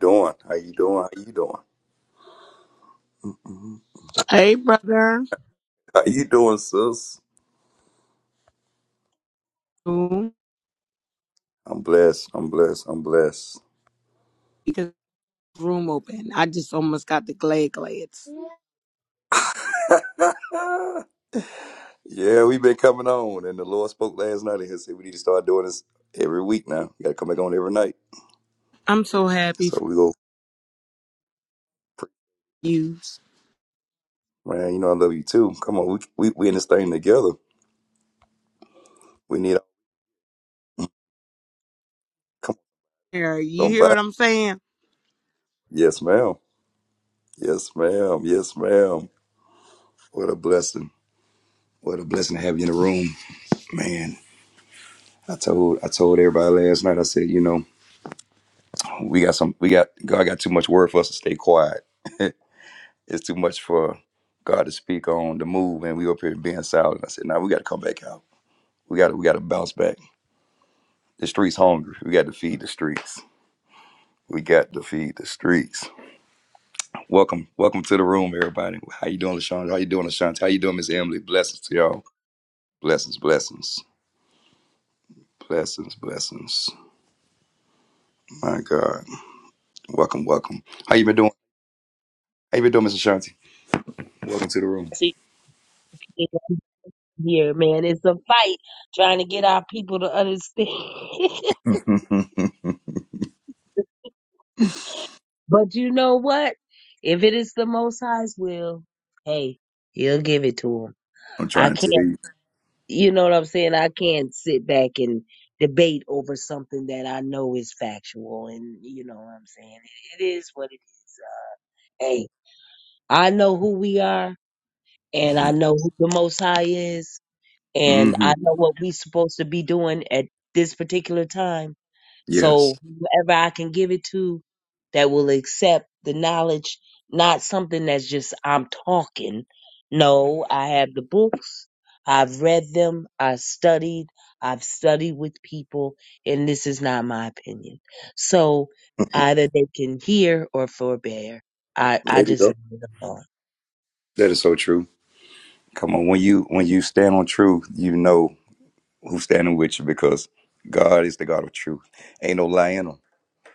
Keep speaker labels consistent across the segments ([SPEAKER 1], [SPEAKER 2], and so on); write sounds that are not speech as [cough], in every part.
[SPEAKER 1] Doing? How you doing? How you doing? Mhm.
[SPEAKER 2] Hey, brother.
[SPEAKER 1] How you doing, sis?
[SPEAKER 2] Room
[SPEAKER 1] I'm blessed. I'm blessed. I'm blessed.
[SPEAKER 2] because room open. I just almost got the glad glads.
[SPEAKER 1] [laughs] yeah, we've been coming on, and the Lord spoke last night and he said we need to start doing this every week now. We got to come back on every night.
[SPEAKER 2] I'm so happy
[SPEAKER 1] So
[SPEAKER 2] for
[SPEAKER 1] we go, pray.
[SPEAKER 2] you.
[SPEAKER 1] man. You know I love you too. Come on, we we, we in this thing together. We need come
[SPEAKER 2] Here,
[SPEAKER 1] on,
[SPEAKER 2] you hear
[SPEAKER 1] somebody.
[SPEAKER 2] what I'm saying?
[SPEAKER 1] Yes, ma'am. Yes, ma'am. Yes, ma'am. What a blessing. What a blessing to have you in the room, man. I told I told everybody last night. I said, you know. We got some. We got God got too much word for us to stay quiet. [laughs] it's too much for God to speak on the move, and we up here being silent. I said, "Now nah, we got to come back out. We got to. We got to bounce back. The streets hungry. We got to feed the streets. We got to feed the streets." Welcome, welcome to the room, everybody. How you doing, LaShawn? How you doing, LaShawn? How you doing, Miss Emily? Blessings to y'all. Blessings, blessings, blessings, blessings. My God, welcome, welcome. How you been doing? How you been doing, Miss Ashanti? Welcome to the room.
[SPEAKER 3] See, here, man, it's a fight trying to get our people to understand. [laughs]
[SPEAKER 1] [laughs]
[SPEAKER 3] but you know what? If it is the Most High's will, hey, He'll give it to him.
[SPEAKER 1] I'm
[SPEAKER 3] I
[SPEAKER 1] trying to tell
[SPEAKER 3] can't,
[SPEAKER 1] you.
[SPEAKER 3] you know what I'm saying? I can't sit back and debate over something that I know is factual, and you know what I'm saying? It is what it is. Uh, Hey, I know who we are,
[SPEAKER 1] [laughs]
[SPEAKER 3] and I know who the Most High is, and
[SPEAKER 1] hmm
[SPEAKER 3] I know what we're supposed to be doing at this particular time
[SPEAKER 1] Yes.
[SPEAKER 3] So whoever I can give it to that will accept the knowledge, not something that's just I'm talking. No, I have the books. I've read them. I studied. I've studied with people, and this is not my opinion. So either they can hear or forbear. I, I
[SPEAKER 1] There you
[SPEAKER 3] just
[SPEAKER 1] go.
[SPEAKER 3] leave it alone.
[SPEAKER 1] That is so true. Come on, when you when you stand on truth, you know who's standing with you because God is the God of truth. Ain't no lie in him.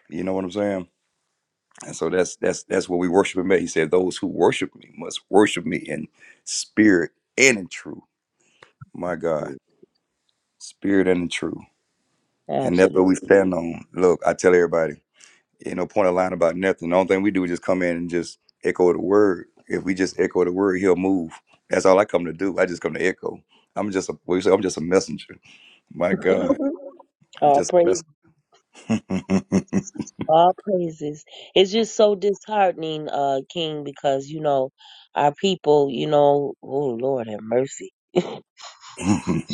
[SPEAKER 1] You know what I'm saying? And so that's that's that's what we worship him at. He said, Those who worship me must worship me in spirit and in truth. My God. Spirit and in truth. And that's what
[SPEAKER 3] Absolutely.
[SPEAKER 1] we stand on. Look, I tell everybody. Ain't no point of lying about nothing. The only thing we do is just come in and just echo the word. If we just echo the word, he'll move. That's all I come to do. I just come to echo. I'm just a what you say, I'm just a messenger. My God.
[SPEAKER 3] [laughs]
[SPEAKER 1] I'm
[SPEAKER 3] All
[SPEAKER 1] just a
[SPEAKER 3] praise All praises. It's just so disheartening, uh, King, because you know our people. You know, oh Lord have mercy.
[SPEAKER 1] messenger.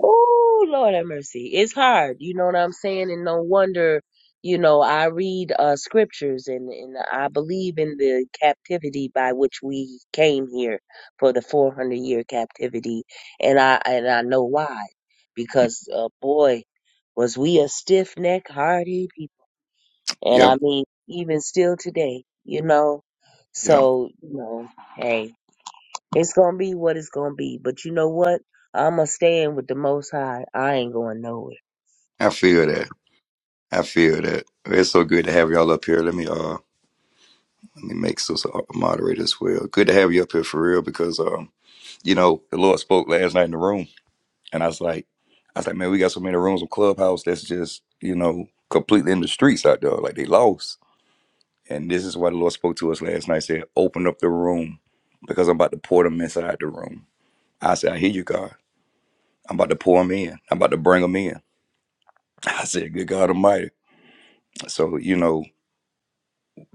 [SPEAKER 3] Oh Lord have mercy. It's hard. You know what I'm saying? And no wonder. You know, I read uh, scriptures and, and I believe in the captivity by which we came here for the 400 year captivity, and I and I know why,
[SPEAKER 1] [laughs]
[SPEAKER 3] because uh, boy, was we a stiff neck, hardy people. And I
[SPEAKER 1] yep,
[SPEAKER 3] mean, even still today, you know.
[SPEAKER 1] yep.
[SPEAKER 3] So, you know, hey, it's gonna be what it's gonna be. But you know what? I'ma stay in with the most high. I ain't going nowhere.
[SPEAKER 1] I feel that. I feel that. It's so good to have y'all up here. Let me uh let me make Sister a moderator as well. Good to have you up here for real because um, you know, the Lord spoke last night in the room And I was like, I was like, man, we got so many rooms of clubhouse that's just, you know, completely in the streets out there. Like they lost. And this is why the Lord spoke to us last night, said, open up the room because I'm about to pour them inside the room. I said, I hear you, God. I'm about to pour them in. I'm about to bring them in. [laughs] I said, good God Almighty. So, you know,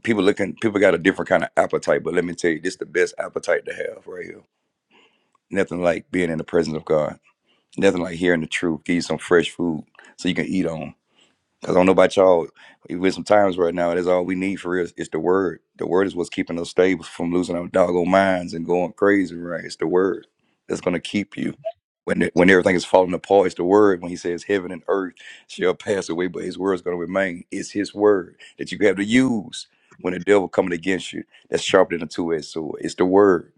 [SPEAKER 1] people looking, people got a different kind of appetite, but let me tell you, this is the best appetite to have right here. Nothing like being in the presence of God. Nothing like hearing the truth, give you some fresh food so you can eat on Cause I don't know about y'all, with some times right now, that's all we need for real. It's the word. The word is what's keeping us stable from losing our doggone minds and going crazy. Right? It's the word that's gonna keep you when when everything is falling apart. It's the word when He says, "Heaven and earth shall pass away, but His word is gonna remain." It's His word that you have to use when the devil coming against you. That's sharper than a two edged sword. It's the word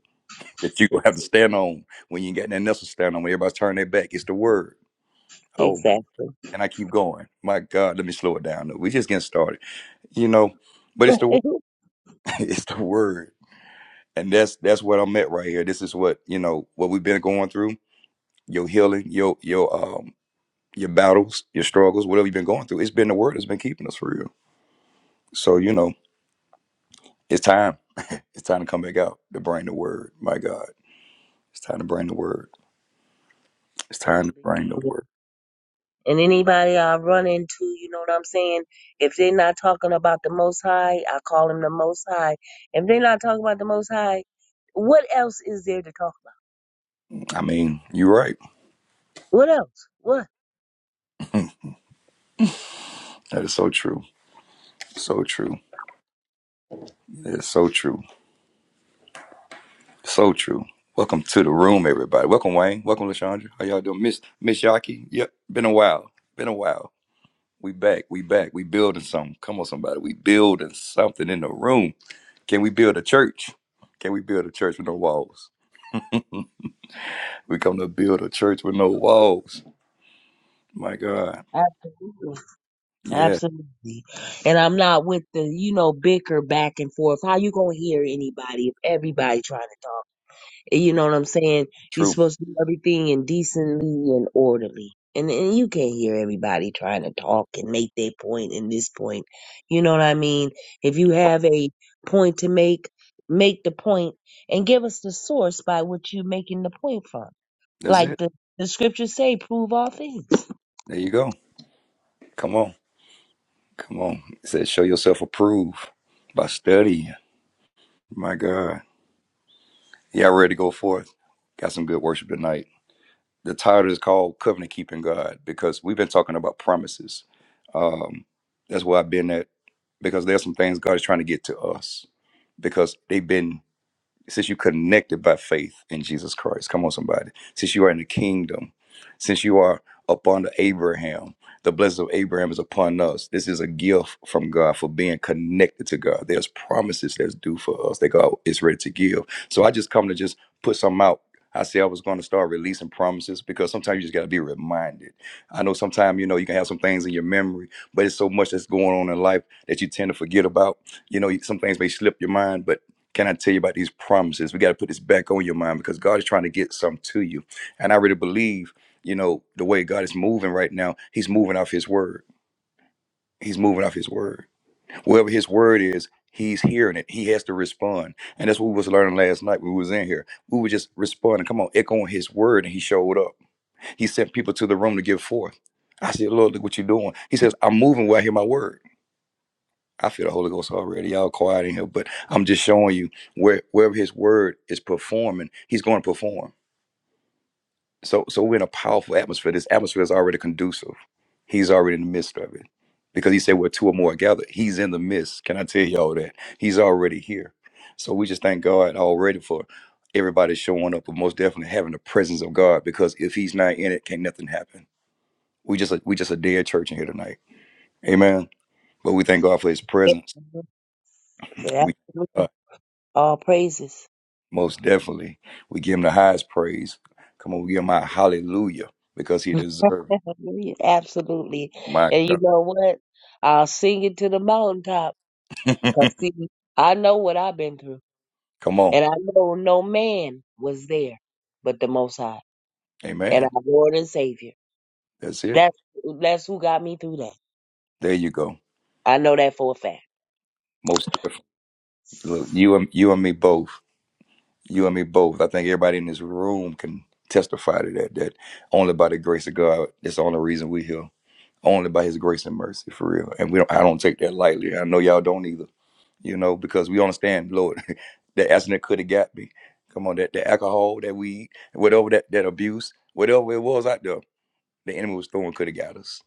[SPEAKER 1] that you gonna have to stand on when you ain't got nothing else to stand on. When everybody's turning their back, it's the word. Oh.
[SPEAKER 3] Exactly.
[SPEAKER 1] Can I keep going? My God, let me slow it down. We just getting started, you know.
[SPEAKER 3] [laughs]
[SPEAKER 1] But it's the word. [laughs] it's the word, and that's that's what I'm at right here. This is what you know what we've been going through. Your healing, your your um your battles, your struggles, whatever you've been going through. It's been the word that's been keeping us for real. So you know, it's time. It's time to come back out to bring the word. My God, it's time to bring the word. It's time to
[SPEAKER 3] Absolutely,
[SPEAKER 1] bring the
[SPEAKER 3] King.
[SPEAKER 1] word.
[SPEAKER 3] And anybody I run into, you know what I'm saying? If they're not talking about the most high, I call him the most high. If they're not talking about the most high, what else is there to talk about?
[SPEAKER 1] I mean, you're right.
[SPEAKER 3] What else? What?
[SPEAKER 1] That is so true. So true. It's so true. So true. Welcome to the room, everybody. Welcome, Wayne. Welcome, Lashandra. How y'all doing, Miss Miss Yaki? Yep, been a while. Been a while. We back. We back. We building something. Come on, somebody. We building something in the room. Can we build a church? Can we build a church with no walls? We come to build a church with no walls. My God.
[SPEAKER 3] Absolutely.
[SPEAKER 1] Yeah.
[SPEAKER 3] Absolutely. And I'm not with the, you know, bicker back and forth. How you gonna hear anybody if everybody trying to talk? You know what I'm saying? You're
[SPEAKER 1] True.
[SPEAKER 3] supposed to do everything in decently and orderly. And and you can't hear everybody trying to talk and make their point and this point. You know what I mean? If you have a point to make, make the point and give us the source by which you're making the point from.
[SPEAKER 1] That's
[SPEAKER 3] Like
[SPEAKER 1] it.
[SPEAKER 3] the, the scriptures say, prove all things. [laughs]
[SPEAKER 1] There you go. Come on. Come on. It says show yourself approved by studying. My God. Y'all ready to go forth? Got some good worship tonight. The title is called Covenant Keeping God because we've been talking about promises. Um, that's where I've been at because there's some things God is trying to get to us because they've been since you connected by faith in Jesus Christ. Come on, somebody. Since you are in the kingdom, since you are upon the Abraham, the blessing of Abraham is upon us. This is a gift from God for being connected to God. There's promises that's due for us that God is ready to give. So I just come to just put some out. I said I was going to start releasing promises because sometimes you just got to be reminded. I know sometimes, you know, you can have some things in your memory, but it's so much that's going on in life that you tend to forget about. You know, some things may slip your mind, but can I tell you about these promises? We got to put this back on your mind because God is trying to get some to you. And I really believe, you know, the way God is moving right now, He's moving off His word. He's moving off His word. Wherever His word is, He's hearing it. He has to respond. And that's what we was learning last night when we was in here. We were just responding. Come on, echoing His word, and He showed up. He sent people to the room to give forth. I said, Lord, look what you're doing. He says, I'm moving where I hear my word. I feel the Holy Ghost already. Y'all quiet in here, but I'm just showing you where wherever His Word is performing, He's going to perform. So, so we're in a powerful atmosphere. This atmosphere is already conducive. He's already in the midst of it, because He said, "Where two or more are gathered, He's in the midst." Can I tell y'all that He's already here? So we just thank God already for everybody showing up, but most definitely having the presence of God, because if He's not in it, can't nothing happen. We just a, we just a dead church in here tonight. Amen. But we thank God for His presence. We uh,
[SPEAKER 3] Absolutely. All praises.
[SPEAKER 1] Most definitely. We give him the highest praise. Come on, we give him our hallelujah because he deserves it.
[SPEAKER 3] Hallelujah. Absolutely.
[SPEAKER 1] my
[SPEAKER 3] And you
[SPEAKER 1] God.
[SPEAKER 3] know what? I'll sing it to the mountaintop. Cause
[SPEAKER 1] [laughs]
[SPEAKER 3] see, I know what I've been through.
[SPEAKER 1] Come on.
[SPEAKER 3] And I know no man was there but the most high. And
[SPEAKER 1] Amen.
[SPEAKER 3] our Lord and Savior.
[SPEAKER 1] That's it.
[SPEAKER 3] That's that's who got me through that.
[SPEAKER 1] There you go.
[SPEAKER 3] I know that for a fact.
[SPEAKER 1] Most definitely. Look, you and you and me both. You and me both. I think everybody in this room can testify to that. That only by the grace of God, that's the only reason we're here. Only by his grace and mercy, for real. And we don't I don't take that lightly. I know y'all don't either. you know, because we understand, Lord, [laughs] that accident could have got me. Come on, that the alcohol, that weed, whatever that that abuse, whatever it was out there, the enemy was throwing could have got us.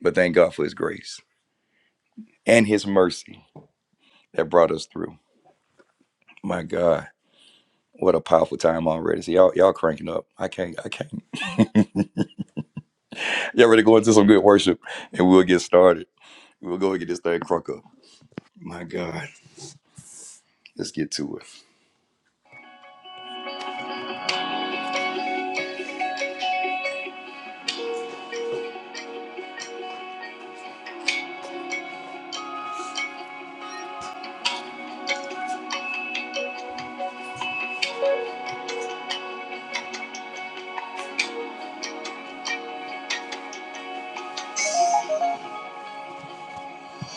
[SPEAKER 1] But thank God for His grace and His mercy that brought us through. My God, what a powerful time already. See y'all, y'all cranking up. I can't, I can't. Y'all ready to go into some good worship, and we'll get started. We'll go and get this thing crunk up. My God, let's get to it.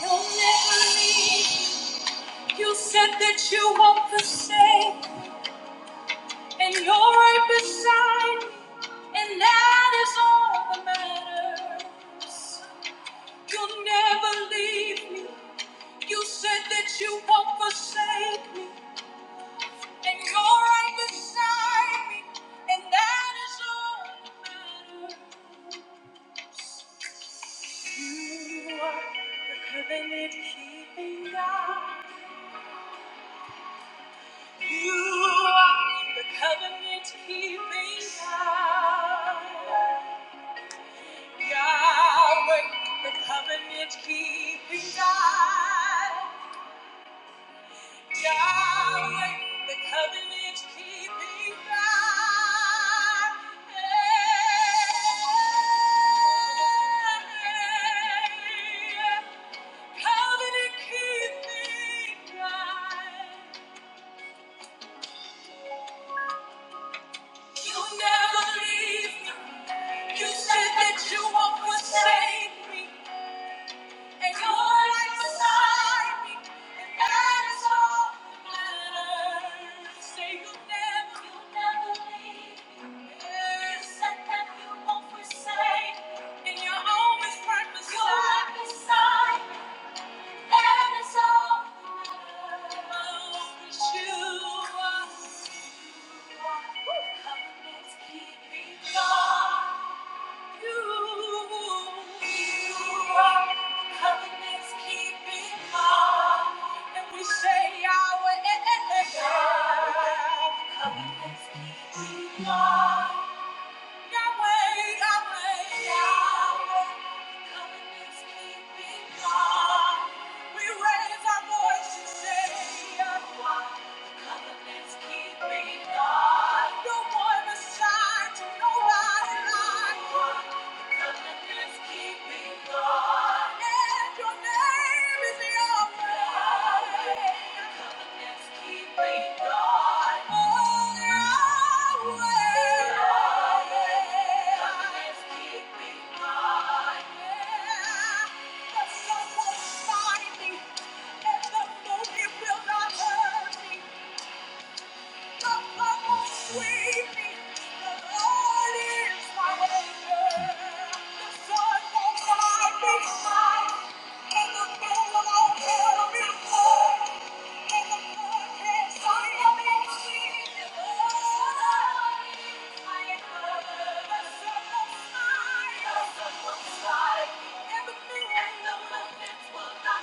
[SPEAKER 1] You'll never leave. You said that you won't forsake. And you're right beside me, and that is all that matters. You'll never leave me. You said that you won't forsake me. And you're right beside me, and that is all that matters. You are the covenant keeping God. You are the covenant keeping God. Yahweh, the covenant keeping God. Yahweh, the covenant keeping God. Hey, covenant keeping God. You never leave me. You said that you won't forsake me. And your light beside me, and that is all that matters. Say you'll never, you'll never leave me. You said that you won't forsake me, and you're always right beside You're right me. beside me, that is all that matters. Oh, 'cause you are, you are the covenant keeping God. God. No one aside to nobody like you won't it will not hurt me. The Everything and the will not.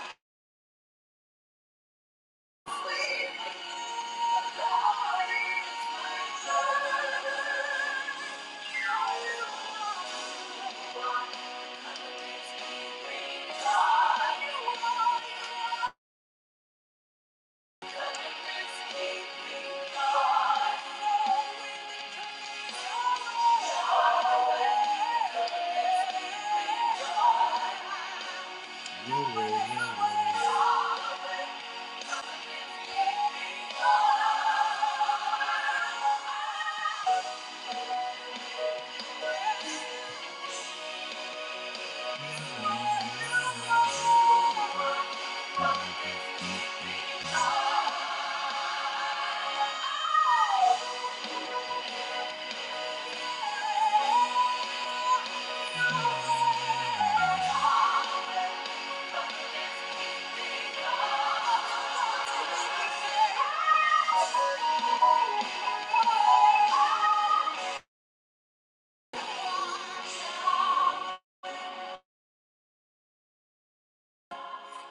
[SPEAKER 1] Thank you.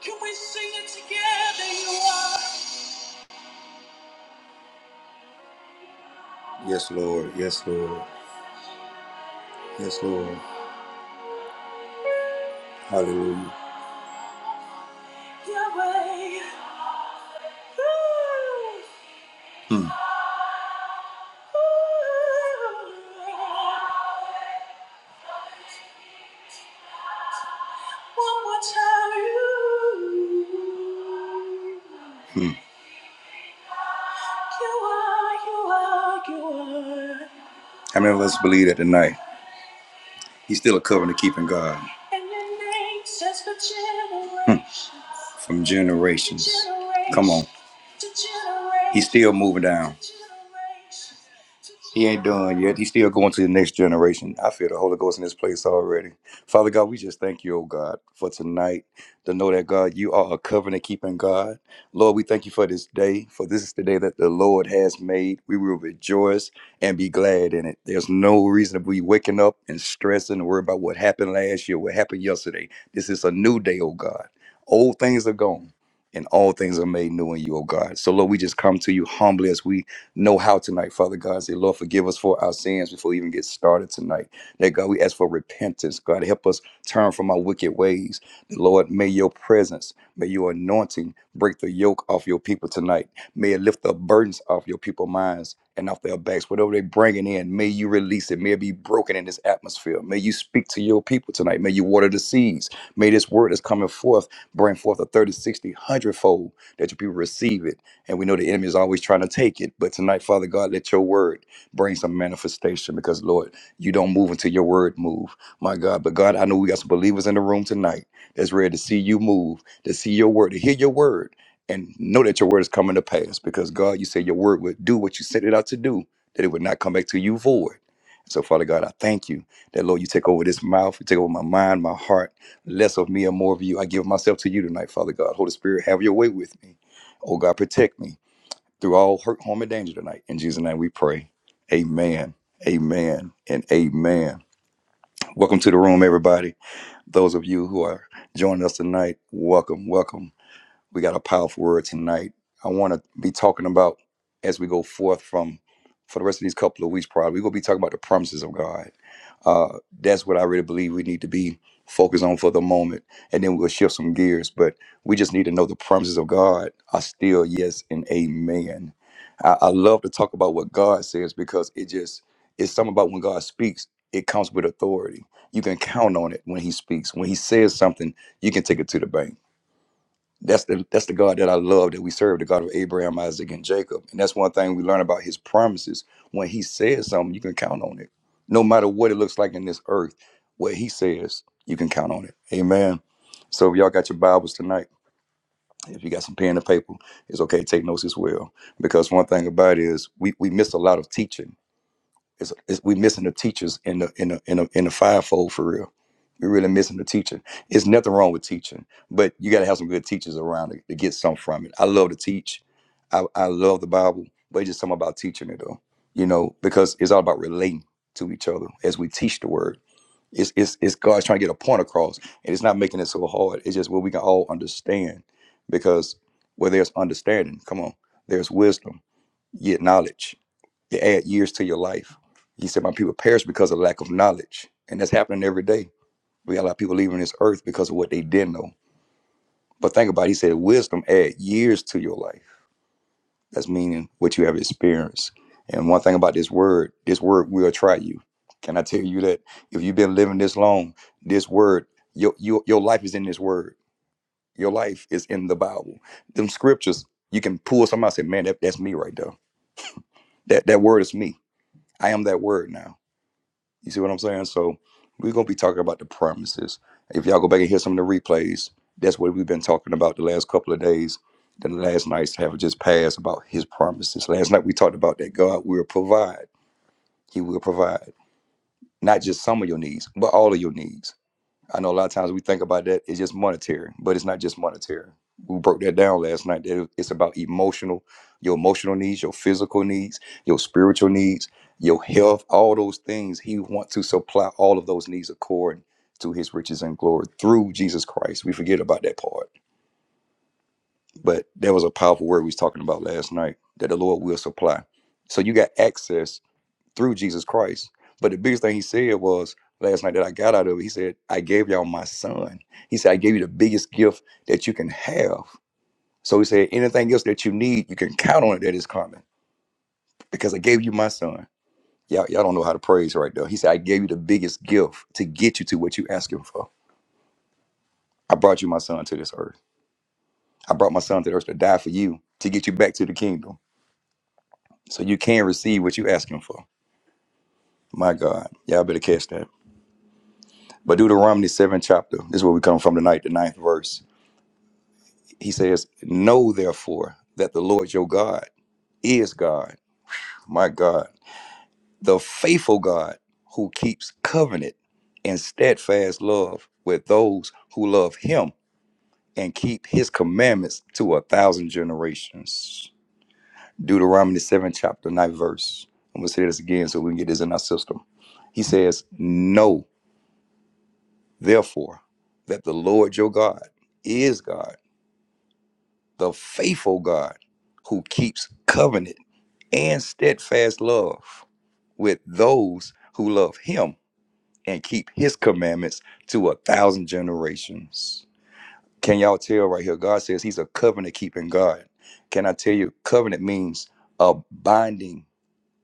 [SPEAKER 1] Can we sing it together? You are. Yes, Lord. Yes, Lord. Yes, Lord. Hallelujah. Yahweh. Ooh. Hmm. One more time. Hmm. You are, you are, you are. How many of us believe that tonight? He's still a covenant keeping God. Hmm. From generations. Come on. He's still moving down. He ain't done yet. He's still going to the next generation. I feel the Holy Ghost in this place already. Father God, we just thank you, oh God, for tonight to know that God, you are a covenant keeping God. Lord, we thank you for this day, for this is the day that the Lord has made. We will rejoice and be glad in it. There's no reason to be waking up and stressing and worry about what happened last year, what happened yesterday. This is a new day, oh God. Old things are gone and all things are made new in you, oh God. So, Lord, we just come to you humbly as we know how tonight, Father God. Say, Lord, forgive us for our sins before we even get started tonight. That God, we ask for repentance. God, help us turn from our wicked ways. Lord, may your presence, may your anointing break the yoke off your people tonight. May it lift the burdens off your people's minds and off their backs. Whatever they're bringing in, may you release it. May it be broken in this atmosphere. May you speak to your people tonight. May you water the seeds. May this word that's coming forth bring forth a 30, 60, one hundred fold that your people receive it. And we know the enemy is always trying to take it. But tonight, Father God, let your word bring some manifestation because, Lord, you don't move until your word move. My God, but God, I know we got some believers in the room tonight that's ready to see you move, to see your word, to hear your word and know that your word is coming to pass because God, you said your word would do what you sent it out to do, that it would not come back to you void. So, Father God, I thank you that, Lord, you take over this mouth, you take over my mind, my heart, less of me and more of you. I give myself to you tonight, Father God. Holy Spirit, have your way with me. Oh, God, protect me through all hurt, harm, and danger tonight. In Jesus' name we pray. Amen, amen, and amen. Welcome to the room, everybody. Those of you who are joining us tonight, welcome, welcome. We got a powerful word tonight. I want to be talking about as we go forth from for the rest of these couple of weeks. Probably we're gonna be talking about the promises of God. Uh, that's what I really believe we need to be focused on for the moment, and then we'll shift some gears. But we just need to know the promises of God are still yes and amen. I, I love to talk about what God says because it just it's something about when God speaks, it comes with authority. You can count on it when He speaks. When He says something, you can take it to the bank that's the that's the God that I love that we serve, the God of Abraham, Isaac, and Jacob. And that's one thing we learn about his promises. When he says something, you can count on it. No matter what it looks like in this earth, what he says, you can count on it. Amen. So if y'all got your Bibles tonight, if you got some pen and paper, it's okay to take notes as well. Because one thing about it is we, we miss a lot of teaching it's, it's we missing the teachers in the in the in the in the fivefold for real. We're really missing the teacher. It's nothing wrong with teaching, but you got to have some good teachers around to, to get some from it. I love to teach. I, I love the Bible, but it's just something about teaching it though. You know, because it's all about relating to each other as we teach the word. It's it's it's God's trying to get a point across, and it's not making it so hard. It's just what we can all understand, because where there's understanding, come on, there's wisdom, yet knowledge. You add years to your life. He said, My people perish because of lack of knowledge. And that's happening every day. We got a lot of people leaving this earth because of what they didn't know. But think about it, he said, wisdom add years to your life. That's meaning what you have experienced. And one thing about this word, this word will try you. Can I tell you that if you've been living this long, this word, your your, your life is in this word. Your life is in the Bible. Them scriptures, you can pull somebody and say, Man, that, that's me right there. That that word is me. I am that word now. You see what I'm saying? So we're gonna be talking about the promises. If y'all go back and hear some of the replays, that's what we've been talking about the last couple of days. The last nights have just passed about his promises. Last night we talked about that God will provide. He will provide not just some of your needs, but all of your needs. I know a lot of times we think about that it's just monetary, but it's not just monetary. We broke that down last night. that it- It's about emotional, your emotional needs, your physical needs, your spiritual needs, your health, all those things. He wants to supply all of those needs according to his riches and glory through Jesus Christ. We forget about that part. But that was a powerful word we was talking about last night that the Lord will supply. So you got access through Jesus Christ. But the biggest thing he said was last night that I got out of it, he said, I gave y'all my son. He said, I gave you the biggest gift that you can have. So he said, anything else that you need, you can count on it that is coming because I gave you my son. Y'all, y'all don't know how to praise right there. He said, I gave you the biggest gift to get you to what you asking for. I brought you my son to this earth. I brought my son to the earth to die for you, to get you back to the kingdom so you can receive what you asking for. My God, y'all better catch that. But Deuteronomy 7 chapter, this is where we come from tonight, the ninth verse. He says, Know therefore that the Lord your God is God, my God, the faithful God who keeps covenant and steadfast love with those who love him and keep his commandments to a thousand generations. Deuteronomy 7 chapter 9 verse. I'm gonna say this again so we can get this in our system. He says, Know therefore that the Lord your God is God the faithful God who keeps covenant and steadfast love with those who love him and keep his commandments to a thousand generations. Can y'all tell right here? God says he's a covenant keeping God. Can I tell you, covenant means a binding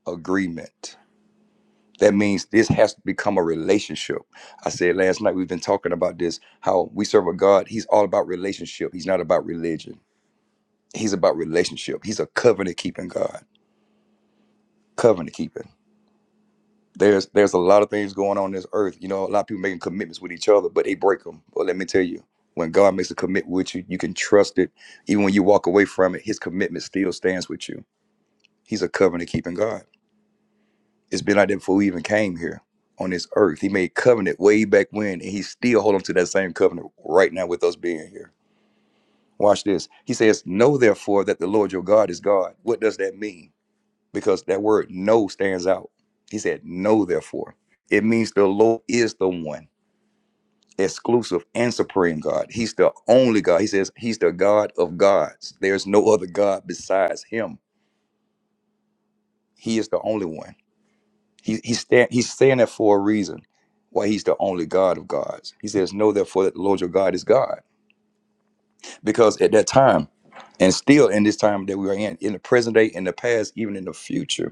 [SPEAKER 1] agreement. That means this has to become a relationship. I said last night, we've been talking about this how we serve a God. He's all about relationship, he's not about religion. He's about relationship. He's a covenant keeping God. covenant keeping. There's there's a lot of things going on in this earth. You know, a lot of people making commitments with each other, but they break them. Well, let me tell you, when God makes a commitment with you, you can trust it. Even when you walk away from it, His commitment still stands with you. He's a covenant keeping God. It's been like that before we even came here on this earth. He made covenant way back when, and He's still holding to that same covenant right now with us being here. Watch this. He says, "Know therefore that the Lord your God is God." What does that mean? because that word "know" stands out. He said, "Know therefore." It means the Lord is the one exclusive and supreme God. He's the only God. He says he's the God of gods. There's no other God besides him. He is the only one. He, he's, stand, he's saying that for a reason. Why he's the only God of gods. He says, Know therefore that the Lord your God is God. Because at that time, and still in this time that we are in, in the present day, in the past, even in the future,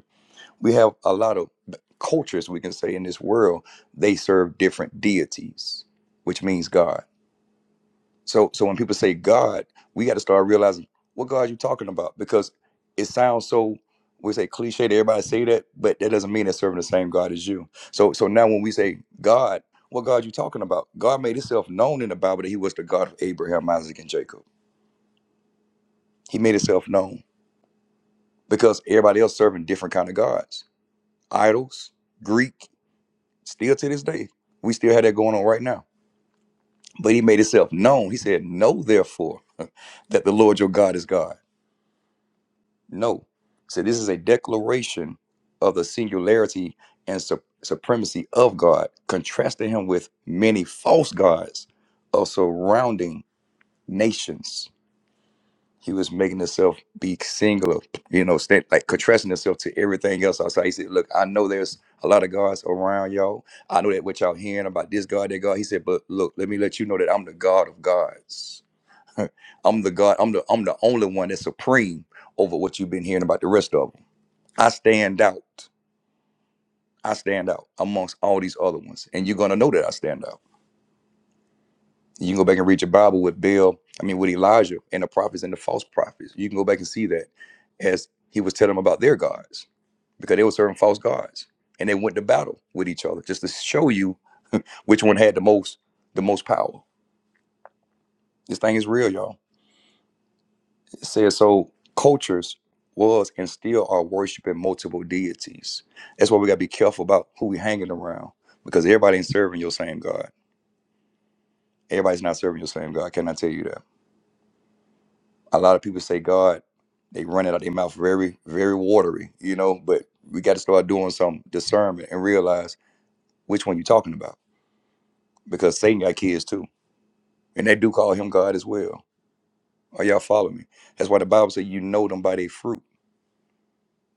[SPEAKER 1] we have a lot of cultures we can say in this world they serve different deities which means god so so when people say god we got to start realizing what god you talking about because it sounds so we say cliche to everybody say that but that doesn't mean they're serving the same god as you so so now when we say god what god you talking about god made himself known in the bible that he was the god of abraham isaac and jacob he made himself known because everybody else serving different kind of gods idols greek Still to this day, we still have that going on right now. But he made himself known. He said, Know therefore [laughs] that the Lord your God is God. No. So this is a declaration of the singularity and sup- supremacy of God, contrasting him with many false gods of surrounding nations He was making himself be singular, you know, stand, like contrasting himself to everything else outside. He said, Look, I know there's a lot of gods around y'all. I know that what y'all hearing about this God, that God. He said, But look, let me let you know that I'm the God of gods. I'm the God, I'm the I'm the only one that's supreme over what you've been hearing about the rest of them. I stand out. I stand out amongst all these other ones. And you're gonna know that I stand out. You can go back and read your Bible with Bill, I mean, with Elijah and the prophets and the false prophets. You can go back and see that as he was telling them about their gods because they were serving false gods and they went to battle with each other just to show you which one had the most the most power. This thing is real, y'all. It says so cultures was and still are worshiping multiple deities. That's why we gotta be careful about who we hanging around because everybody ain't serving your same God. Everybody's not serving your same God. Can I tell you that? a lot of people say God, they run it out their mouth very, very watery, you know, but we got to start doing some discernment and realize which one you're talking about because Satan got kids too. And they do call him God as well. Are y'all following me? That's why the Bible says you know them by their fruit.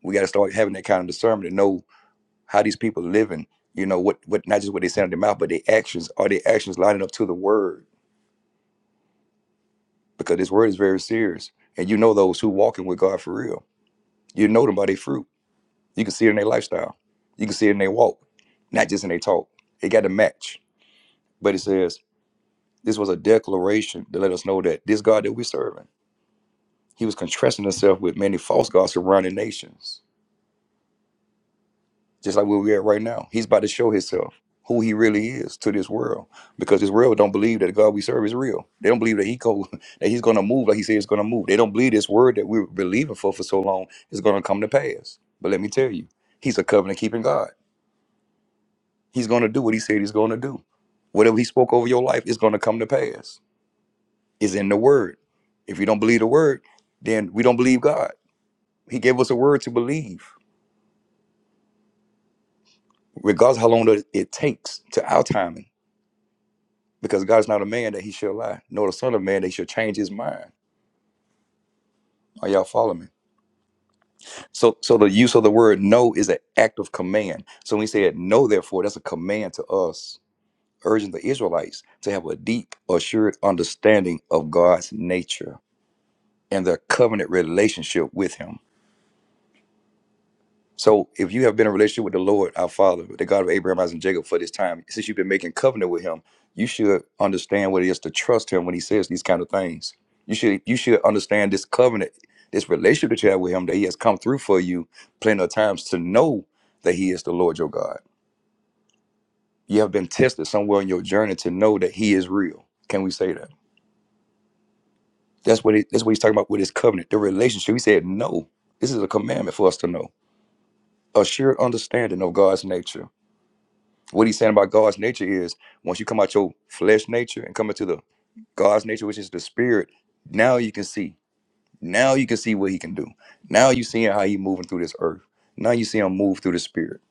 [SPEAKER 1] We got to start having that kind of discernment to know how these people living, you know, what, what not just what they say out their mouth, but their actions. Are their actions lining up to the word? Because this word is very serious. And you know those who walking with God for real. You know them by their fruit. You can see it in their lifestyle. You can see it in their walk, not just in their talk. It got to match. But it says this was a declaration to let us know that this God that we're serving, he was contrasting himself with many false gods surrounding nations, just like where we're at right now. He's about to show himself who he really is to this world because this world don't believe that the God we serve is real. They don't believe that he go, [laughs] that he's going to move like he said he's going to move. They don't believe this word that we were believing for for so long is going to come to pass. But let me tell you, he's a covenant keeping God. He's going to do what he said he's going to do. Whatever he spoke over your life is going to come to pass. Is in the word. If you don't believe the word, then we don't believe God. He gave us a word to believe, regardless how long that it takes to our timing, because God is not a man that he shall lie, nor the son of man that he shall change his mind. Are y'all following me? So, so the use of the word "no" is an act of command. So when he said "no," therefore, that's a command to us, urging the Israelites to have a deep, assured understanding of God's nature and the covenant relationship with him. So if you have been in a relationship with the Lord, our Father, the God of Abraham, Isaac, and Jacob for this time, since you've been making covenant with him, you should understand what it is to trust him when he says these kind of things. You should you should understand this covenant, this relationship that you have with him, that he has come through for you plenty of times to know that he is the Lord your God. You have been tested somewhere in your journey to know that he is real. Can we say that? That's what he, that's what he's talking about with his covenant, the relationship. He said, No, this is a commandment for us to know. a sure understanding of God's nature. What he's saying about God's nature is once you come out your flesh nature and come into the God's nature, which is the spirit, now you can see. Now you can see what he can do. Now you seeing how he moving through this earth. Now you see him move through the spirit,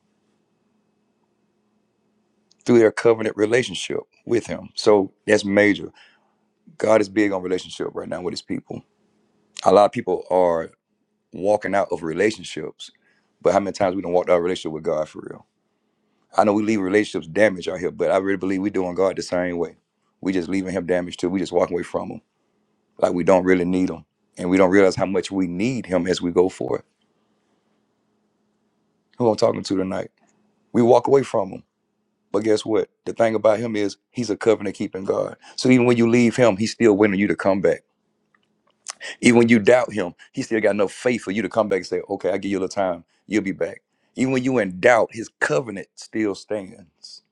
[SPEAKER 1] through their covenant relationship with him. So that's major. God is big on relationship right now with his people. A lot of people are walking out of relationships, but how many times we don't walk out of a relationship with God for real? I know we leave relationships damaged out here, but I really believe we doing God the same way. We just leaving him damaged too. We just walking away from him. Like we don't really need him. And we don't realize how much we need him as we go for it. Who I'm talking to tonight. We walk away from him. But guess what? The thing about him is he's a covenant keeping God. So even when you leave him, he's still waiting on you to come back. Even when you doubt him, he still got enough faith for you to come back and say, okay, I give you a little time. You'll be back. Even when you in doubt, his covenant still stands.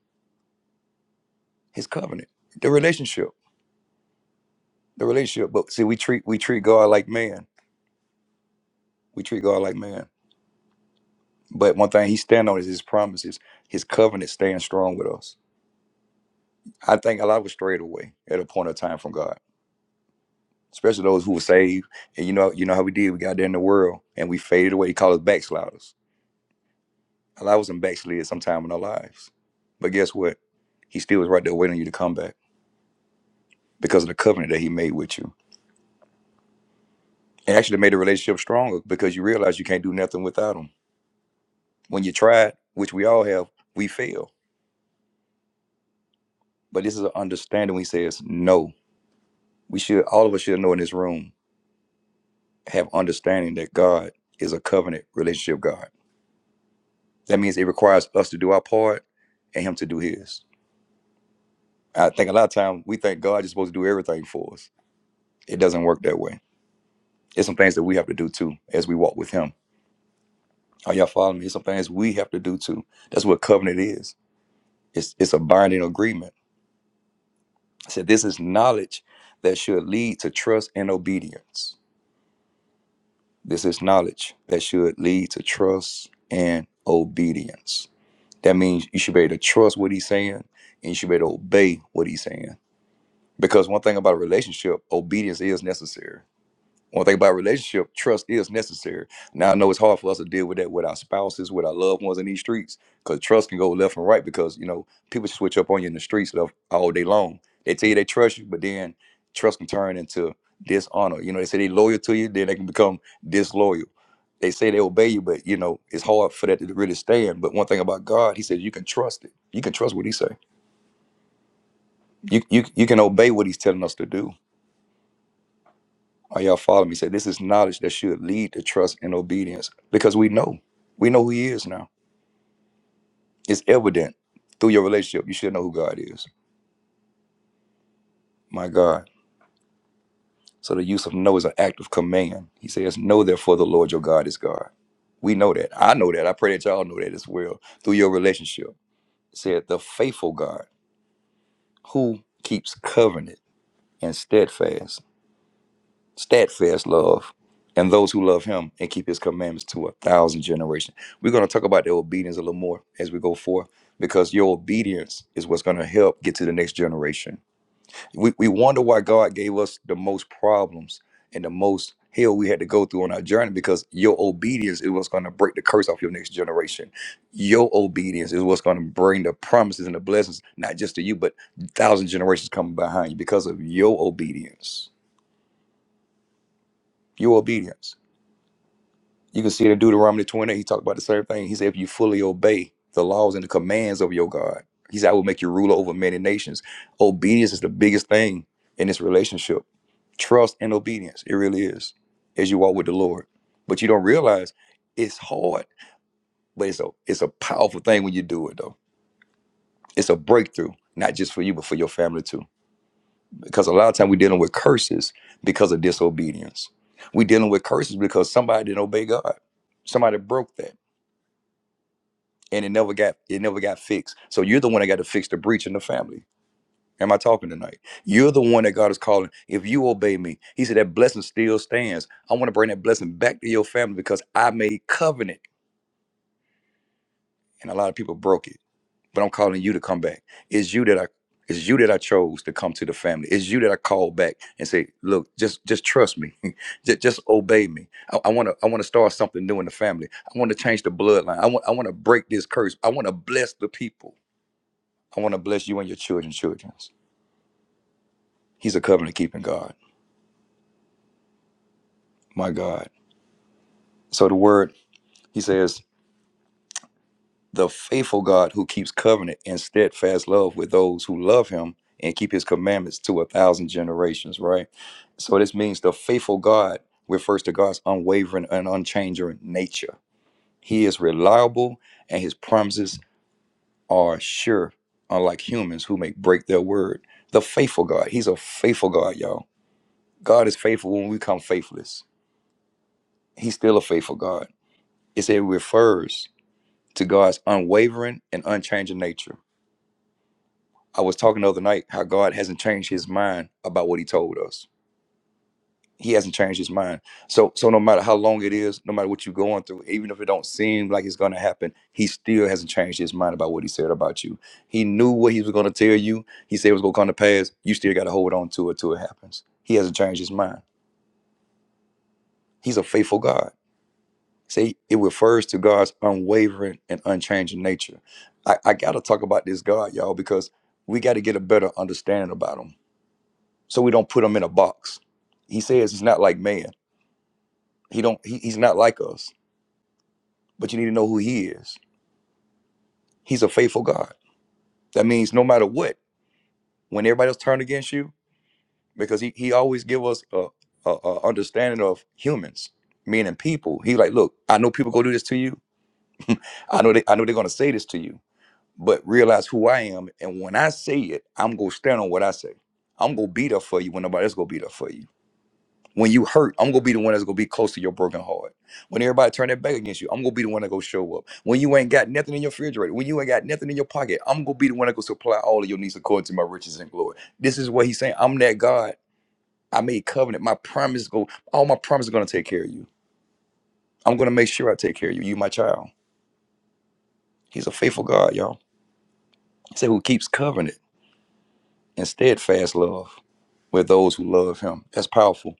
[SPEAKER 1] His covenant. The relationship. the relationship. But see, we treat we treat God like man. We treat God like man. But one thing He stand on is His promises. His covenant stands strong with us. I think a lot was strayed away at a point of time from God, especially those who were saved. And you know, you know how we did. We got there in the world and we faded away. He called us backsliders. A lot was in backslid sometime in our lives. But guess what? He still was right there waiting on you to come back because of the covenant that He made with you. It actually made the relationship stronger because you realize you can't do nothing without Him. When you tried, which we all have, we fail But this is an understanding when he says no. We should all of us should know in this room, have understanding that God is a covenant relationship God. That means it requires us to do our part and him to do his. I think a lot of time we think God is supposed to do everything for us. It doesn't work that way. There's some things that we have to do too as we walk with him. Are y'all following me? There's some things we have to do too. That's what covenant is. It's it's a binding agreement. I said this is knowledge that should lead to trust and obedience. This is knowledge that should lead to trust and obedience. That means you should be able to trust what he's saying and you should be able to obey what he's saying. Because one thing about a relationship, obedience is necessary. One thing about a relationship, trust is necessary. Now I know it's hard for us to deal with that with our spouses, with our loved ones in these streets, because trust can go left and right because you know people switch up on you in the streets of- all day long. They tell you they trust you, but then trust can turn into dishonor. You know, they say they loyal to you, then they can become disloyal they say they obey you, but you know it's hard for that to really stand. But one thing about God, He says you can trust it. You can trust what He say. You you you can obey what He's telling us to do. Are y'all following me? Say this is knowledge that should lead to trust and obedience because we know we know who He is now. It's evident through your relationship. You should know who God is. My God. So the use of know is an act of command. He says, "Know therefore the Lord your God is God." We know that. I know that. I pray that y'all know that as well through your relationship. It said the faithful God who keeps covenant and steadfast, steadfast love, and those who love him and keep his commandments to a thousand generations. We're going to talk about the obedience a little more as we go forth because your obedience is what's going to help get to the next generation. We, we wonder why God gave us the most problems and the most hell we had to go through on our journey because your obedience is what's going to break the curse off your next generation. Your obedience is what's going to bring the promises and the blessings, not just to you, but thousand generations coming behind you because of your obedience. your obedience. You can see it in Deuteronomy 20. He talked about the same thing. He said, if you fully obey the laws and the commands of your God, he said, I will make you ruler over many nations. Obedience is the biggest thing in this relationship. Trust and obedience. It really is as you walk with the Lord. But you don't realize it's hard, but it's a it's a powerful thing when you do it though. It's a breakthrough, not just for you, but for your family too. because a lot of time we're dealing with curses because of disobedience. We're dealing with curses because somebody didn't obey God. Somebody broke that, and it never got it never got fixed. So you're the one that got to fix the breach in the family. Am I talking tonight? You're the one that God is calling. If you obey me, He said that blessing still stands. I want to bring that blessing back to your family because I made covenant, and a lot of people broke it. but I'm calling you to come back. It's you that I it's you that I chose to come to the family. It's you that I called back and say, look, just just trust me. [laughs] just, just obey me. I want to I want to start something new in the family. I want to change the bloodline. I want I want to break this curse. I want to bless the people. I want to bless you and your children, children's. children. He's a covenant keeping God. My God. So the word, he says, the faithful God who keeps covenant and steadfast love with those who love him and keep his commandments to a thousand generations, right? So this means the faithful God refers to God's unwavering and unchanging nature. He is reliable and his promises are sure, unlike humans who may break their word. The faithful God, he's a faithful God, y'all. God is faithful when we become faithless. He's still a faithful God. It said it refers to God's unwavering and unchanging nature I was talking the other night how God hasn't changed his mind about what he told us. He hasn't changed his mind. So so no matter how long it is, no matter what you're going through, even if it don't seem like it's gonna happen, he still hasn't changed his mind about what he said about you. He knew what he was gonna tell you. He said it was gonna come to pass. You still gotta hold on to it till it happens. He hasn't changed his mind. He's a faithful God. See, it refers to God's unwavering and unchanging nature. I, I gotta talk about this God, y'all, because we gotta get a better understanding about him so we don't put him in a box. He says he's not like man. He don't he, he's not like us. But you need to know who he is. He's a faithful God. That means no matter what, when everybody else turned against you, because he, he always give us a, a, a understanding of humans, meaning people. He like, look, I know people go do this to you. I know they I know they're gonna say this to you, but realize who I am. And when I say it, I'm gonna stand on what I say. I'm gonna be there for you when nobody else gonna be there for you When you hurt, I'm gonna be the one that's gonna be close to your broken heart. When everybody turn their back against you, I'm gonna be the one that go show up. When you ain't got nothing in your refrigerator, when you ain't got nothing in your pocket, I'm gonna be the one that go supply all of your needs according to my riches and glory. This is what he's saying. I'm that God. I made covenant. My promise go. All my promises gonna take care of you. I'm gonna make sure I take care of you. You my child. He's a faithful God, y'all. He said, who keeps covenant and steadfast love with those who love him. That's powerful.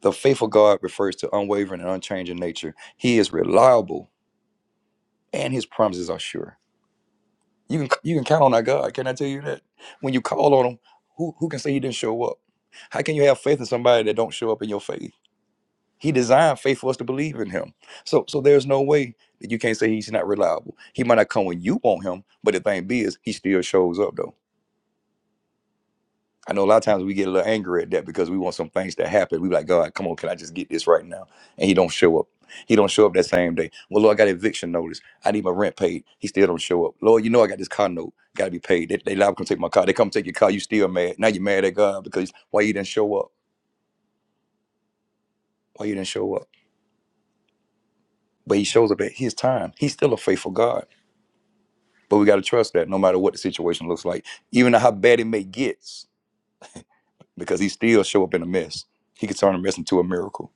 [SPEAKER 1] The faithful God refers to unwavering and unchanging nature. He is reliable and his promises are sure. You can you can count on our God. Can I tell you that? When you call on him, who who can say he didn't show up? How can you have faith in somebody that don't show up in your faith? He designed faith for us to believe in him. So so there's no way that you can't say he's not reliable. He might not come when you want him, but the thing be is he still shows up though. I know a lot of times we get a little angry at that because we want some things to happen. We be like, God, come on, can I just get this right now? And he don't show up. He don't show up that same day. Well, Lord, I got eviction notice. I need my rent paid. He still don't show up. Lord, you know I got this car note. Got to be paid. They, they liable to come take my car. They come take your car. You still mad. Now you're mad at God because why you didn't show up? Why you didn't show up? But he shows up at his time. He's still a faithful God. But we got to trust that no matter what the situation looks like, even how bad it may get, because he still show up in a mess. He could turn a mess into a miracle.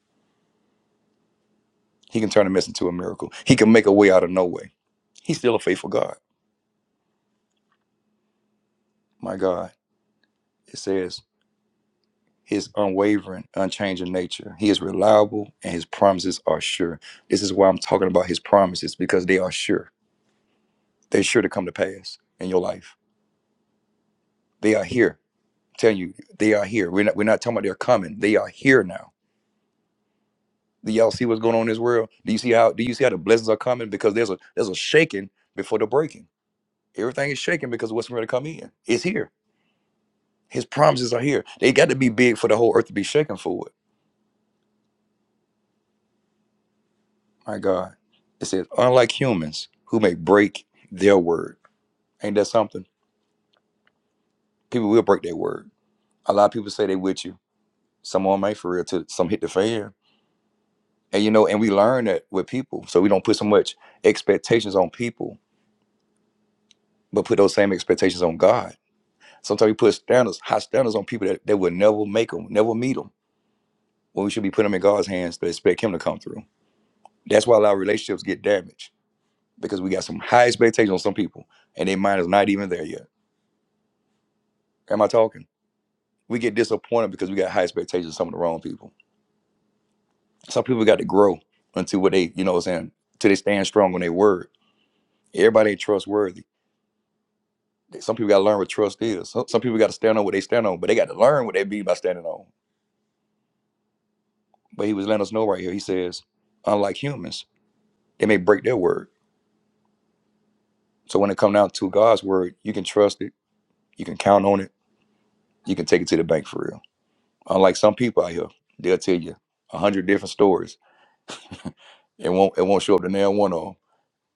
[SPEAKER 1] He can turn a mess into a miracle. He can make a way out of no way. He's still a faithful God. My God, it says his unwavering, unchanging nature. He is reliable and his promises are sure. This is why I'm talking about his promises because they are sure. They're sure to come to pass in your life. They are here. I'm telling you, they are here. We're not, we're not talking about they're coming. They are here now. Do y'all see what's going on in this world? Do you see how do you see how the blessings are coming? Because there's a there's a shaking before the breaking. Everything is shaking because of what's going to come in. It's here. His promises are here. They got to be big for the whole earth to be shaken for it. My God. It says, unlike humans who may break their word. Ain't that something? People will break their word. A lot of people say they with you. Some on may for real till some hit the fan. And you know, and we learn that with people. So we don't put so much expectations on people, but put those same expectations on God. Sometimes we put standards, high standards on people that, that will never make them, never meet them. When we should be putting them in God's hands to expect him to come through. That's why a lot of relationships get damaged because we got some high expectations on some people and their mind is not even there yet. Am I talking? We get disappointed because we got high expectations of some of the wrong people. Some people got to grow until what they, you know what I'm saying, till they stand strong on their word. Everybody ain't trustworthy. Some people got to learn what trust is. Some, some people got to stand on what they stand on, but they got to learn what they mean by standing on. But he was letting us know right here. He says, unlike humans, they may break their word. So when it comes down to God's word, you can trust it. You can count on it. You can take it to the bank for real. Unlike some people out here, they'll tell you a hundred different stories. [laughs] It won't it won't show up to nail one of them.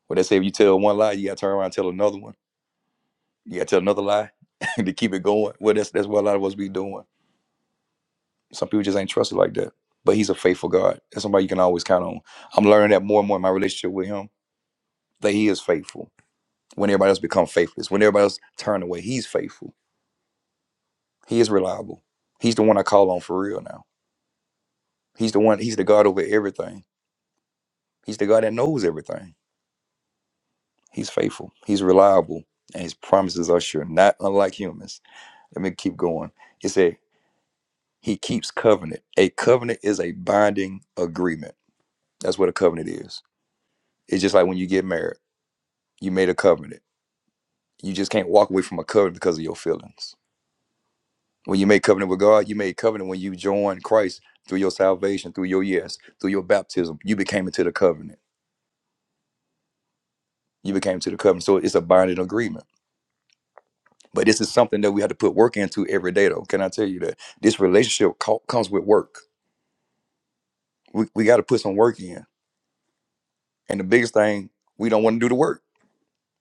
[SPEAKER 1] But they say if you tell one lie, you gotta turn around and tell another one. You gotta tell another lie [laughs] to keep it going. Well, that's that's what a lot of us be doing. Some people just ain't trusted like that. But he's a faithful God. That's somebody you can always count on. I'm learning that more and more in my relationship with him that he is faithful. When everybody else become faithless, when everybody else turn away, he's faithful. He is reliable. He's the one I call on for real now. He's the one. He's the God over everything. He's the God that knows everything. He's faithful. He's reliable, and his promises are sure. Not unlike humans. Let me keep going. It said he keeps covenant. A covenant is a binding agreement. That's what a covenant is. It's just like when you get married. You made a covenant. You just can't walk away from a covenant because of your feelings. When you make covenant with God, you made covenant when you joined Christ through your salvation, through your yes, through your baptism. You became into the covenant. You became to the covenant. So it's a binding agreement But this is something that we have to put work into every day, though. Can I tell you that this relationship co- comes with work? We, we got to put some work in. And the biggest thing, we don't want to do the work.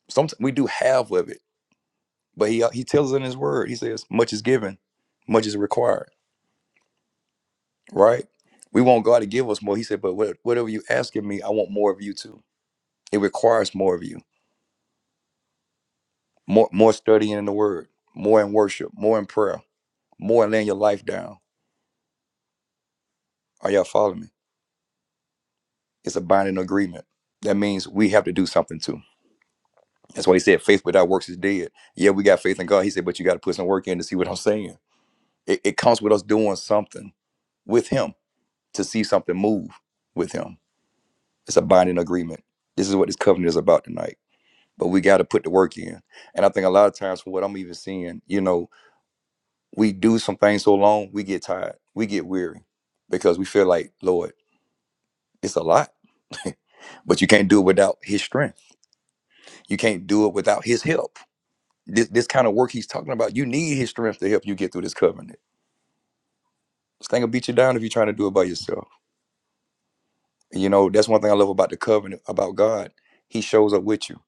[SPEAKER 1] Sometimes we do half of it, but he uh, he tells us in his word, he says, much is given, much is required, right? We want God to give us more. He said, but what, whatever you asking me, I want more of you too. It requires more of you, more more studying in the word, more in worship, more in prayer, more in laying your life down. Are y'all following me? It's a binding agreement. That means we have to do something too That's why he said faith without works is dead. Yeah, we got faith in God. He said, but you got to put some work in to see what I'm saying. It, it comes with us doing something with him to see something move with him. It's a binding agreement. This is what this covenant is about tonight. But we got to put the work in. And I think a lot of times from what I'm even seeing, you know, we do some things so long, we get tired. We get weary because we feel like, Lord, it's a lot. [laughs] but you can't do it without his strength. You can't do it without his help this, this kind of work he's talking about, you need his strength to help you get through this covenant. This thing will beat you down if you're trying to do it by yourself. You know, that's one thing I love about the covenant, about God. He shows up with you.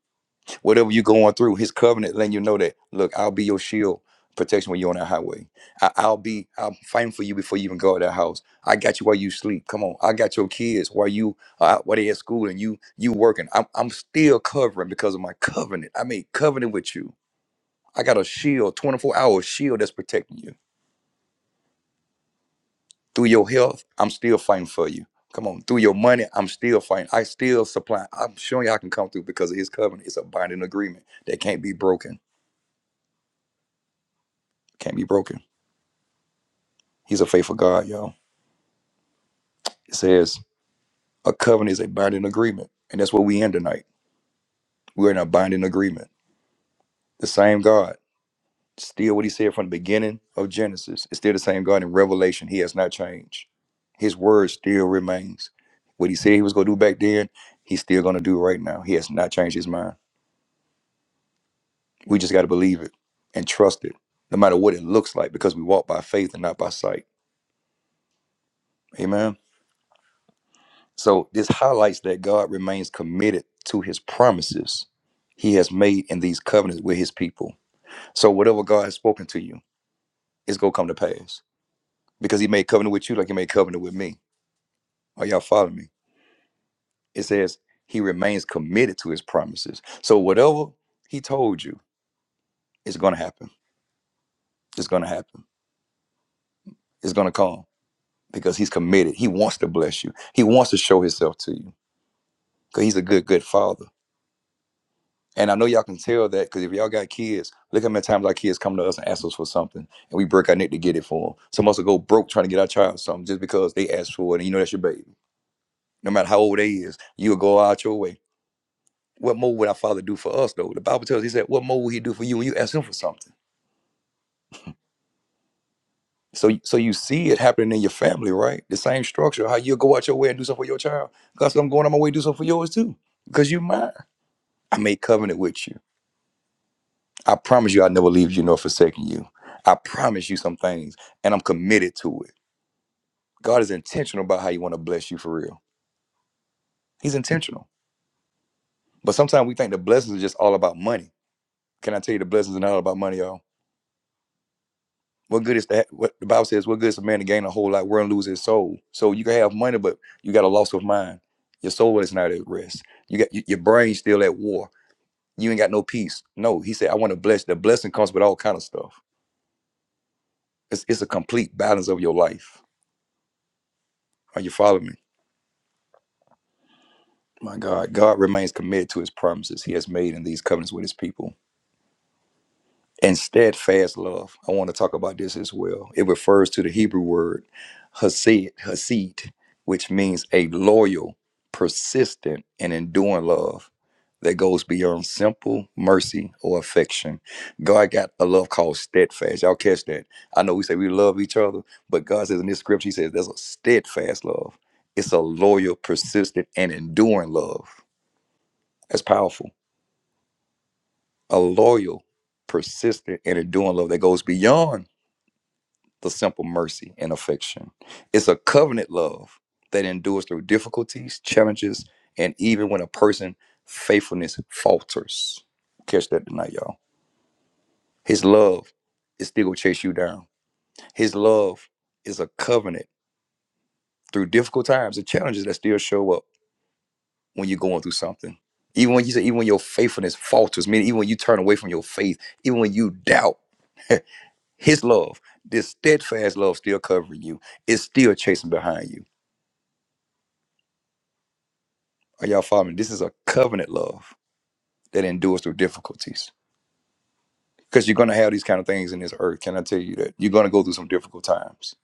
[SPEAKER 1] Whatever you're going through, his covenant letting you know that, look, I'll be your shield protection when you're on that highway. I, I'll be, I'm fighting for you before you even go out of that house. I got you while you sleep. Come on. I got your kids while you, uh, while they at school and you, you working. I'm, I'm still covering because of my covenant. I made covenant with you. I got a shield, 24 hour shield that's protecting you. Through your health, I'm still fighting for you. Come on. Through your money, I'm still fighting. I still supply. I'm showing you I can come through because of his covenant. It's a binding agreement that can't be broken. Can't be broken. He's a faithful God, y'all. It says a covenant is a binding agreement. And that's what we in tonight. We're in a binding agreement. The same God. Still what he said from the beginning of Genesis. It's still the same God in Revelation. He has not changed. His word still remains. What he said he was gonna do back then, he's still gonna do right now. He has not changed his mind. We just got to believe it and trust it, no matter what it looks like, because we walk by faith and not by sight. Amen. So this highlights that God remains committed to his promises he has made in these covenants with his people. So whatever God has spoken to you, it's going to come to pass because he made covenant with you like he made covenant with me. Are y'all following me? It says he remains committed to his promises. So whatever he told you, it's going to happen. It's going to happen. It's going to come because he's committed. He wants to bless you. He wants to show himself to you because he's a good, good father. And I know y'all can tell that because if y'all got kids, look how many times our kids come to us and ask us for something, and we break our neck to get it for them. Some of us will go broke trying to get our child something just because they asked for it, and you know that's your baby. No matter how old they is, you'll go out your way. What more would our Father do for us, though? The Bible tells us, He said, "What more will He do for you when you ask Him for something?" So, so you see it happening in your family, right? The same structure. How you will go out your way and do something for your child. God said, "I'm going on my way to do something for yours too, because you you're mine." I made covenant with you. I promise you I'll never leave you nor forsaken you. I promise you some things, and I'm committed to it. God is intentional about how He want to bless you for real. He's intentional. But sometimes we think the blessings are just all about money. Can I tell you the blessings are not all about money, y'all? What good is that? What the Bible says, what good is a man to gain a whole lot, world and lose his soul? So you can have money, but you got a loss of mind. Your soul is not at rest. You got your brain's still at war. You ain't got no peace. No, he said, I want to bless. The blessing comes with all kind of stuff. It's, it's a complete balance of your life Are you following me? My God, God remains committed to his promises he has made in these covenants with his people. And steadfast love, I want to talk about this as well. It refers to the Hebrew word hasid, hasid, which means a loyal, persistent, and enduring love that goes beyond simple mercy or affection. God got a love called steadfast. Y'all catch that? I know we say we love each other, but God says in this scripture, He says there's a steadfast love. It's a loyal, persistent, and enduring love. That's powerful. A loyal, persistent, and enduring love that goes beyond the simple mercy and affection. It's a covenant love that endures through difficulties, challenges, and even when a person's faithfulness falters. Catch that tonight, y'all. His love is still gonna chase you down. His love is a covenant through difficult times and challenges that still show up when you're going through something. Even when you say, even when your faithfulness falters, meaning even when you turn away from your faith, even when you doubt His love, this steadfast love still covering you, is still chasing behind you. Are y'all following? This is a covenant love that endures through difficulties. Because you're going to have these kind of things in this earth. Can I tell you that? You're going to go through some difficult times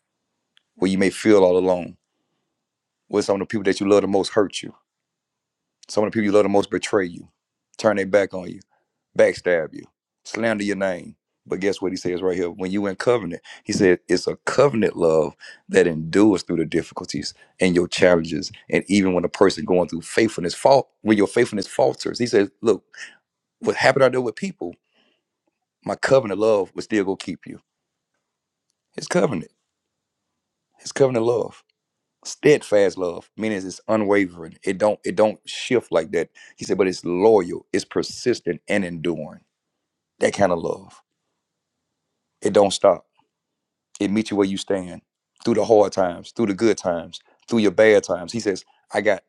[SPEAKER 1] where you may feel all alone, where some of the people that you love the most hurt you. Some of the people you love the most betray you, turn their back on you backstab you, slander your name. But guess what he says right here? When you in covenant, he said it's a covenant love that endures through the difficulties and your challenges. And even when a person going through faithfulness fault, when your faithfulness falters, he says, Look, what happened out there with people, my covenant love will still go keep you. His covenant, his covenant love. Steadfast love, meaning it's unwavering. It don't it don't shift like that. He said, but it's loyal, it's persistent and enduring. That kind of love. It don't stop. It meets you where you stand through the hard times, through the good times, through your bad times. He says, I got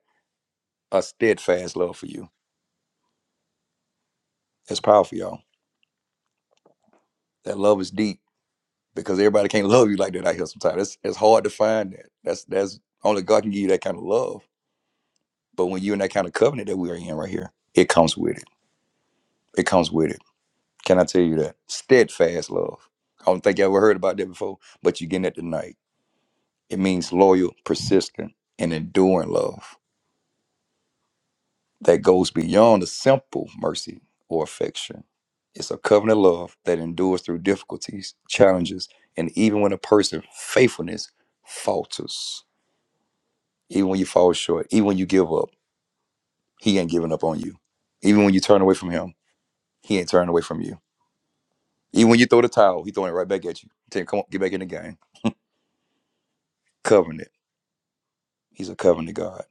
[SPEAKER 1] a steadfast love for you. That's powerful, y'all. That love is deep because everybody can't [laughs] love you like that out here sometimes. It's, it's hard to find that. That's that's only God can give you that kind of love. But when you're in that kind of covenant that we are in right here, it comes with it. It comes with it. Can I tell you that? Steadfast love. I don't think you ever heard about that before, but you're getting it tonight. It means loyal, persistent, and enduring love. that goes beyond a simple mercy or affection. It's a covenant love that endures through difficulties, challenges, and even when a person's faithfulness falters. Even when you fall short, even when you give up, he ain't giving up on you. Even when you turn away from him, he ain't turning away from you. Even when you throw the towel, he throwing it right back at you. Tell you, come on, get back in the game. Covenant. He's a covenant God.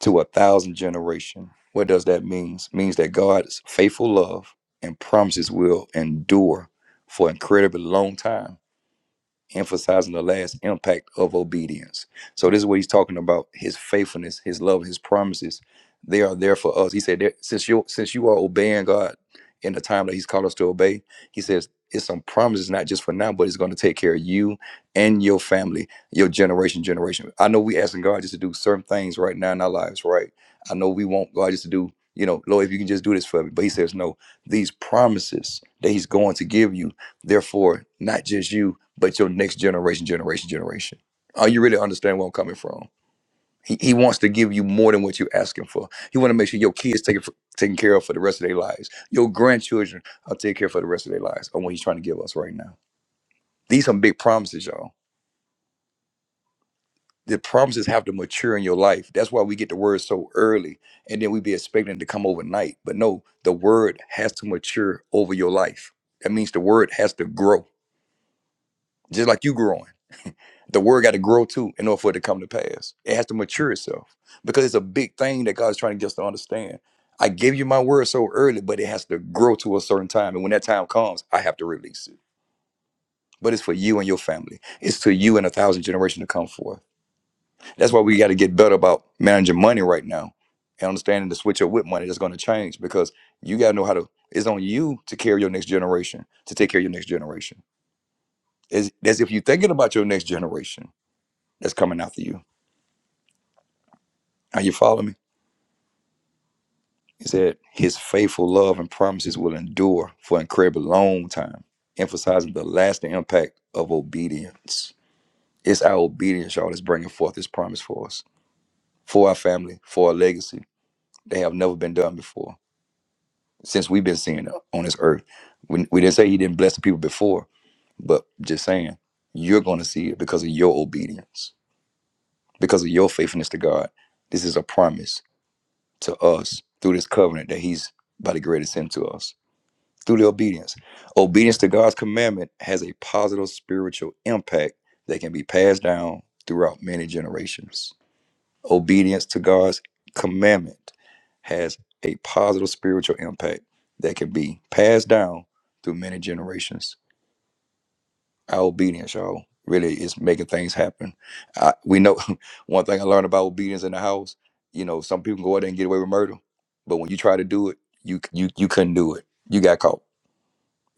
[SPEAKER 1] to a thousand generation. What does that mean? It means that God's faithful love and promises will endure for an incredibly long time emphasizing the last impact of obedience. So this is what he's talking about: his faithfulness, his love, his promises. They are there for us. He said, that since you since you are obeying God in the time that He's called us to obey, He says it's some promises, not just for now, but it's going to take care of you and your family, your generation, generation. I know we asking God just to do certain things right now in our lives, right? I know we want God just to do, you know, Lord, if you can just do this for me. But He says, no, these promises that He's going to give you, therefore, not just you, but your next generation, generation, generation. Are you really understand where I'm coming from? He, he wants to give you more than what you're asking for. He want to make sure your kids taken for, taken care of for the rest of their lives. Your grandchildren are taken care of for the rest of their lives. Or what he's trying to give us right now. These some big promises, y'all. The promises have to mature in your life. That's why we get the word so early, and then we be expecting it to come overnight. But no, the word has to mature over your life. That means the word has to grow, just like you growing. The word got to grow too in order for it to come to pass. It has to mature itself because it's a big thing that God's trying to get us to understand. I gave you my word so early, but it has to grow to a certain time. And when that time comes, I have to release it. But it's for you and your family. It's to you and a thousand generations to come forth. That's why we got to get better about managing money right now and understanding the switch up with money that's going to change because you got to know how to, it's on you to carry your next generation, to take care of your next generation. It's, that's if you're thinking about your next generation that's coming after you. Are you following me? It said, His faithful love and promises will endure for an incredibly long time, emphasizing the lasting impact of obedience. It's our obedience, y'all, that's bringing forth this promise for us, for our family, for our legacy. They have never been done before since we've been seeing it on this earth. We, we didn't say He didn't bless the people before, but just saying, you're going to see it because of your obedience, because of your faithfulness to God. This is a promise to us through this covenant that He's about to grade us into us. through the obedience. Obedience to God's commandment has a positive spiritual impact that can be passed down throughout many generations. Obedience to God's commandment has a positive spiritual impact that can be passed down through many generations. Our obedience, y'all, really is making things happen. I, we know [laughs] one thing I learned about obedience in the house. You know, some people go out there and get away with murder, but when you try to do it, you you you couldn't do it. You got caught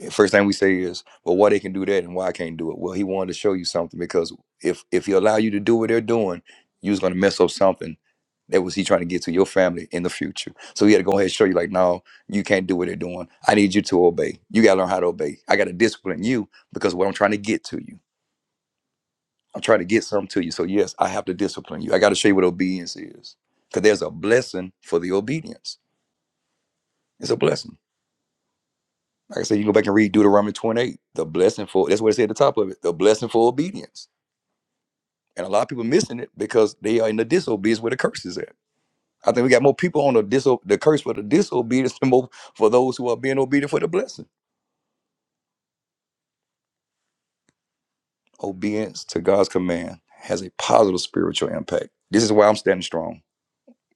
[SPEAKER 1] first thing we say is, well, why they can do that and why I can't do it. Well, he wanted to show you something because if if he allow you to do what they're doing, you was gonna mess up something that was he trying to get to your family in the future. So he had to go ahead and show you, like, no, you can't do what they're doing. I need you to obey. You gotta learn how to obey. I gotta discipline you because what I'm trying to get to you. I'm trying to get something to you. So yes, I have to discipline you. I gotta show you what obedience is. Because there's a blessing for the obedience. It's a blessing. Like I said, you go back and read Deuteronomy 28, the blessing for, that's what it said at the top of it, the blessing for obedience. And a lot of people missing it because they are in the disobedience where the curse is at. I think we got more people on the diso- the curse for the disobedience than more for those who are being obedient for the blessing. Obedience to God's command has a positive spiritual impact. This is why I'm standing strong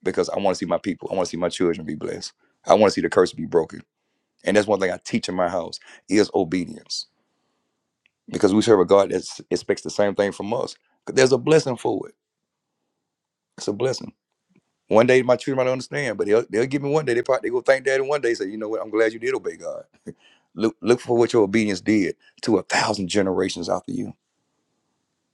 [SPEAKER 1] because I want to see my people, I want to see my children be blessed. I want to see the curse be broken. And that's one thing I teach in my house is obedience because we serve a God that expects the same thing from us. There's a blessing for it It's a blessing. One day my children might not understand, but they'll they'll give me one day. They probably they go thank dad, and one day. Say, you know what? I'm glad you did obey God. Look look for what your obedience did to a thousand generations after you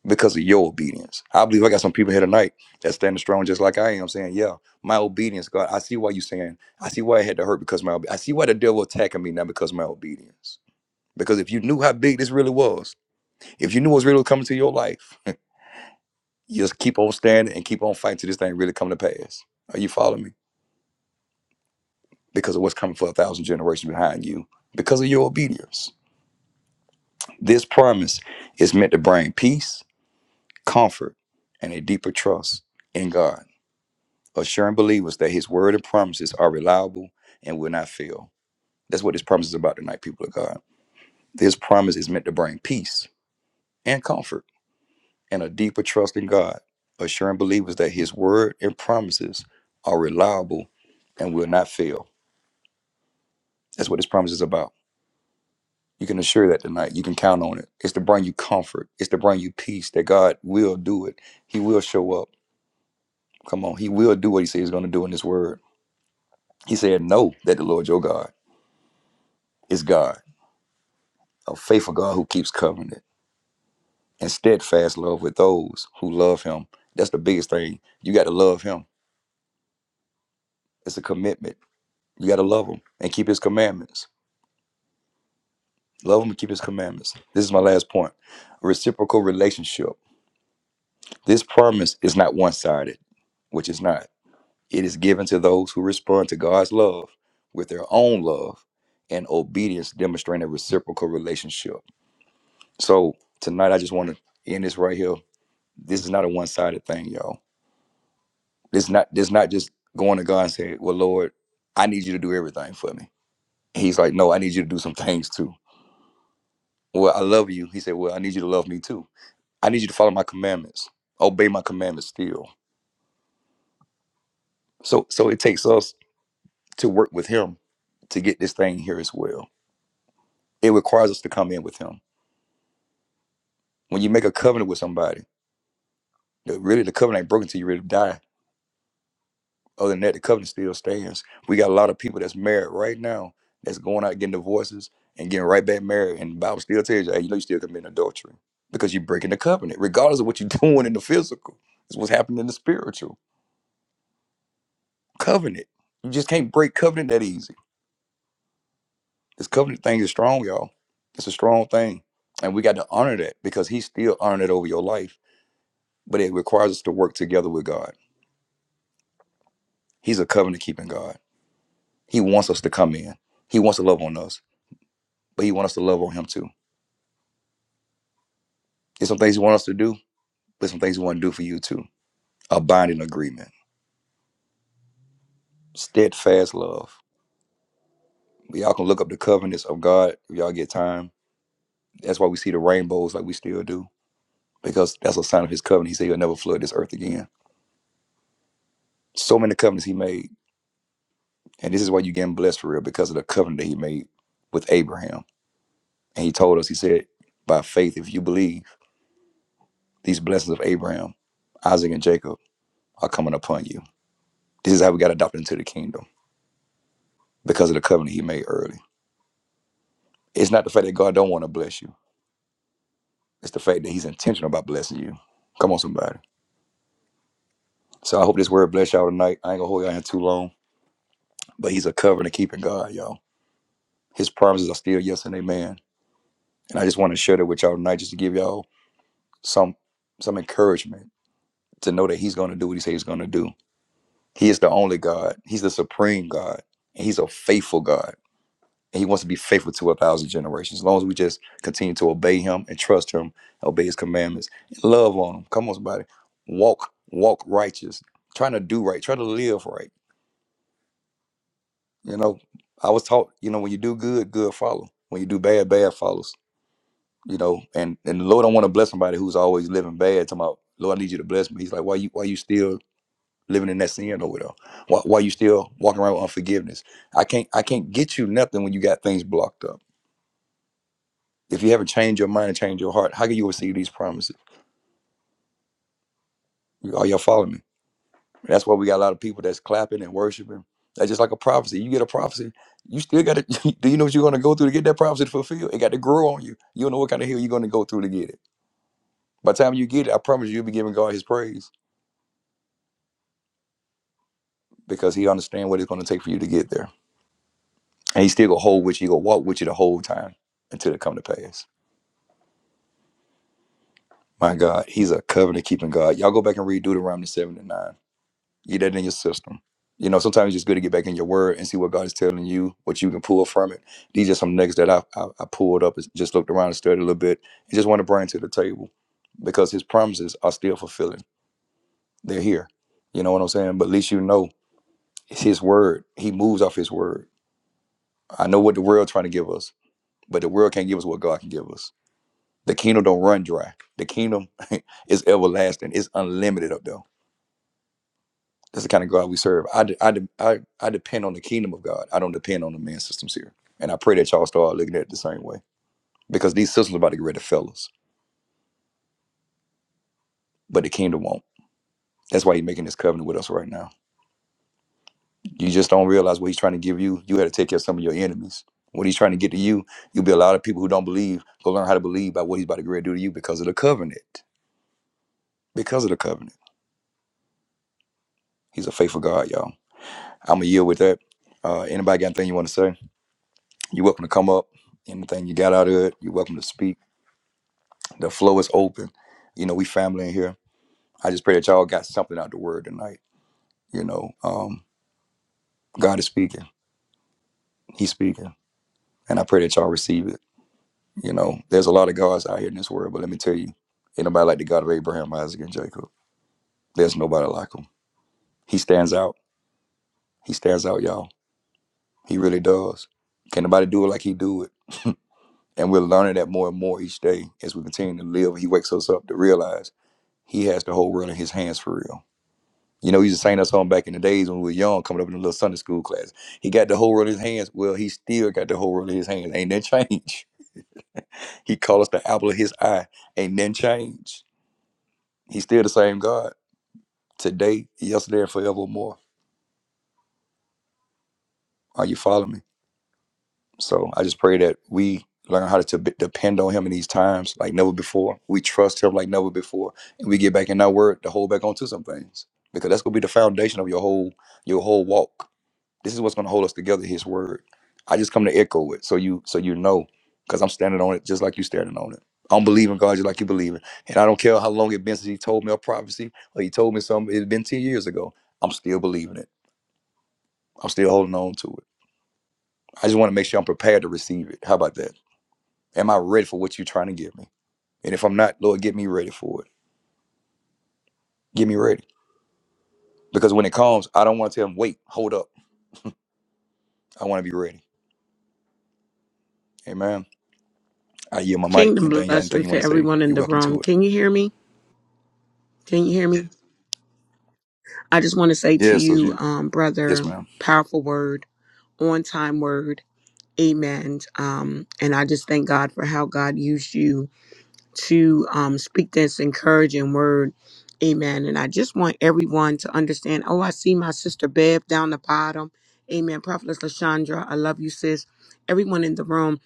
[SPEAKER 1] because of your obedience. I believe I got some people here tonight that's standing strong just like I am, saying, yeah, my obedience, God. I see why you saying. I see why I had to hurt because of my. obe- I see why the devil attacking me now because of my obedience. Because if you knew how big this really was, if you knew what was really coming to your life, [laughs] you just keep on standing and keep on fighting till this thing really come to pass. Are you following me? because of what's coming for a thousand generations behind you, because of your obedience. This promise is meant to bring peace, comfort, and a deeper trust in God, assuring believers that His word and promises are reliable and will not fail. That's what this promise is about tonight, people of God. This promise is meant to bring peace and comfort and a deeper trust in God, assuring believers that His word and promises are reliable and will not fail. That's what this promise is about. You can assure that tonight. You can count on it. It's to bring you comfort. It's to bring you peace that God will do it. He will show up. Come on. He will do what he says he's going to do in his word. He said, Know that the Lord your God is God, a faithful God who keeps covenant and steadfast love with those who love him. That's the biggest thing. You got to love him. It's a commitment. You got to love him and keep his commandments. Love him and keep his commandments. This is my last point. Reciprocal relationship. This promise is not one sided, which is not. It is given to those who respond to God's love with their own love and obedience, demonstrating a reciprocal relationship. So tonight, I just want to end this right here. This is not a one-sided thing, y'all. This not this not just going to God and say, "Well, Lord, I need you to do everything for me." He's like, "No, I need you to do some things too." Well, I love you. He said, "Well, I need you to love me too. I need you to follow my commandments, obey my commandments still." So, so it takes us to work with Him to get this thing here as well. It requires us to come in with him. When you make a covenant with somebody, the, really the covenant ain't broken till you really die. Other than that, the covenant still stands. We got a lot of people that's married right now that's going out getting divorces and getting right back married. And the Bible still tells you, hey, you know you still committing adultery because you're breaking the covenant, regardless of what you're [laughs] doing in the physical. It's what's happening in the spiritual. Covenant. You just can't break covenant that easy. This covenant thing is strong, y'all. It's a strong thing. And we got to honor that because he's still honoring it over your life. But it requires us to work together with God. He's a covenant keeping God. He wants us to come in. He wants to love on us, but he wants us to love on him too. There's some things he wants us to do, but some things he wants to do for you too. A binding agreement, steadfast love. Y'all can look up the covenants of God if y'all get time. That's why we see the rainbows like we still do, because that's a sign of his covenant. He said he'll never flood this earth again. So many covenants he made, and this is why you're getting blessed for real, because of the covenant that he made with Abraham. And he told us, he said, by faith, if you believe these blessings of Abraham, Isaac, and Jacob. are coming upon you. This is how we got adopted into the kingdom because of the covenant he made early. It's not the fact that God don't want to bless you. It's the fact that he's intentional about blessing you. Come on, somebody. So I hope this word bless y'all tonight. I ain't gonna hold y'all in too long, but he's a covenant keeping God, y'all. His promises are still yes and amen. And I just want to share that with y'all tonight just to give y'all some some encouragement to know that he's gonna do what he says he's gonna do. He is the only God. He's the supreme God. And he's a faithful God. and he wants to be faithful to a thousand generations. As long as we just continue to obey him and trust him, obey his commandments, and love on him. Come on, somebody. Walk, walk righteous. Trying to do right, try to live right. You know, I was taught, you know, when you do good, good follow. When you do bad, bad follows. You know, and and the Lord don't want to bless somebody who's always living bad. Talking about, Lord, I need you to bless me. He's like, why you why you still living in that sin over there? Why why you still walking around with unforgiveness? I can't I can't get you nothing when you got things blocked up. If you haven't changed your mind and changed your heart, how can you receive these promises? Are y'all following me? And That's why we got a lot of people that's clapping and worshiping. That's just like a prophecy. You get a prophecy, you still got to. [laughs] do you know what you're going to go through to get that prophecy fulfilled? It got to grow on you. You don't know what kind of hill you're going to go through to get it. By the time you get it, I promise you, you'll be giving God His praise because He understands what it's going to take for you to get there, and He still gonna hold with you. He gonna walk with you the whole time until it come to pass. My God, He's a covenant keeping God. Y'all go back and read Deuteronomy 7 and 9 Get that in your system. You know, sometimes it's just good to get back in your word and see what God is telling you, what you can pull from it. These are some nuggets that I, I, I pulled up, and just looked around and studied a little bit, and just want to bring to the table because His promises are still fulfilling. They're here. You know what I'm saying? But at least you know it's His word. He moves off His word. I know what the world trying to give us, but the world can't give us what God can give us. The kingdom don't run dry. The kingdom [laughs] is everlasting. It's unlimited up there That's the kind of God we serve. I, de- I, de- I, I depend on the kingdom of God. I don't depend on the man systems here. And I pray that y'all start looking at it the same way because these systems are about to get rid of fellas, but the kingdom won't. That's why he's making this covenant with us right now. You just don't realize what he's trying to give you. You had to take care of some of your enemies. What he's trying to get to you, you'll be a lot of people who don't believe. Go learn how to believe by what he's about to get ready to do to you because of the covenant. Because of the covenant. He's a faithful God, y'all. I'm a yield with that. Uh, anybody got anything you want to say? You're welcome to come up. Anything you got out of it, you're welcome to speak The flow is open. You know, we family in here. I just pray that y'all got something out the word tonight. You know, um, God is speaking. He's speaking. And I pray that y'all receive it. You know, there's a lot of gods out here in this world, but let me tell you, ain't nobody like the God of Abraham, Isaac, and Jacob. There's nobody like him. He stands out. He stands out, y'all. He really does. Can nobody do it like he do it? And we're learning that more and more each day as we continue to live. He wakes us up to realize he has the whole world in his hands for real You know, he used to sing that song back in the days when we were young, coming up in the little Sunday school class. He got the whole world in his hands. Well, he still got the whole world in his hands. Ain't that change? [laughs] He called us the apple of his eye. Ain't that change? He's still the same God today, yesterday, and forevermore. Are you following me? So I just pray that we learn how to be- depend on him in these times like never before. We trust him like never before. And we get back in our word to hold back onto some things. Because that's gonna be the foundation of your whole your whole walk This is what's going to hold us together. His word. I just come to echo it, so you so you know, because I'm standing on it just like you standing on it. I'm believing God just like you believe it, and I don't care how long it has been since He told me a prophecy or He told me something. It's been ten years ago. I'm still believing it. I'm still holding on to it. I just want to make sure I'm prepared to receive it. How about that? Am I ready for what you're trying to give me? And if I'm not, Lord, get me ready for it. Get me ready, because when it comes, I don't want to tell Him, wait, hold up. I want to be ready. Amen. I yield my mic.
[SPEAKER 2] Kingdom
[SPEAKER 1] Anything, y'all- anything
[SPEAKER 2] blessings
[SPEAKER 1] you want
[SPEAKER 2] to
[SPEAKER 1] to say,
[SPEAKER 2] everyone in
[SPEAKER 1] you're
[SPEAKER 2] the
[SPEAKER 1] welcome
[SPEAKER 2] room.
[SPEAKER 1] to it.
[SPEAKER 2] Can you hear me? Can you hear me? I just want to say to
[SPEAKER 1] Yes,
[SPEAKER 2] you, um,
[SPEAKER 1] Yes,
[SPEAKER 2] brother,
[SPEAKER 1] ma'am.
[SPEAKER 2] powerful word, on time word. Amen. Um, and I just thank God for how God used you to um, speak this encouraging word. Amen. And I just want everyone to understand. Oh, I see my sister Bev down the bottom. Amen. Prophetess Lashandra, I love you, sis. Everyone in the room,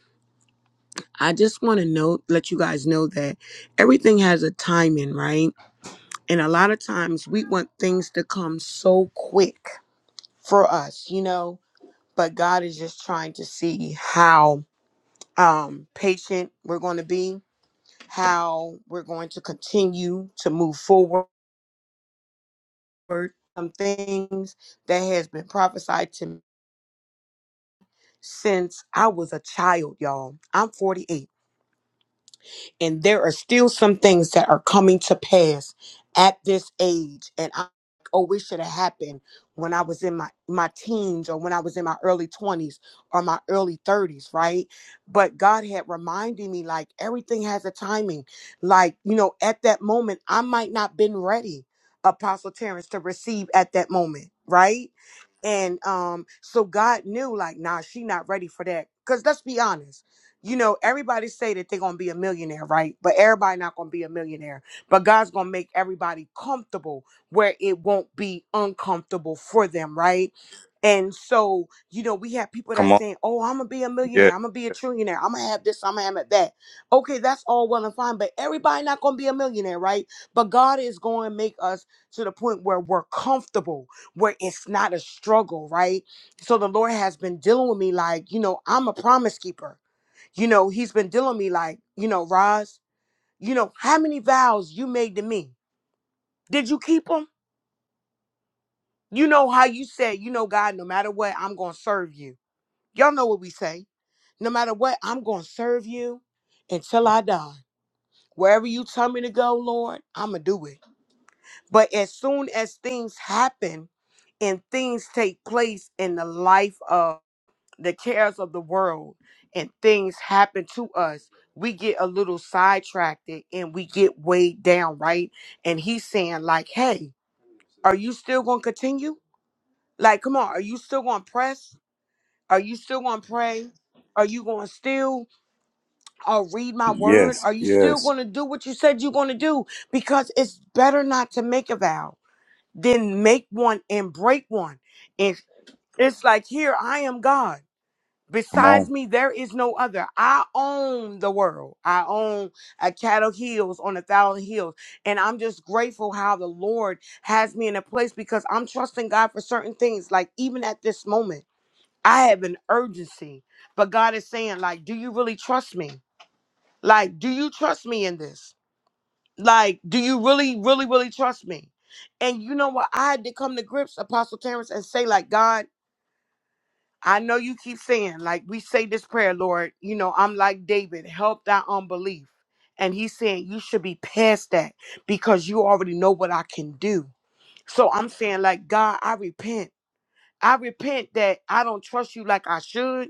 [SPEAKER 2] I just want to know, let you guys know that everything has a timing, right? And a lot of times we want things to come so quick for us, you know, but God is just trying to see how um patient we're going to be how we're going to continue to move forward. Some things that has been prophesied to me since I was a child, y'all. I'm 48. And there are still some things that are coming to pass at this age. And I oh, it should have happened when I was in my, my teens or when I was in my early 20s or my early 30s, right? But God had reminded me like everything has a timing. Like, you know, at that moment, I might not been ready, Apostle Terrence, to receive at that moment, right? and um so god knew like nah she not ready for that because let's be honest you know everybody say that they're gonna be a millionaire right but everybody not gonna be a millionaire but god's gonna make everybody comfortable where it won't be uncomfortable for them right and so you know we have people that
[SPEAKER 1] Come on.
[SPEAKER 2] saying oh i'm gonna be a
[SPEAKER 1] Yes,
[SPEAKER 2] millionaire i'm gonna be a trillionaire i'm gonna have this i'm gonna have that okay that's all well and fine but everybody not gonna be a millionaire right but god is gonna make us to the point where we're comfortable where it's not a struggle, right? So the Lord has been dealing with me like, you know, I'm a promise keeper. You know, He's been dealing with me like, you know, Roz, you know, how many vows you made to me? Did you keep them? You know how you said, you know, God, no matter what, I'm going to serve you. Y'all know what we say. No matter what, I'm going to serve you until I die. Wherever you tell me to go, Lord, I'm going to do it. But as soon as things happen and things take place in the life of, the cares of the world and things happen to us, we get a little sidetracked and we get weighed down, right? And he's saying, like, hey, are you still going to continue? Like, come on, are you still going to press? Are you still going to pray? Are you going to still uh, read my word?
[SPEAKER 1] Yes,
[SPEAKER 2] Are you still
[SPEAKER 1] yes.
[SPEAKER 2] going to do what you said you're going to do? Because it's better not to make a vow than make one and break one. And it's like, here, I am God.
[SPEAKER 1] Come on.
[SPEAKER 2] Besides me, there is no other. I own the world. I own a cattle hills on a thousand hills. And I'm just grateful how the Lord has me in a place because I'm trusting God for certain things. Like even at this moment, I have an urgency. But God is saying, like, do you really trust me? Like, do you trust me in this? Like, do you really, really, really trust me? And you know what? I had to come to grips, Apostle Terrence, and say, like, God. I know you keep saying, like we say this prayer, Lord, you know, I'm like David, help thy unbelief. And he's saying, you should be past that because you already know what I can do. So I'm saying, like, God, I repent. I repent that I don't trust you like I should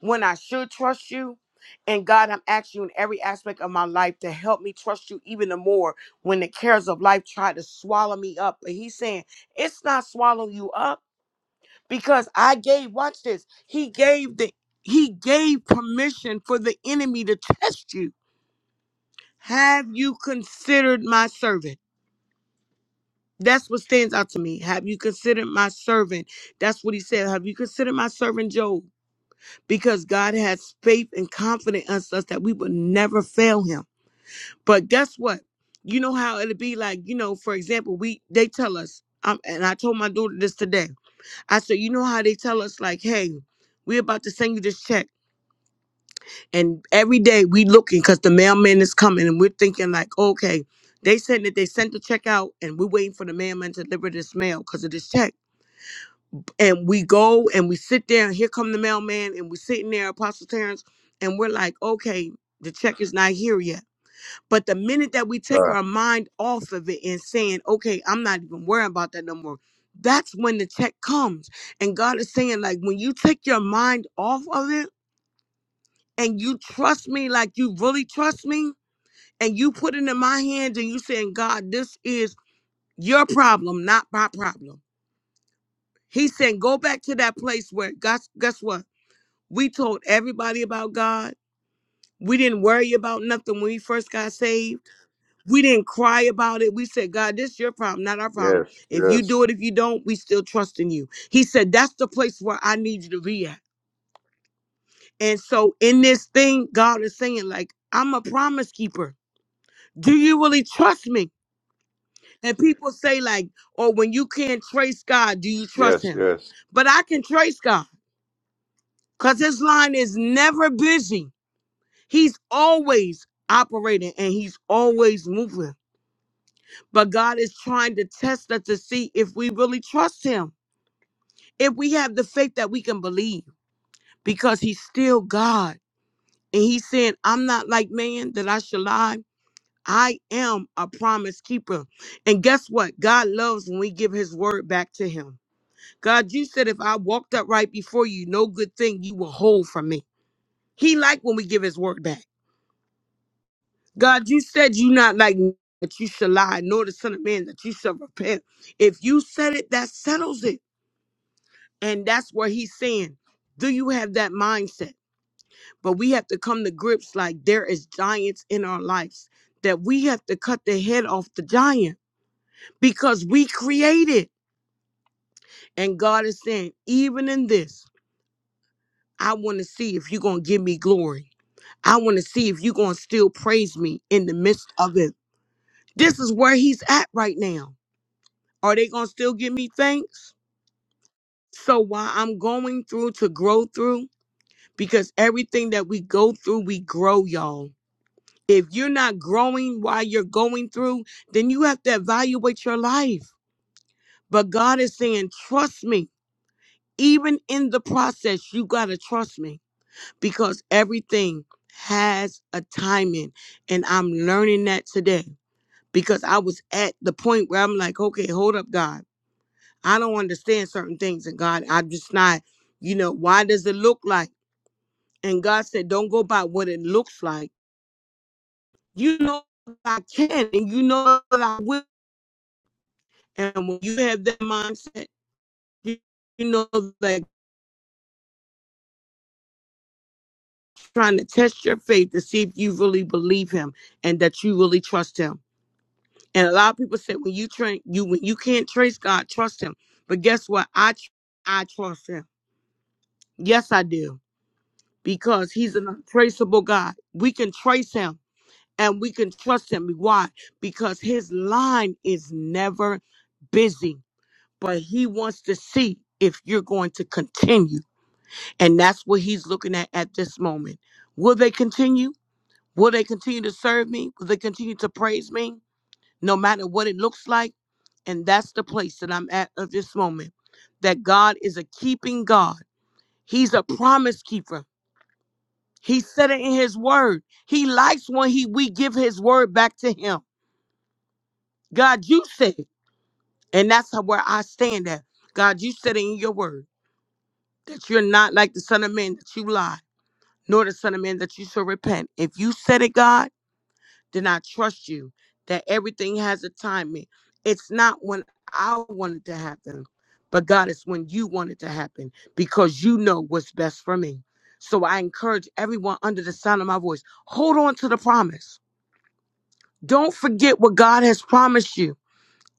[SPEAKER 2] when I should trust you. And God, I'm asking you in every aspect of my life to help me trust you even the more when the cares of life try to swallow me up. But he's saying, it's not swallowing you up because I gave watch this he gave the he gave permission for the enemy to test you have you considered my servant that's what stands out to me have you considered my servant that's what he said have you considered my servant job because God has faith and confidence in us that we will never fail him but guess what you know how it'd be like you know for example we they tell us um, and I told my daughter this today I said you know how they tell us like hey we're about to send you this check and every day we looking because the mailman is coming and we're thinking like okay they said that they sent the check out and we're waiting for the mailman to deliver this mail because of this check and we go and we sit there and here come the mailman and we're sitting there apostle terrence and we're like okay the check is not here yet but the minute that we take
[SPEAKER 1] God.
[SPEAKER 2] our mind off of it and saying okay i'm not even worrying about that no more that's when the check comes and god is saying like when you take your mind off of it and you trust me like you really trust me and you put it in my hands and you saying, God, this is your problem, not my problem. He said, go back to that place where guess guess what? We told everybody about God. We didn't worry about nothing when we first got saved. We didn't cry about it. We said, God, this is your problem, not our problem.
[SPEAKER 1] Yes,
[SPEAKER 2] If you
[SPEAKER 1] yes,
[SPEAKER 2] do it, if you don't, we still trust in you. He said, that's the place where I need you to be at. And so in this thing, God is saying, like, I'm a promise keeper. Do you really trust me? And people say, like, or when you can't trace God, do you trust
[SPEAKER 1] yes,
[SPEAKER 2] him?
[SPEAKER 1] yes.
[SPEAKER 2] But I can trace God because his line is never busy. He's always operating and he's always moving. But God is trying to test us to see if we really trust him, if we have the faith that we can believe, because he's still God. And he's saying, I'm not like man that I should lie. I am a promise keeper. And guess what? God loves when we give his word back to him. God, you said if I walked up right before you, no good thing you will hold from me. He like when we give his word back. God, you said you not like me, that you shall lie, nor the son of man that you shall repent. If you said it, that settles it. And that's where he's saying, do you have that mindset? But we have to come to grips like there is giants in our lives that we have to cut the head off the giant because we created. And God is saying, even in this, I want to see if you're going to give me glory. I want to see if you're going to still praise me in the midst of it. This is where he's at right now. Are they going to still give me thanks? So while I'm going through to grow through, because everything that we go through, we grow, y'all. If you're not growing while you're going through, then you have to evaluate your life. But God is saying, trust me. Even in the process, you got to trust me because everything has a timing. And I'm learning that today. because I was at the point where I'm like, okay, hold up, God. I don't understand certain things. And God, I'm just not, you know, why does it look like? And God said, don't go by what it looks like. You know that I can and you know that I will. And when you have that mindset, you, you know that trying to test your faith to see if you really believe him and that you really trust him. And a lot of people say when you train you when you can't trace God, trust him. But guess what? I tr- I trust him. Yes, I do. because he's an untraceable God. We can trace him and we can trust him. Why? Because his line is never busy, but he wants to see if you're going to continue. And that's what he's looking at at this moment. Will they continue? Will they continue to serve me? Will they continue to praise me? No matter what it looks like. And that's the place that I'm at at this moment. That God is a keeping God. He's a promise keeper. He said it in his word. He likes when he we give his word back to him. God, you said, and that's how, where I stand at. God, you said it in your word that you're not like the son of man that you lie, nor the son of man that you shall repent. If you said it, God, then I trust you that everything has a timing. It's not when I want it to happen, but God, it's when you want it to happen because you know what's best for me. So I encourage everyone under the sound of my voice, hold on to the promise Don't forget what God has promised you.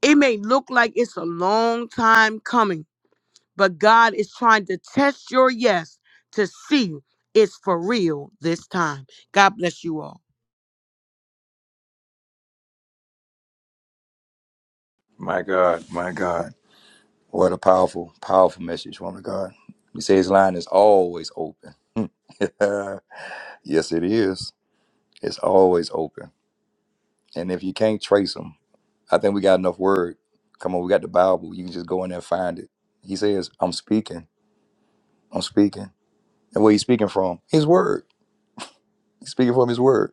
[SPEAKER 2] It may look like it's a long time coming, but God is trying to test your yes to see it's for real this time. God bless you all.
[SPEAKER 1] My God, my God. What a powerful, powerful message, woman of God. You say his line is always open. [laughs] yes, it is. It's always open. And if you can't trace him, I think we got enough word. Come on, we got the Bible. You can just go in there and find it. He says, I'm speaking. I'm speaking. And where he's speaking from? His word. He's speaking from his word.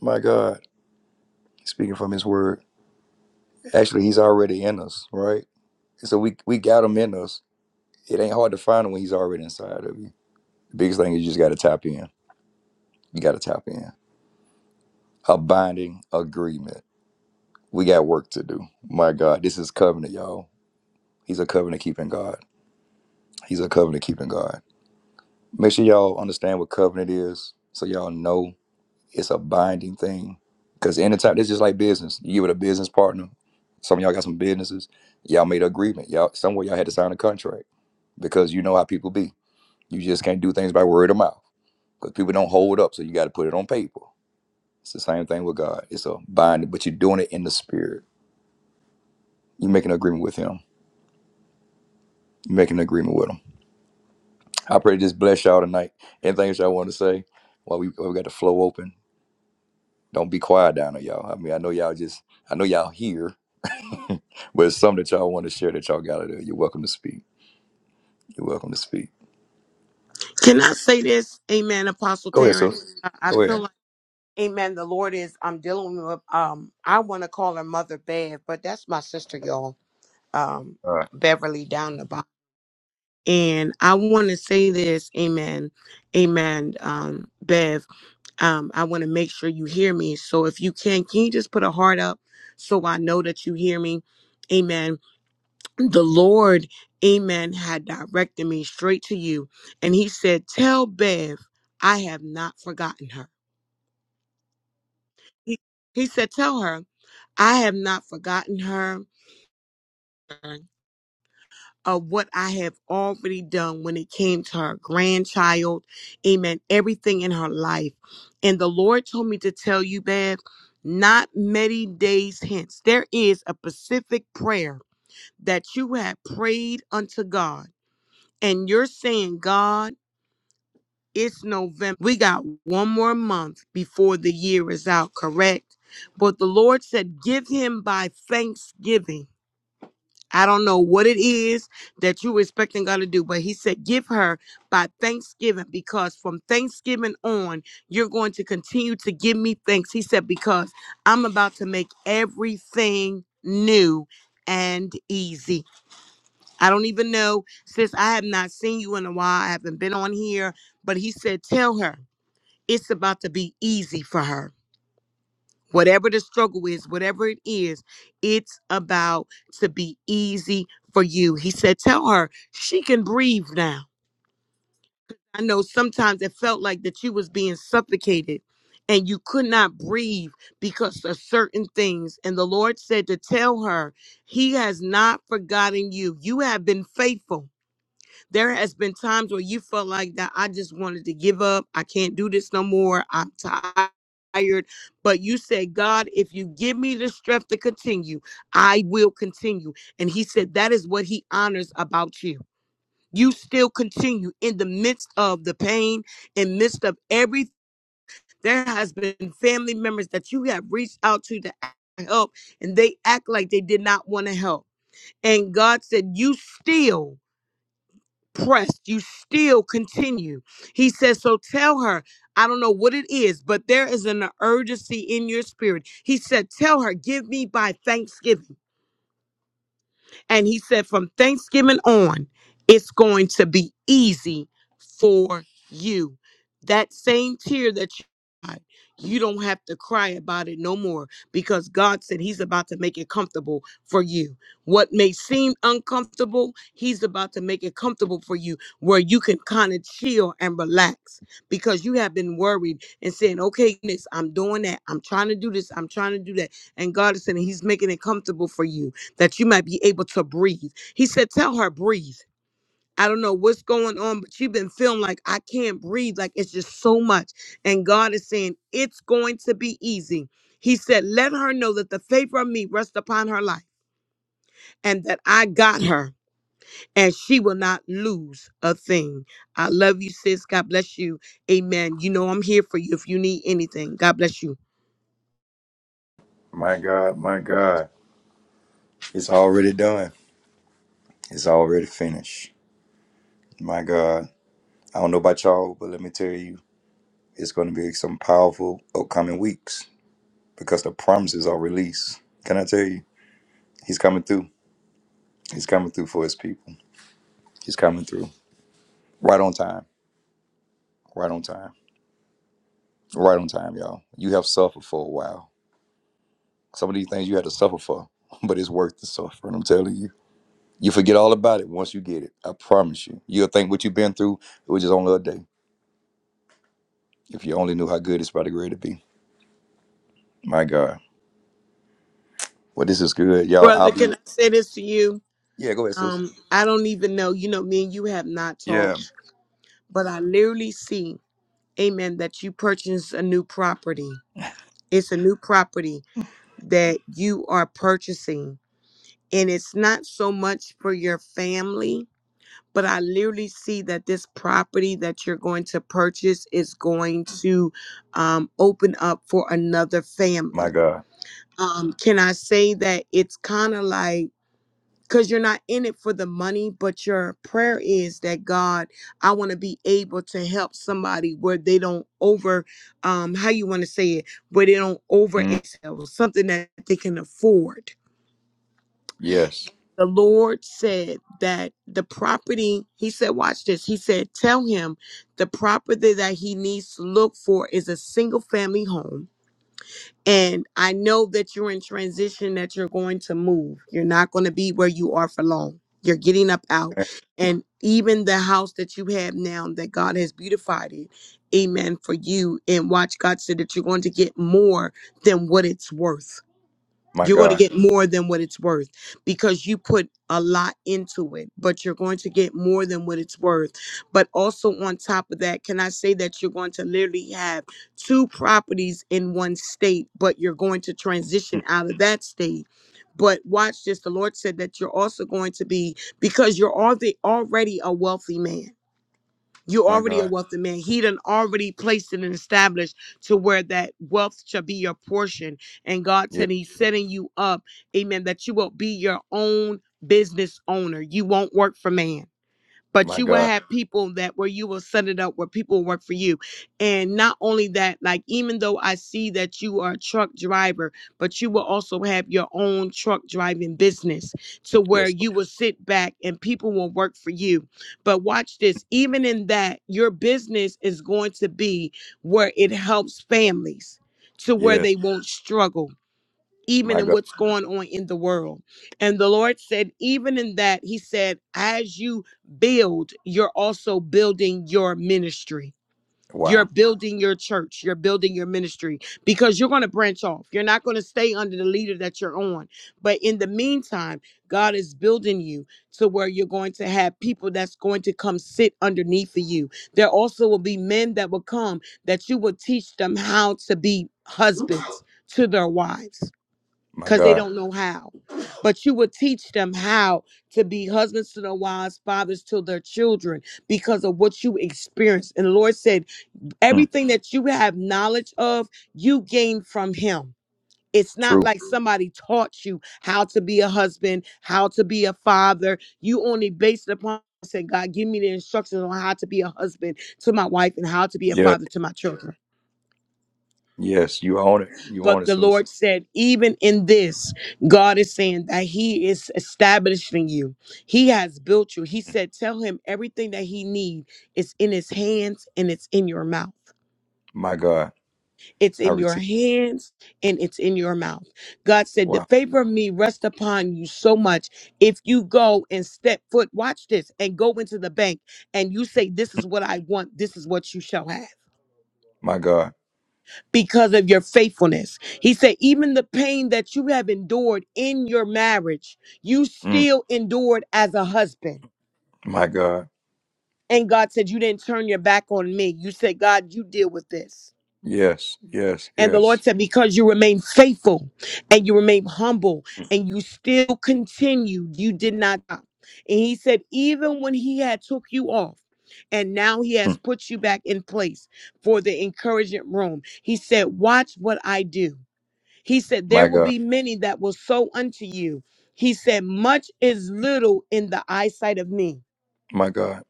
[SPEAKER 1] My God. He's speaking from his word. Actually, he's already in us, right? So we we got him in us. It ain't hard to find him when he's already inside of you. The biggest thing is you just got to tap in. You got to tap in. A binding agreement. We got work to do. My God, this is covenant, y'all. He's a covenant keeping God. He's a covenant keeping God. Make sure y'all understand what covenant is, so y'all know it's a binding thing. Because anytime, it's just like business. You with a business partner. Some of y'all got some businesses. Y'all made an agreement. Y'all somewhere y'all had to sign a contract because you know how people be You just can't do things by word of mouth because people don't hold up. So you got to put it on paper. It's the same thing with God. It's a binding, but you're doing it in the spirit. You're making an agreement with Him. You're making an agreement with Him. I pray to just bless y'all tonight. Anything else y'all want to say while we, while we got the flow open? Don't be quiet down there, y'all. I mean, I know y'all just, I know y'all here, but it's something that y'all want to share that y'all got out of there. You're welcome to speak. You're welcome to speak.
[SPEAKER 2] Can I say this? Amen, Apostle
[SPEAKER 1] Go ahead,
[SPEAKER 2] Terrence.
[SPEAKER 1] sis.
[SPEAKER 2] I I
[SPEAKER 1] Go
[SPEAKER 2] feel
[SPEAKER 1] ahead.
[SPEAKER 2] like Amen. The Lord is I'm dealing with um I want to call her mother Bev, but that's my sister, y'all. Um
[SPEAKER 1] All right.
[SPEAKER 2] Beverly down the bottom. And I want to say this, Amen. Amen. Um, Bev. um, I want to make sure you hear me. So if you can, can you just put a heart up so I know that you hear me? Amen. The Lord, amen, had directed me straight to you. And he said, Tell Bev, I have not forgotten her. He, he said, Tell her, I have not forgotten her. of what I have already done when it came to her grandchild. Amen. Everything in her life. And the Lord told me to tell you, Bab, not many days hence, there is a specific prayer that you have prayed unto God. And you're saying, God, it's November. We got one more month before the year is out, correct? But the Lord said, give him by thanksgiving. I don't know what it is that you were expecting God to do, but He said, Give her by Thanksgiving, because from Thanksgiving on, you're going to continue to give me thanks. He said, Because I'm about to make everything new and easy. I don't even know, sis, I have not seen you in a while. I haven't been on here, but He said, Tell her it's about to be easy for her whatever the struggle is, whatever it is, it's about to be easy for you. He said, tell her she can breathe now. I know sometimes it felt like that you was being suffocated and you could not breathe because of certain things. And the Lord said to tell her, he has not forgotten you. You have been faithful there has been times where you felt like that I just wanted to give up. I can't do this no more. I'm tired. But you said, God, if you give me the strength to continue, I will continue. And he said, that is what he honors about you. You still continue in the midst of the pain, in midst of every there has been family members that you have reached out to to help and they act like they did not want to help. And God said, you still pressed, you still continue. He says, So tell her, I don't know what it is, but there is an urgency in your spirit. He said, Tell her, give me by thanksgiving. And he said, from Thanksgiving on, it's going to be easy for you. That same tear that you cried, you don't have to cry about it no more because God said He's about to make it comfortable for you. What may seem uncomfortable, He's about to make it comfortable for you where you can kind of chill and relax because you have been worried and saying, okay, goodness, I'm doing that. I'm trying to do this. I'm trying to do that. And God is saying He's making it comfortable for you that you might be able to breathe. He said, Tell her, breathe. I don't know what's going on, but you've been feeling like I can't breathe. Like it's just so much. And God is saying, It's going to be easy. He said, Let her know that the favor of me rests upon her life and that I got her and she will not lose a thing. I love you, sis. God bless you. Amen. You know, I'm here for you if you need anything. God bless you.
[SPEAKER 1] My God, my God. It's already done. It's already finished. My God. I don't know about y'all, but let me tell you, it's going to be some powerful upcoming weeks because the promises are released. Can I tell you? He's coming through. He's coming through for his people. He's coming through. Right on time. Right on time. Right on time, y'all. You have suffered for a while. Some of these things you had to suffer for, [laughs] but it's worth the suffering, I'm telling you. You forget all about it once you get it. I promise you. You'll think what you've been through, it was just only a day. If you only knew how good it's about to great to be. My God. Well, this is good, y'all. I'll
[SPEAKER 2] Brother,
[SPEAKER 1] be.
[SPEAKER 2] can I say this to you?
[SPEAKER 1] Yeah, go ahead, sis.
[SPEAKER 2] Um, I don't even know. You know, me and you have not
[SPEAKER 1] Yeah.
[SPEAKER 2] talked but I literally see, amen, that you purchase a new property. It's a new property that you are purchasing. And it's not so much for your family, but I literally see that this property that you're going to purchase is going to um, open up for another
[SPEAKER 1] My
[SPEAKER 2] family.
[SPEAKER 1] God.
[SPEAKER 2] Um, can I say that it's kind of like, because you're not in it for the money, but your prayer is that God, I want to be able to help somebody where they don't over, um, how you want to say it, where they don't over
[SPEAKER 1] Mm,
[SPEAKER 2] excel, something that they can afford.
[SPEAKER 1] yes.
[SPEAKER 2] The Lord said that the property, He said, watch this. He said, tell him the property that he needs to look for is a single family home and I know that you're in transition, that you're going to move. You're not going to be where you are for long. You're getting up out. And even the house that you have now, that God has beautified it, amen, for you. And watch God say that you're going to get more than what it's worth.
[SPEAKER 1] My
[SPEAKER 2] You're going to
[SPEAKER 1] God.
[SPEAKER 2] get more than what it's worth because you put a lot into it, but you're going to get more than what it's worth. But also, on top of that, can I say that you're going to literally have two properties in one state, but you're going to transition
[SPEAKER 1] Mm,
[SPEAKER 2] out of that state? But watch this the Lord said that you're also going to be, because you're already, already a wealthy man you
[SPEAKER 1] My
[SPEAKER 2] already a
[SPEAKER 1] God.
[SPEAKER 2] wealthy man. He done already placed it and established to where that wealth shall be your portion. And God
[SPEAKER 1] Yeah.
[SPEAKER 2] said He's setting you up, amen, that you will be your own business owner. You won't work for man but
[SPEAKER 1] My
[SPEAKER 2] you will
[SPEAKER 1] God.
[SPEAKER 2] have people that where you will set it up where people will work for you. And not only that, like even though I see that you are a truck driver, but you will also have your own truck driving business to where
[SPEAKER 1] Yes. Lord.
[SPEAKER 2] you will sit back and people will work for you. But watch this, even in that, your business is going to be where it helps families to where
[SPEAKER 1] Yes.
[SPEAKER 2] they won't struggle even
[SPEAKER 1] My
[SPEAKER 2] in
[SPEAKER 1] God.
[SPEAKER 2] what's going on in the world. And the Lord said, even in that, He said, as you build, you're also building your ministry. You're
[SPEAKER 1] Wow.
[SPEAKER 2] building your church. You're building your ministry because you're going to branch off. You're not going to stay under the leader that you're on. But in the meantime, God is building you to where you're going to have people that's going to come sit underneath of you. There also will be men that will come that you will teach them how to be husbands to their wives
[SPEAKER 1] My
[SPEAKER 2] because they
[SPEAKER 1] God.
[SPEAKER 2] don't know how. But you would teach them how to be husbands to their wives, fathers to their children, because of what you experienced. And the Lord said,
[SPEAKER 1] Mm,
[SPEAKER 2] everything that you have knowledge of, you gain from Him. It's not
[SPEAKER 1] true.
[SPEAKER 2] like somebody taught you how to be a husband, how to be a father. You only based it upon said, God, give me the instructions on how to be a husband to my wife and how to be a
[SPEAKER 1] Yes.
[SPEAKER 2] father to my children.
[SPEAKER 1] Yes. You own it. You own
[SPEAKER 2] But
[SPEAKER 1] it,
[SPEAKER 2] the
[SPEAKER 1] sis.
[SPEAKER 2] Lord said, even in this, God is saying that He is establishing you. He has built you. He said, tell him everything that he needs. is in his hands and it's in your mouth.
[SPEAKER 1] My God.
[SPEAKER 2] It's
[SPEAKER 1] I
[SPEAKER 2] in your
[SPEAKER 1] receive.
[SPEAKER 2] hands and it's in your mouth. God said, the
[SPEAKER 1] Wow.
[SPEAKER 2] favor of me rest upon you so much. If you go and step foot, watch this, and go into the bank and you say, this is what I want, this is what you shall have.
[SPEAKER 1] My God.
[SPEAKER 2] because of your faithfulness. He said, even the pain that you have endured in your marriage, you
[SPEAKER 1] Mm,
[SPEAKER 2] still endured as a husband.
[SPEAKER 1] my God.
[SPEAKER 2] And God said, You didn't turn your back on me. You said, God, you deal with this.
[SPEAKER 1] Yes. Yes.
[SPEAKER 2] And the Lord
[SPEAKER 1] Yes.
[SPEAKER 2] said, Because you remain faithful and you remain humble and you still continued, you did not stop. And he said, even when he had took you off, and now he has
[SPEAKER 1] Mm,
[SPEAKER 2] put you back in place for the encouragement room. He said, Watch what I do. He said, There
[SPEAKER 1] my
[SPEAKER 2] will
[SPEAKER 1] God.
[SPEAKER 2] be many that will sow unto you. He said, Much is little in the eyesight of me.
[SPEAKER 1] My God.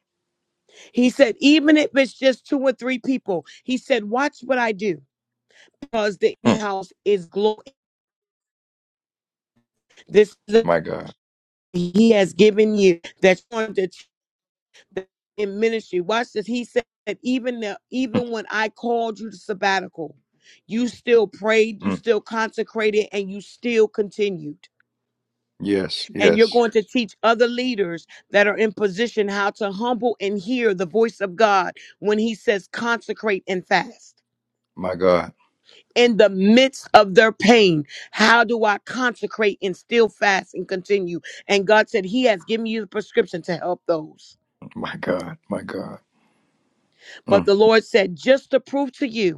[SPEAKER 2] He said, Even if it's just two or three people, he said, Watch what I do, because the
[SPEAKER 1] Mm,
[SPEAKER 2] house is glory. This is a-
[SPEAKER 1] my God.
[SPEAKER 2] he has given you that's on the in ministry. Watch this. He said, Even the,
[SPEAKER 1] Mm,
[SPEAKER 2] even when I called you to sabbatical, you still prayed, you
[SPEAKER 1] mm.
[SPEAKER 2] still consecrated, and you still continued.
[SPEAKER 1] Yes.
[SPEAKER 2] and you're
[SPEAKER 1] Yes.
[SPEAKER 2] going to teach other leaders that are in position how to humble and hear the voice of God when he says consecrate and fast.
[SPEAKER 1] My God.
[SPEAKER 2] In the midst of their pain, how do I consecrate and still fast and continue? And God said, He has given you the prescription to help those.
[SPEAKER 1] My God. My God.
[SPEAKER 2] But
[SPEAKER 1] Mm,
[SPEAKER 2] the Lord said, just to prove to you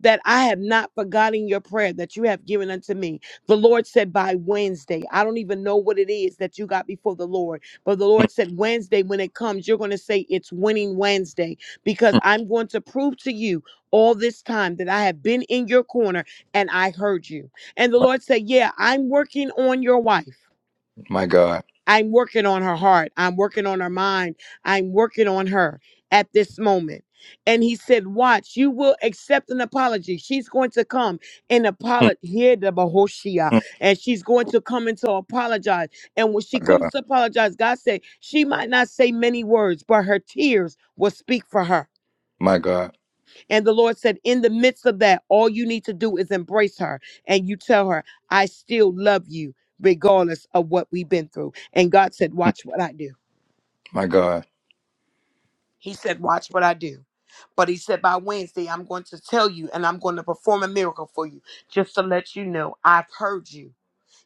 [SPEAKER 2] that I have not forgotten your prayer that you have given unto me. The Lord said by Wednesday, I don't even know what it is that you got before the Lord, but the Lord said Wednesday, when it comes, you're going to say it's winning Wednesday because I'm going to prove to you all this time that I have been in your corner and I heard you. And the
[SPEAKER 1] my,
[SPEAKER 2] Lord said, Yeah, I'm working on your wife.
[SPEAKER 1] my God.
[SPEAKER 2] I'm working on her heart. I'm working on her mind. I'm working on her at this moment. And he said, Watch, you will accept an apology. She's going to come and
[SPEAKER 1] Mm,
[SPEAKER 2] apologize here, the Bahoshia.
[SPEAKER 1] mm,
[SPEAKER 2] And she's going to come and to apologize. And when she
[SPEAKER 1] my
[SPEAKER 2] comes
[SPEAKER 1] God.
[SPEAKER 2] to apologize, God said, She might not say many words, but her tears will speak for her.
[SPEAKER 1] My God.
[SPEAKER 2] And the Lord said, in the midst of that, all you need to do is embrace her and you tell her, I still love you regardless of what we've been through. And God said, watch what I do.
[SPEAKER 1] My God.
[SPEAKER 2] He said, watch what I do. But he said, by Wednesday, I'm going to tell you and I'm going to perform a miracle for you just to let you know I've heard you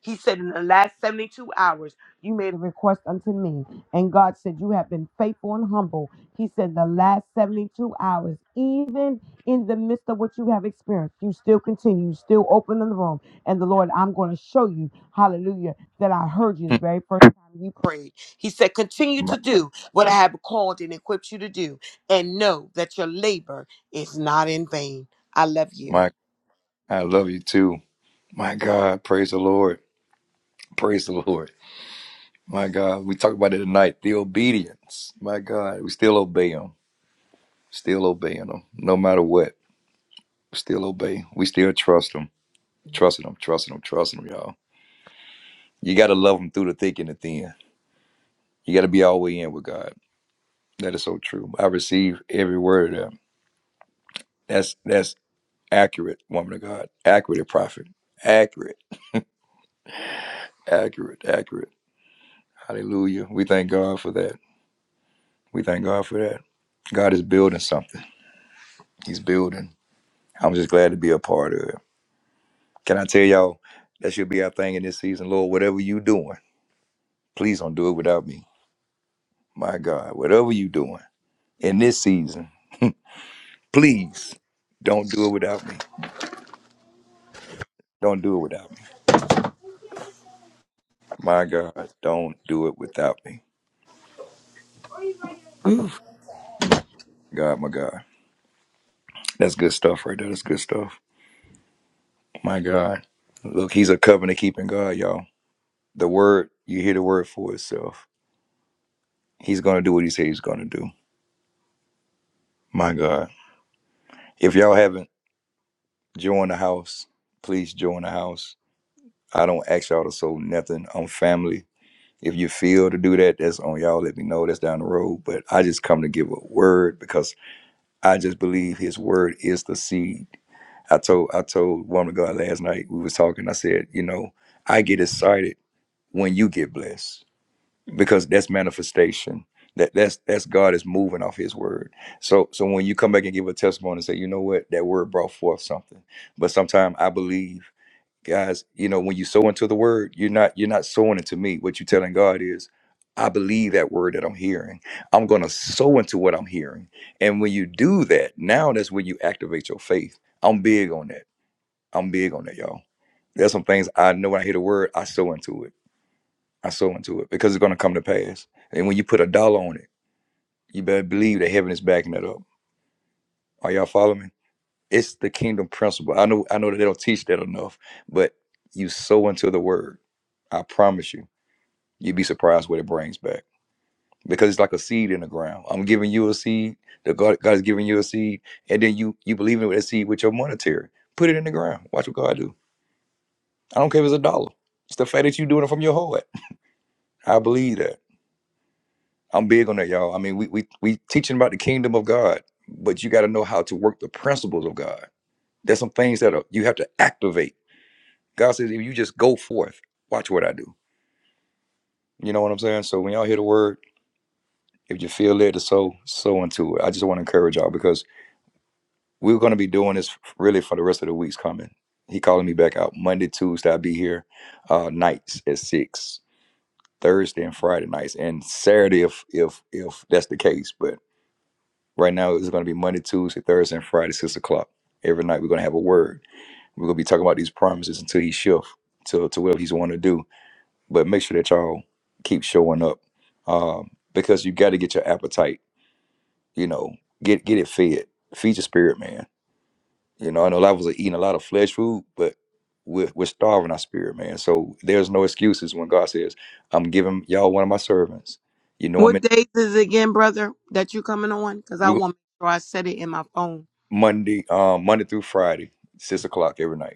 [SPEAKER 2] he said, In the last 72 hours, you made a request unto me. And God said, You have been faithful and humble. He said, The last 72 hours, even in the midst of what you have experienced, you still continue, you still open in the room. And the Lord, I'm going to show you, hallelujah, that I heard you the
[SPEAKER 1] Mm.
[SPEAKER 2] very first time you prayed. He said, Continue
[SPEAKER 1] My,
[SPEAKER 2] to do what I have called and equipped you to do. And know that your labor is not in vain. I love you.
[SPEAKER 1] my, I love you too. My God, praise the Lord. Praise the Lord. My God, we talked about it tonight. The obedience. My God, we still obey Him. Still obeying Him. No matter what, we still obey. We still trust Him. Trusting Him, trusting Him, trusting Him, y'all. You got to love Him through the thick and the thin. You got to be all the way in with God. That is so true. I receive every word of that. That's, that's accurate, woman of God. Accurate, prophet. Accurate, accurate, accurate. Hallelujah. We thank God for that. We thank God for that. God is building something. He's building. I'm just glad to be a part of it. Can I tell y'all that should be our thing in this season, Lord? Whatever you doing, please don't do it without me. My God, whatever you doing in this season, please don't do it without me. Don't do it without me. My God, don't do it without me. My God, my God. That's good stuff right there. That's good stuff. My God. Look, he's a covenant keeping God, y'all. The word, you hear the word for itself He's gonna do what he said he's gonna do. My God. If y'all haven't joined the house, please join the house. I don't ask y'all to sow nothing. I'm family. If you feel to do that, that's on y'all. Let me know. That's down the road. But I just come to give a word because I just believe his word is the seed. I told I told woman of God last night, we was talking, I said, you know, I get excited when you get blessed. because that's manifestation. That that's that's God is moving off His word. So so when you come back and give a testimony and say, you know what, that word brought forth something. But sometimes I believe, guys, you know, when you sow into the word, you're not you're not sowing into me. What you're telling God is, I believe that word that I'm hearing. I'm gonna sow into what I'm hearing. And when you do that, now that's when you activate your faith. I'm big on that. I'm big on that, y'all. There's some things I know when I hear the word, I sow into it. I sow into it because it's going to come to pass. And when you put a dollar on it, you better believe that heaven is backing that up. Are y'all following me? It's the kingdom principle. I know I know that they don't teach that enough, but you sow into the word. I promise you, you'd be surprised what it brings back because it's like a seed in the ground. I'm giving you a seed. The God God is giving you a seed, and then you you believe in that seed with your monetary. Put it in the ground. Watch what God do. I don't care if it's a dollar. It's the fact that you're doing it from your heart. I believe that. I'm big on that, y'all. I mean, we we we teaching about the kingdom of God, but you got to know how to work the principles of God. There's some things that are, you have to activate. God says, if you just go forth, watch what I do. You know what I'm saying? So when y'all hear the word, if you feel led to sow, sow into it. I just want to encourage y'all because we're going to be doing this really for the rest of the weeks coming. He calling me back out Monday, Tuesday. I'll be here uh, nights at six, Thursday and Friday nights, and Saturday if if if that's the case. But Right now, it's going to be Monday, Tuesday, Thursday, and Friday, six o'clock. Every night, we're going to have a word. We're going to be talking about these promises until He shifts to to whatever He's wanting to do. But make sure that y'all keep showing up um, because you got to get your appetite. You know, get get it fed. Feed your spirit, man. You know, I know a lot of us are eating a lot of flesh food, but we're, we're starving our spirit, man. So there's no excuses when God says, "I'm giving y'all one of my servants." You know, I'm in,
[SPEAKER 2] What days is it again, brother, that you coming on? Because I
[SPEAKER 1] we,
[SPEAKER 2] want to make sure I set it in my phone.
[SPEAKER 1] Monday, um, Monday through Friday, six o'clock every night.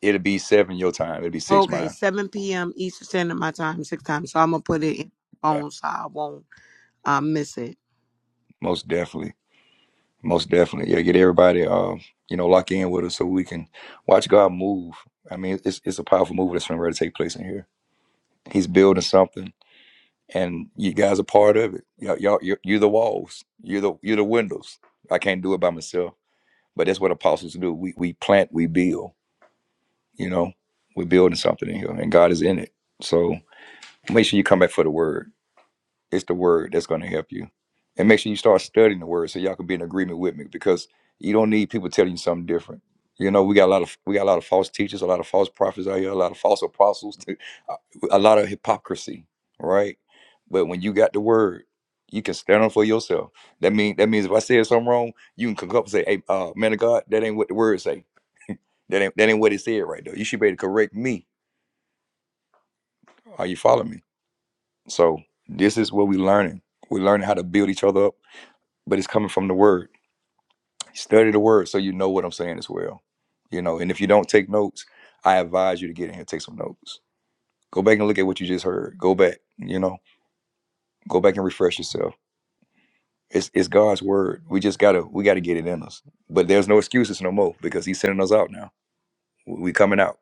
[SPEAKER 1] It'll be seven your time. It'll be six
[SPEAKER 2] Okay,
[SPEAKER 1] mine.
[SPEAKER 2] 7 p.m. Eastern Standard My Time, six times. So I'm going to put it in my
[SPEAKER 1] Yeah,
[SPEAKER 2] phone so I won't uh, miss it.
[SPEAKER 1] most definitely, most definitely. Yeah, get everybody, uh, you know, lock in with us so we can watch God move. I mean, it's it's a powerful move that's ready to take place in here. He's building something, and you guys are part of it. Y'all, y'all you're, you're the walls. You're the you're the windows. I can't do it by myself, but that's what apostles do. We we plant, we build. You know, we're building something in here, and God is in it. So make sure you come back for the word It's the word that's going to help you. And make sure you start studying the word so y'all can be in agreement with me because you don't need people telling you something different. You know, we got a lot of we got a lot of false teachers, a lot of false prophets out here, a lot of false apostles, [laughs] a lot of hypocrisy, right? But when you got the word, you can stand up for yourself. That mean that means if I said something wrong, you can come up and say, "Hey, uh, man of God, that ain't what the word say. That ain't that ain't what it said right there. You should be able to correct me. Are you following me?" So this is what we're learning. We're learning how to build each other up but it's coming from the word. Study the word so you know what I'm saying as well. You know, and if you don't take notes, I advise you to get in here and take some notes. Go back and look at what you just heard. Go back, you know, go back and refresh yourself. It's it's God's word. We just gotta we gotta get it in us. But there's no excuses no more because He's sending us out now. We coming out.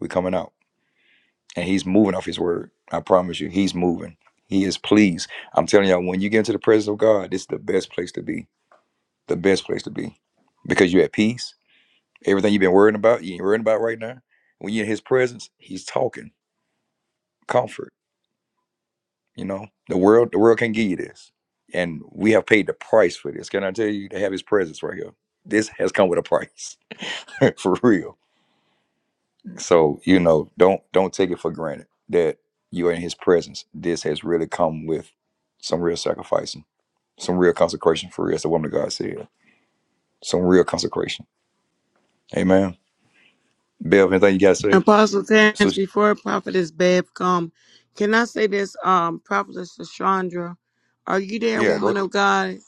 [SPEAKER 1] We coming out, and He's moving off His word. I promise you, He's moving. He is pleased. I'm telling y'all, when you get into the presence of God, this is the best place to be. The best place to be because you're at peace Everything you've been worrying about, you ain't worrying about right now. When you're in his presence, he's talking comfort. You know, the world, the world can not give you this. And we have paid the price for this. Can I tell you to have his presence right here? This has come with a price [laughs] for real. So, you know, don't don't take it for granted that you're in his presence. This has really come with some real sacrificing, some real consecration for real, as the woman of God said. Some real consecration. Amen. Bev, anything you gotta say?
[SPEAKER 2] Apostle
[SPEAKER 1] So,
[SPEAKER 2] Terrence, before Prophetess Bev come, can I say this, um, Prophetess Chandra, are you there,
[SPEAKER 1] yeah, go
[SPEAKER 2] woman
[SPEAKER 1] ahead.
[SPEAKER 2] of God?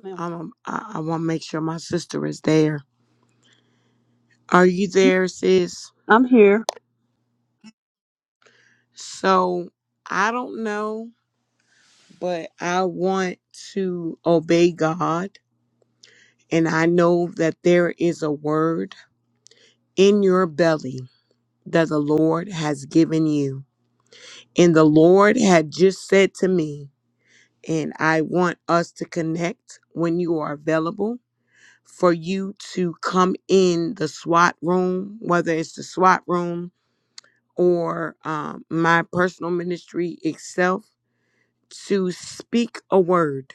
[SPEAKER 4] Ma'am,
[SPEAKER 2] Um, I, I want to make sure my sister is there. Are you there, sis?
[SPEAKER 4] I'm here.
[SPEAKER 2] So I don't know, but I want to obey God, and I know that there is a word in your belly that the Lord has given you. And the Lord had just said to me, And I want us to connect when you are available for you to come in the SWAT room, whether it's the SWAT room or um, my personal ministry itself, to speak a word.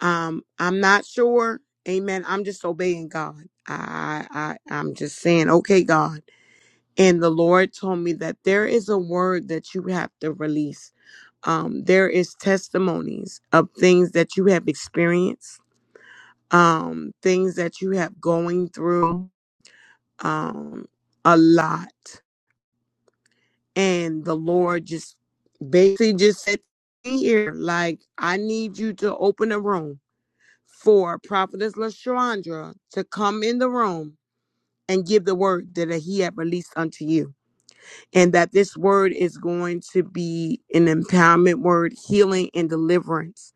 [SPEAKER 2] Um, I'm not sure. Amen. I'm just obeying God. I, I, I- am just saying, okay, God. And the Lord told me that there is a word that you have to release um, there is testimonies of things that you have experienced um, things that you have going through um, a lot. And the Lord just basically just said here, like, I need you to open a room for Prophetess LaShandra to come in the room and give the word that he had released unto you. And that this word is going to be an empowerment word, healing and deliverance.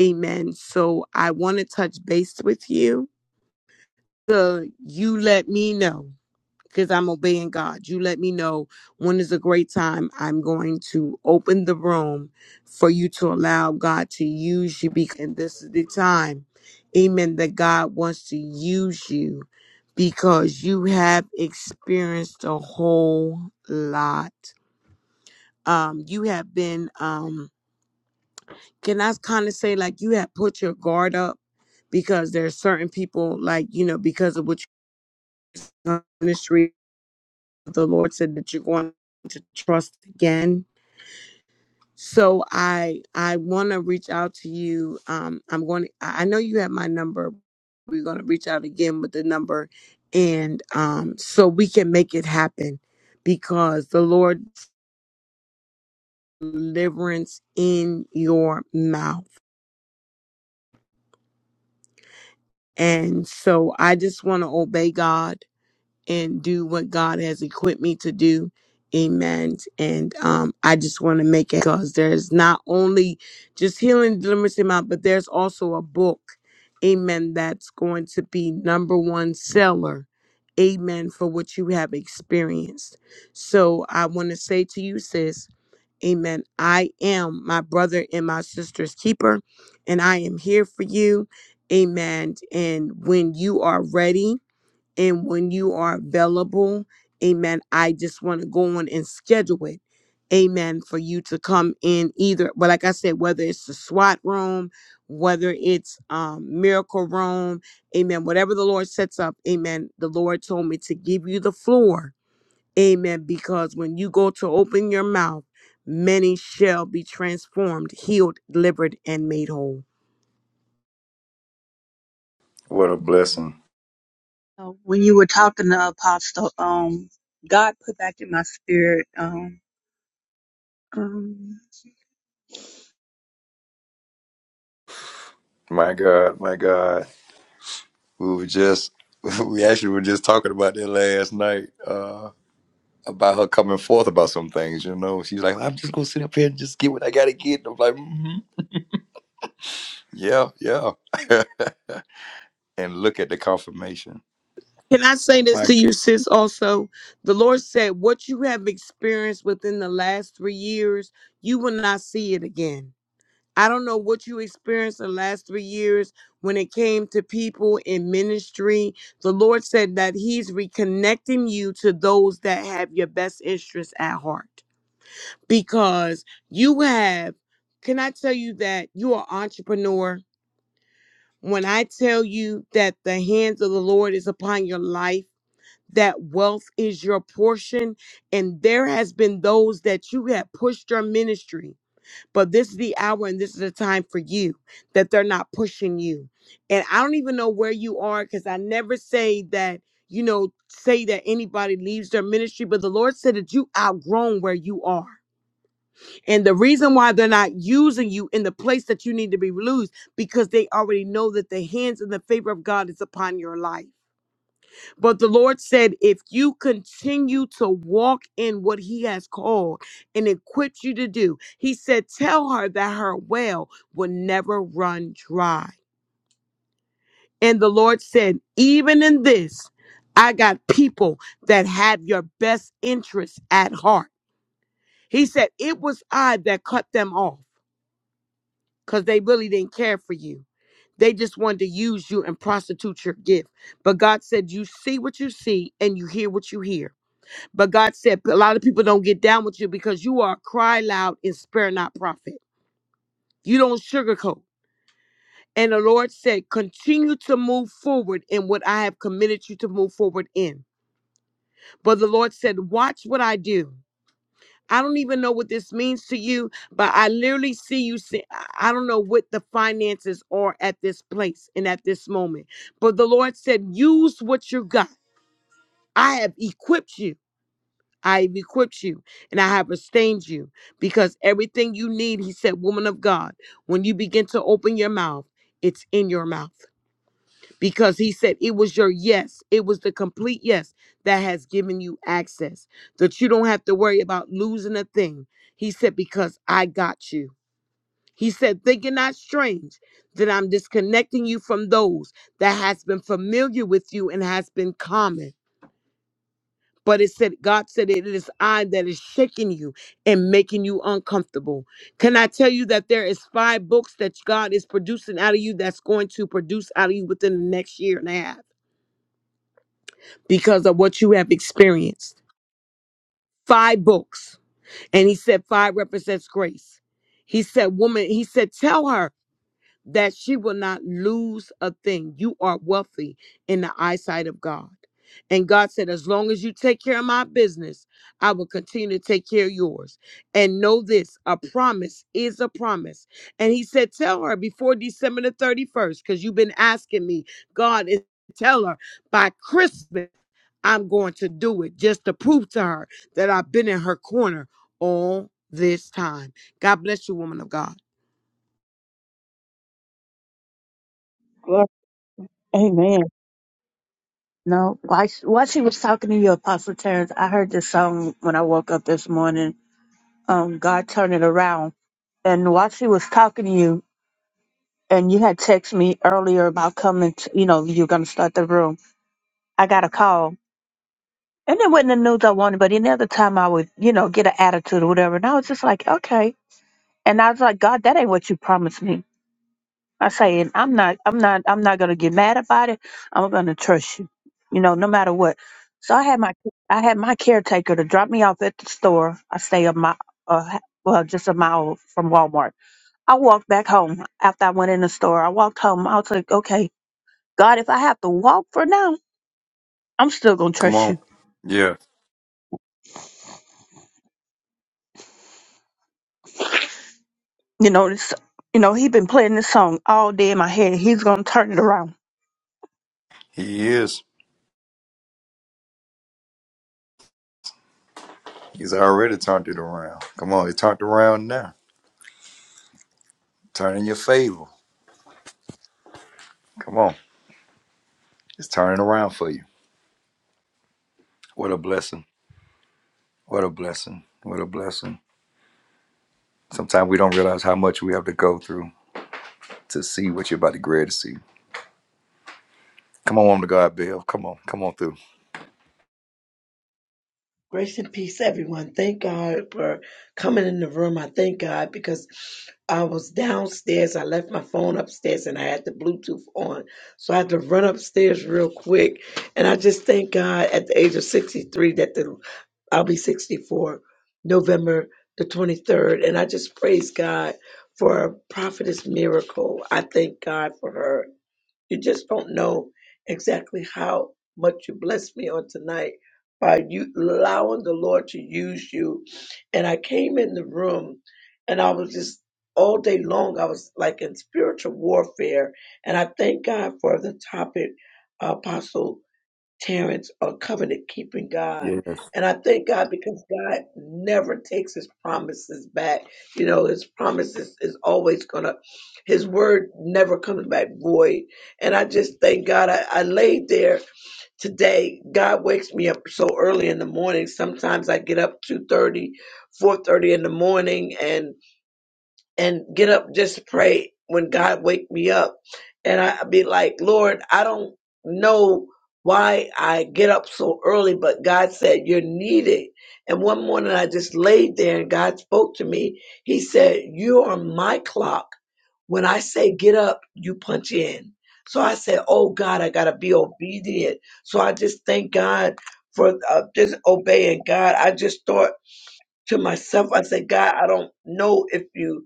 [SPEAKER 2] Amen. So I want to touch base with you. So you let me know because I'm obeying God. You let me know when is a great time. I'm going to open the room for you to allow God to use you. Because and this is the time, amen, that God wants to use you because you have experienced a whole lot. Um, you have been, um, can I kind of say, like, you have put your guard up because there's certain people, like, you know, because of what you ministry the Lord said that you're going to trust again. So I I want to reach out to you. Um, I'm going. To, I know you have my number. We're going to reach out again with the number, and um, so we can make it happen, because the Lord deliverance in your mouth. And so I just want to obey God and do what God has equipped me to do. Amen. And um, I just want to make it because there's not only just healing, deliverance, and out, but there's also a book, amen, that's going to be number one seller, amen, for what you have experienced. So I want to say to you, sis, amen, I am my brother and my sister's keeper, and I am here for you, amen. And when you are ready, and when you are available, amen, I just want to go on and schedule it, amen, for you to come in either. But like I said, whether it's the SWAT room, whether it's um, miracle room, amen, whatever the Lord sets up, amen, the Lord told me to give you the floor, amen, because when you go to open your mouth, many shall be transformed, healed, delivered, and made whole.
[SPEAKER 1] What a blessing.
[SPEAKER 4] Uh, When you were talking to Apostle, um, God put back in my spirit, um, um,
[SPEAKER 1] My God, my God. We were just [laughs] we actually were just talking about that last night, uh, about her coming forth about some things, you know. She's like, I'm just gonna sit up here and just get what I gotta get. I'm like, mm-hmm. Yeah, yeah. [laughs] and look at the confirmation.
[SPEAKER 2] Can I say this
[SPEAKER 1] My
[SPEAKER 2] to
[SPEAKER 1] God.
[SPEAKER 2] you, sis? Also, the Lord said, What you have experienced within the last three years, you will not see it again. I don't know what you experienced the last three years when it came to people in ministry. The Lord said that He's reconnecting you to those that have your best interests at heart because you have. Can I tell you that you are an entrepreneur? When I tell you that the hands of the Lord is upon your life, that wealth is your portion. And there has been those that you have pushed your ministry, but this is the hour and this is the time for you that they're not pushing you. And I don't even know where you are because I never say that, you know, say that anybody leaves their ministry, but the Lord said that you outgrown where you are. And the reason why they're not using you in the place that you need to be used because they already know that the hands and the favor of God is upon your life. But the Lord said, if you continue to walk in what He has called and equipped you to do, He said, tell her that her well will never run dry. And the Lord said, even in this, I got people that have your best interests at heart. He said, it was I that cut them off because they really didn't care for you. They just wanted to use you and prostitute your gift. But God said, You see what you see and you hear what you hear. But God said a lot of people don't get down with you because you are a cry loud and spare not prophet. You don't sugarcoat. And the Lord said, continue to move forward in what I have committed you to move forward in. But the Lord said, watch what I do. I don't even know what this means to you, but I literally see you. Say, I I don't know what the finances are at this place and at this moment. But the Lord said, use what you got. I have equipped you. I have equipped you and I have sustained you because everything you need, he said, woman of God, when you begin to open your mouth, it's in your mouth because he said it was your yes, it was the complete yes that has given you access, that you don't have to worry about losing a thing. He said, because I got you. He said, think it not strange that I'm disconnecting you from those that has been familiar with you and has been common. But it said, God said, it is I that is shaking you and making you uncomfortable. Can I tell you that there is five books that God is producing out of you that's going to produce out of you within the next year and a half because of what you have experienced? Five books. And he said, five represents grace. He said, woman, he said, tell her. that she will not lose a thing. You are wealthy in the eyesight of God. And God said, As long as you take care of my business, I will continue to take care of yours. And know this a promise is a promise. And He said, Tell her before December the 31st, because you've been asking me, God, is tell her by Christmas, I'm going to do it just to prove to her that I've been in her corner all this time. God bless you, woman of God.
[SPEAKER 4] well, Amen. No, while she, while she was talking to you, Apostle Terrence, I heard this song when I woke up this morning. Um, God turn it around. And while she was talking to you, and you had texted me earlier about coming. To, you know, you're gonna start the room. I got a call, and it wasn't the news I wanted, but any other time I would, you know, get an attitude or whatever. And I was just like, okay. And I was like, God, that ain't what you promised me. I say, and I'm not, I'm not, I'm not gonna get mad about it. I'm gonna trust you, you know, no matter what. So I had my, I had my caretaker to drop me off at the store. I stay a mile, uh, well, just a mile from Walmart. I walked back home after I went in the store. I walked home. I was like, okay, God, if I have to walk for now, I'm still gonna
[SPEAKER 1] Come
[SPEAKER 4] trust
[SPEAKER 1] on.
[SPEAKER 4] you.
[SPEAKER 1] Yeah,
[SPEAKER 4] You know this. You know he been playing this song all day in my head. He's gonna turn it around.
[SPEAKER 1] he is. He's already turned it around. Come on, he turned around now. Turn in your favor. Come on. It's turning around for you. What a blessing. What a blessing. What a blessing. Sometimes we don't realize how much we have to go through to see what you're about to grad to see. Come on to God, Bill. Come on, come on through.
[SPEAKER 5] Grace and peace, everyone. Thank God for coming in the room. I thank God because I was downstairs. I left my phone upstairs and I had the Bluetooth on. So I had to run upstairs real quick. And I just thank God at the age of 63 that the, I'll be 64 November the 23rd. And I just praise God for Prophetess Miracle. I thank God for her. You just don't know exactly how much you blessed me on tonight by you allowing the Lord to use you. And I came in the room and I was just all day long, I was like in spiritual warfare. And I thank God for the topic, Apostle Terrence, a covenant keeping God.
[SPEAKER 1] Yes.
[SPEAKER 5] And I thank God because God never takes his promises back. You know, his promises is always gonna his word never comes back void. And I just thank God I, I laid there today. God wakes me up so early in the morning. Sometimes I get up 2 30, 4 30 in the morning and and get up just to pray when God wake me up. And I'd be like, Lord, I don't know why I get up so early, but God said, You're needed. And one morning I just laid there and God spoke to me. He said, You are my clock. When I say get up, you punch in. So I said, Oh God, I got to be obedient. So I just thank God for uh, just obeying God. I just thought to myself, I said, God, I don't know if you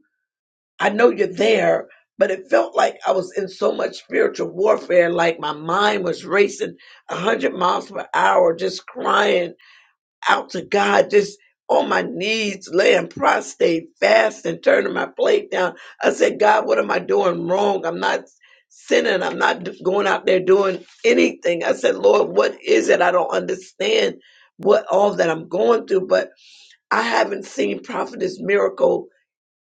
[SPEAKER 5] I know you're there, but it felt like I was in so much spiritual warfare. Like my mind was racing 100 miles per hour, just crying out to God, just on my knees, laying prostrate, fasting, turning my plate down. I said, God, what am I doing wrong? I'm not sinning. I'm not d- going out there doing anything. I said, Lord, what is it? I don't understand what all that I'm going through, but I haven't seen Prophetess Miracle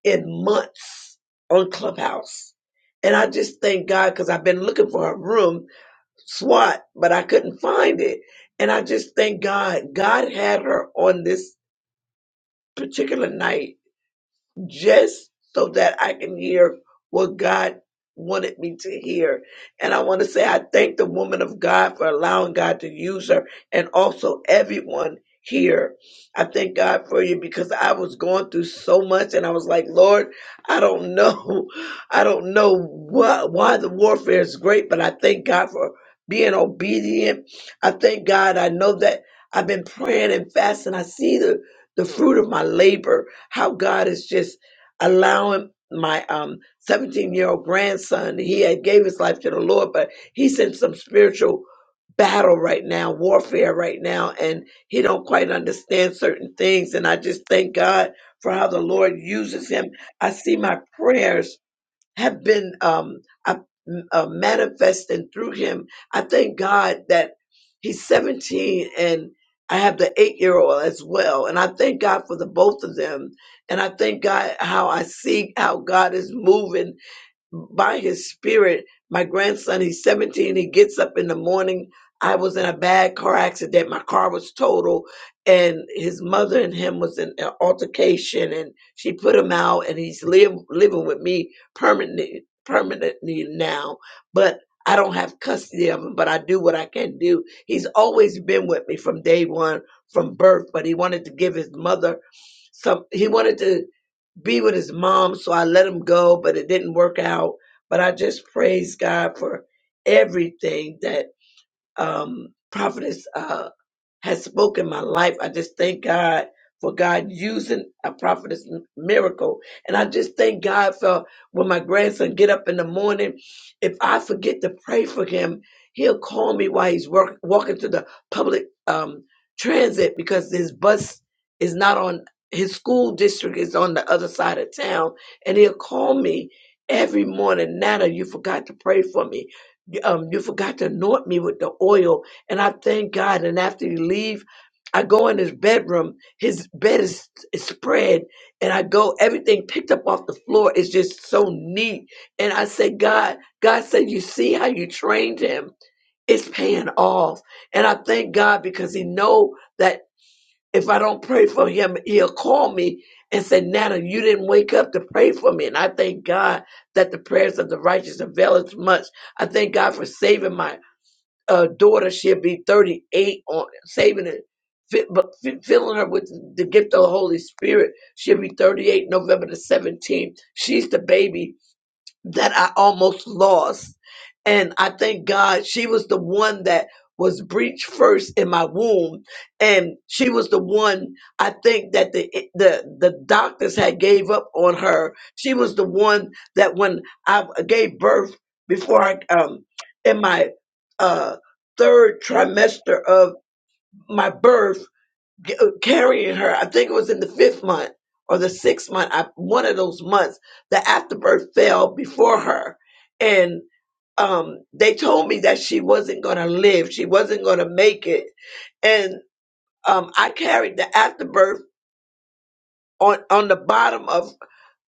[SPEAKER 5] in months on Clubhouse. And I just thank God because I've been looking for a room, SWAT, but I couldn't find it. And I just thank God. God had her on this particular night just so that I can hear what God wanted me to hear. And I want to say I thank the woman of God for allowing God to use her and also everyone here. I thank God for you because I was going through so much and I was like, Lord, I don't know. [laughs] I don't know what why the warfare is great, but I thank God for being obedient. I thank God. I know that I've been praying and fasting. I see the the fruit of my labor, how God is just allowing my um 17 year old grandson he had gave his life to the lord but he's in some spiritual battle right now warfare right now and he don't quite understand certain things and i just thank god for how the lord uses him i see my prayers have been um, uh, uh, manifesting through him. I thank God that he's 17 and I have the eight year old as well. And I thank God for the both of them. And I thank God how I see how God is moving by his spirit. My grandson, he's 17, he gets up in the morning. I was in a bad car accident. My car was total and his mother and him was in an altercation and she put him out and he's live, living with me permanently permanently now. But I don't have custody of him, but I do what I can do. He's always been with me from day one, from birth, but he wanted to give his mother some he wanted to be with his mom. So I let him go, but it didn't work out. But I just praise God for everything that um, Prophetess uh, has spoken my life. I just thank God for God using a prophetess m- miracle. And I just thank God for when my grandson get up in the morning, if I forget to pray for him, he'll call me while he's work, walking to the public um, transit because his bus is not on his school district is on the other side of town and he'll call me every morning nana you forgot to pray for me um, you forgot to anoint me with the oil and I thank God. And after he leave, I go in his bedroom. His bed is, is spread, and I go. Everything picked up off the floor is just so neat. And I say, God, God said, you see how you trained him. It's paying off. And I thank God because He know that if I don't pray for him, He'll call me and say, Nana, you didn't wake up to pray for me. And I thank God that the prayers of the righteous avail as much. I thank God for saving my uh, daughter, she'll be 38 on saving it, fi- but fi- filling her with the gift of the Holy Spirit. She'll be 38 November the 17th. She's the baby that I almost lost. And I thank God she was the one that was breached first in my womb. And she was the one I think that the the the doctors had gave up on her. She was the one that when I gave birth before I um in my uh third trimester of my birth g- uh, carrying her. I think it was in the fifth month or the sixth month. I, one of those months, the afterbirth fell before her, and um, they told me that she wasn't going to live. She wasn't going to make it, and um, I carried the afterbirth on on the bottom of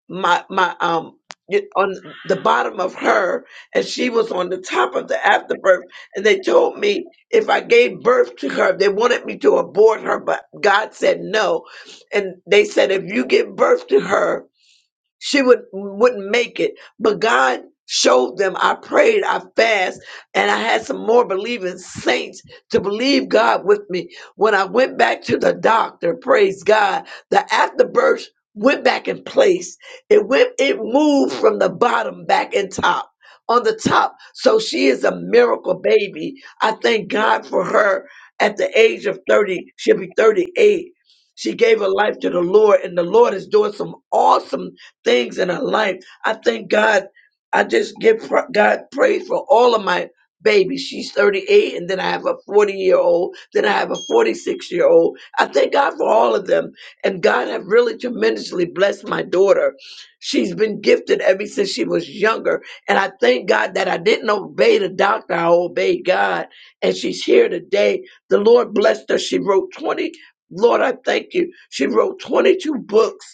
[SPEAKER 5] my my um y- on the bottom of her and she was on the top of the afterbirth and they told me if i gave birth to her they wanted me to abort her but god said no and they said if you give birth to her she would wouldn't make it, but God showed them. I prayed, I fast, and I had some more believing saints to believe God with me. When I went back to the doctor, praise God, the afterbirth went back in place. It went, it moved from the bottom back and top. On the top. So she is a miracle baby. I thank God for her at the age of 30. She'll be 38. She gave her life to the Lord, and the Lord is doing some awesome things in our life. I thank God. I just give pr- God praise for all of my babies. She's 38, and then I have a 40 year old, then I have a 46 year old. I thank God for all of them. And God have really tremendously blessed my daughter. She's been gifted ever since she was younger. And I thank God that I didn't obey the doctor, I obeyed God. And she's here today. The Lord blessed her. She wrote 20. Lord, I thank you. She wrote 22 books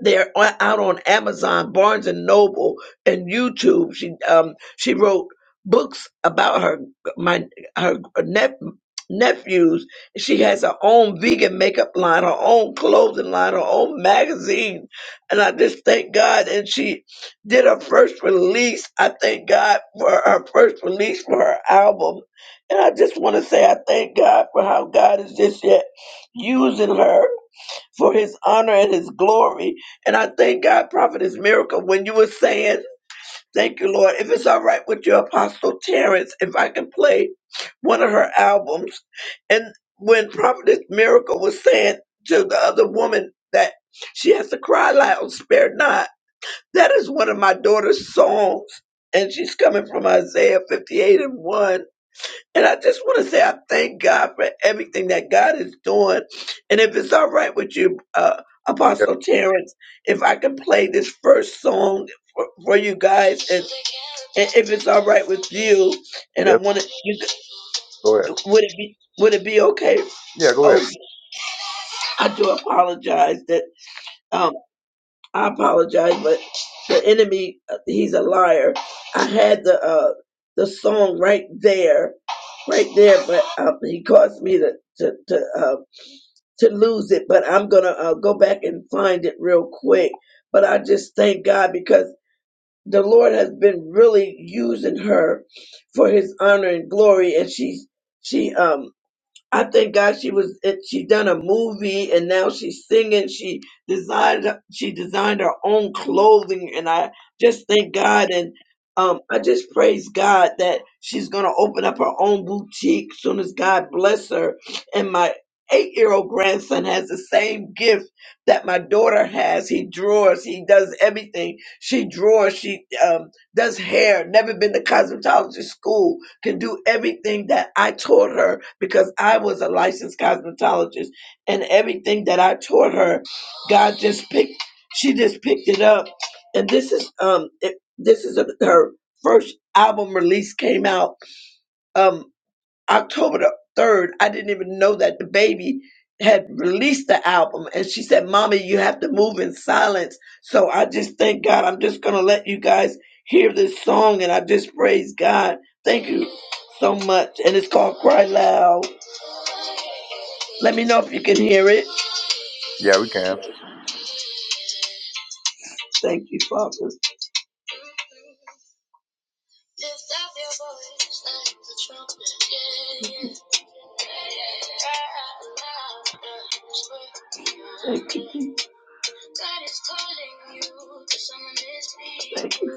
[SPEAKER 5] they're o- out on Amazon, Barnes and Noble, and YouTube. She um she wrote books about her my her nep nephews. She has her own vegan makeup line, her own clothing line, her own magazine, and I just thank God. And she did her first release. I thank God for her first release for her album, and I just want to say I thank God for how God is just yet using her for his honor and his glory. And I thank God, Prophetess Miracle, when you were saying, Thank you, Lord. If it's all right with your Apostle Terrence, if I can play one of her albums. And when Prophetess Miracle was saying to the other woman that she has to cry loud, spare not, that is one of my daughter's songs. And she's coming from Isaiah 58 and 1 and I just want to say I thank God for everything that God is doing. And if it's all right with you, uh,
[SPEAKER 1] Yep.
[SPEAKER 5] Apostle Terrence, if I can play this first song for, for you guys, and, and if it's all right with you, and I
[SPEAKER 1] Yep.
[SPEAKER 5] want to, you,
[SPEAKER 1] Go ahead.
[SPEAKER 5] would it be would it be okay?
[SPEAKER 1] Yeah, go ahead.
[SPEAKER 5] Oh, I do apologize that. um, I apologize, but the enemy, uh, he's a liar. I had the uh, the song right there, right there, but um, he caused me to to to, uh, to lose it. But I'm gonna uh, go back and find it real quick. But I just thank God because the Lord has been really using her for His honor and glory, and she she um I thank God she was it- she done a movie and now she's singing. She designed she designed her own clothing and I just thank God and um I just praise God that she's gonna open up her own boutique soon as God bless her. And my eight year old grandson has the same gift that my daughter has. He draws, he does everything. She draws, she um does hair, never been to cosmetology school can do everything that I taught her because I was a licensed cosmetologist and everything that I taught her, God just picked, she just picked it up. And this is, um, it, this is a, her first album release came out. Um, October the 3rd, I didn't even know that the baby had released the album. And she said, Mommy, you have to move in silence. So I just thank God. I'm just going to let you guys hear this song and I just praise God. Thank you so much. And it's called Cry Loud. Let me know if you can hear it.
[SPEAKER 1] Yeah, we can.
[SPEAKER 5] Thank you, Father. Thank you. Jesus. Thank you.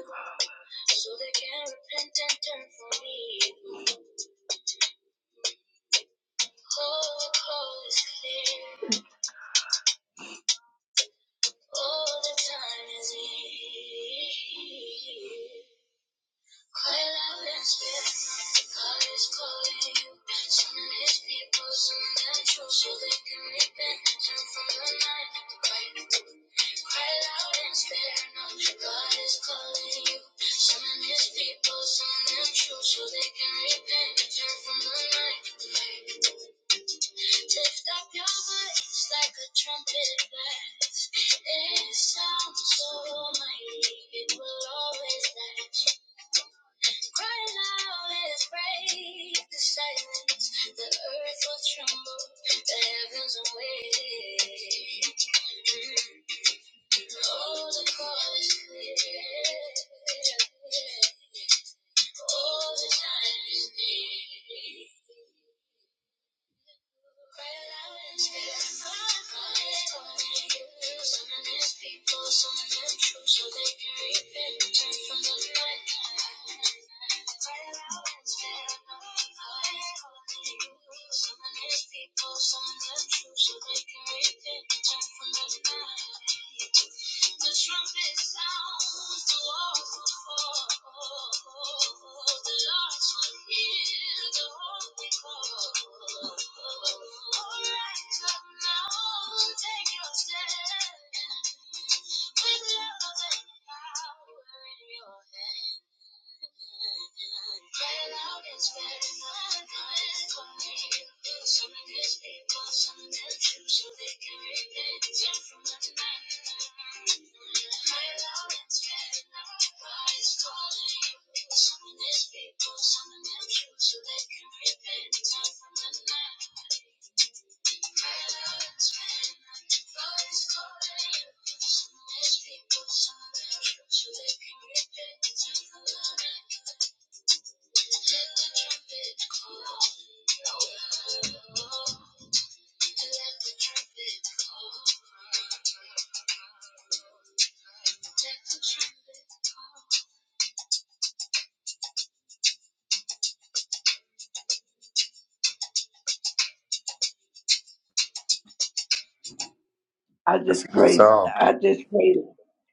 [SPEAKER 5] I
[SPEAKER 1] That's a
[SPEAKER 5] just
[SPEAKER 1] good
[SPEAKER 5] praise,
[SPEAKER 1] song.
[SPEAKER 5] I just praise,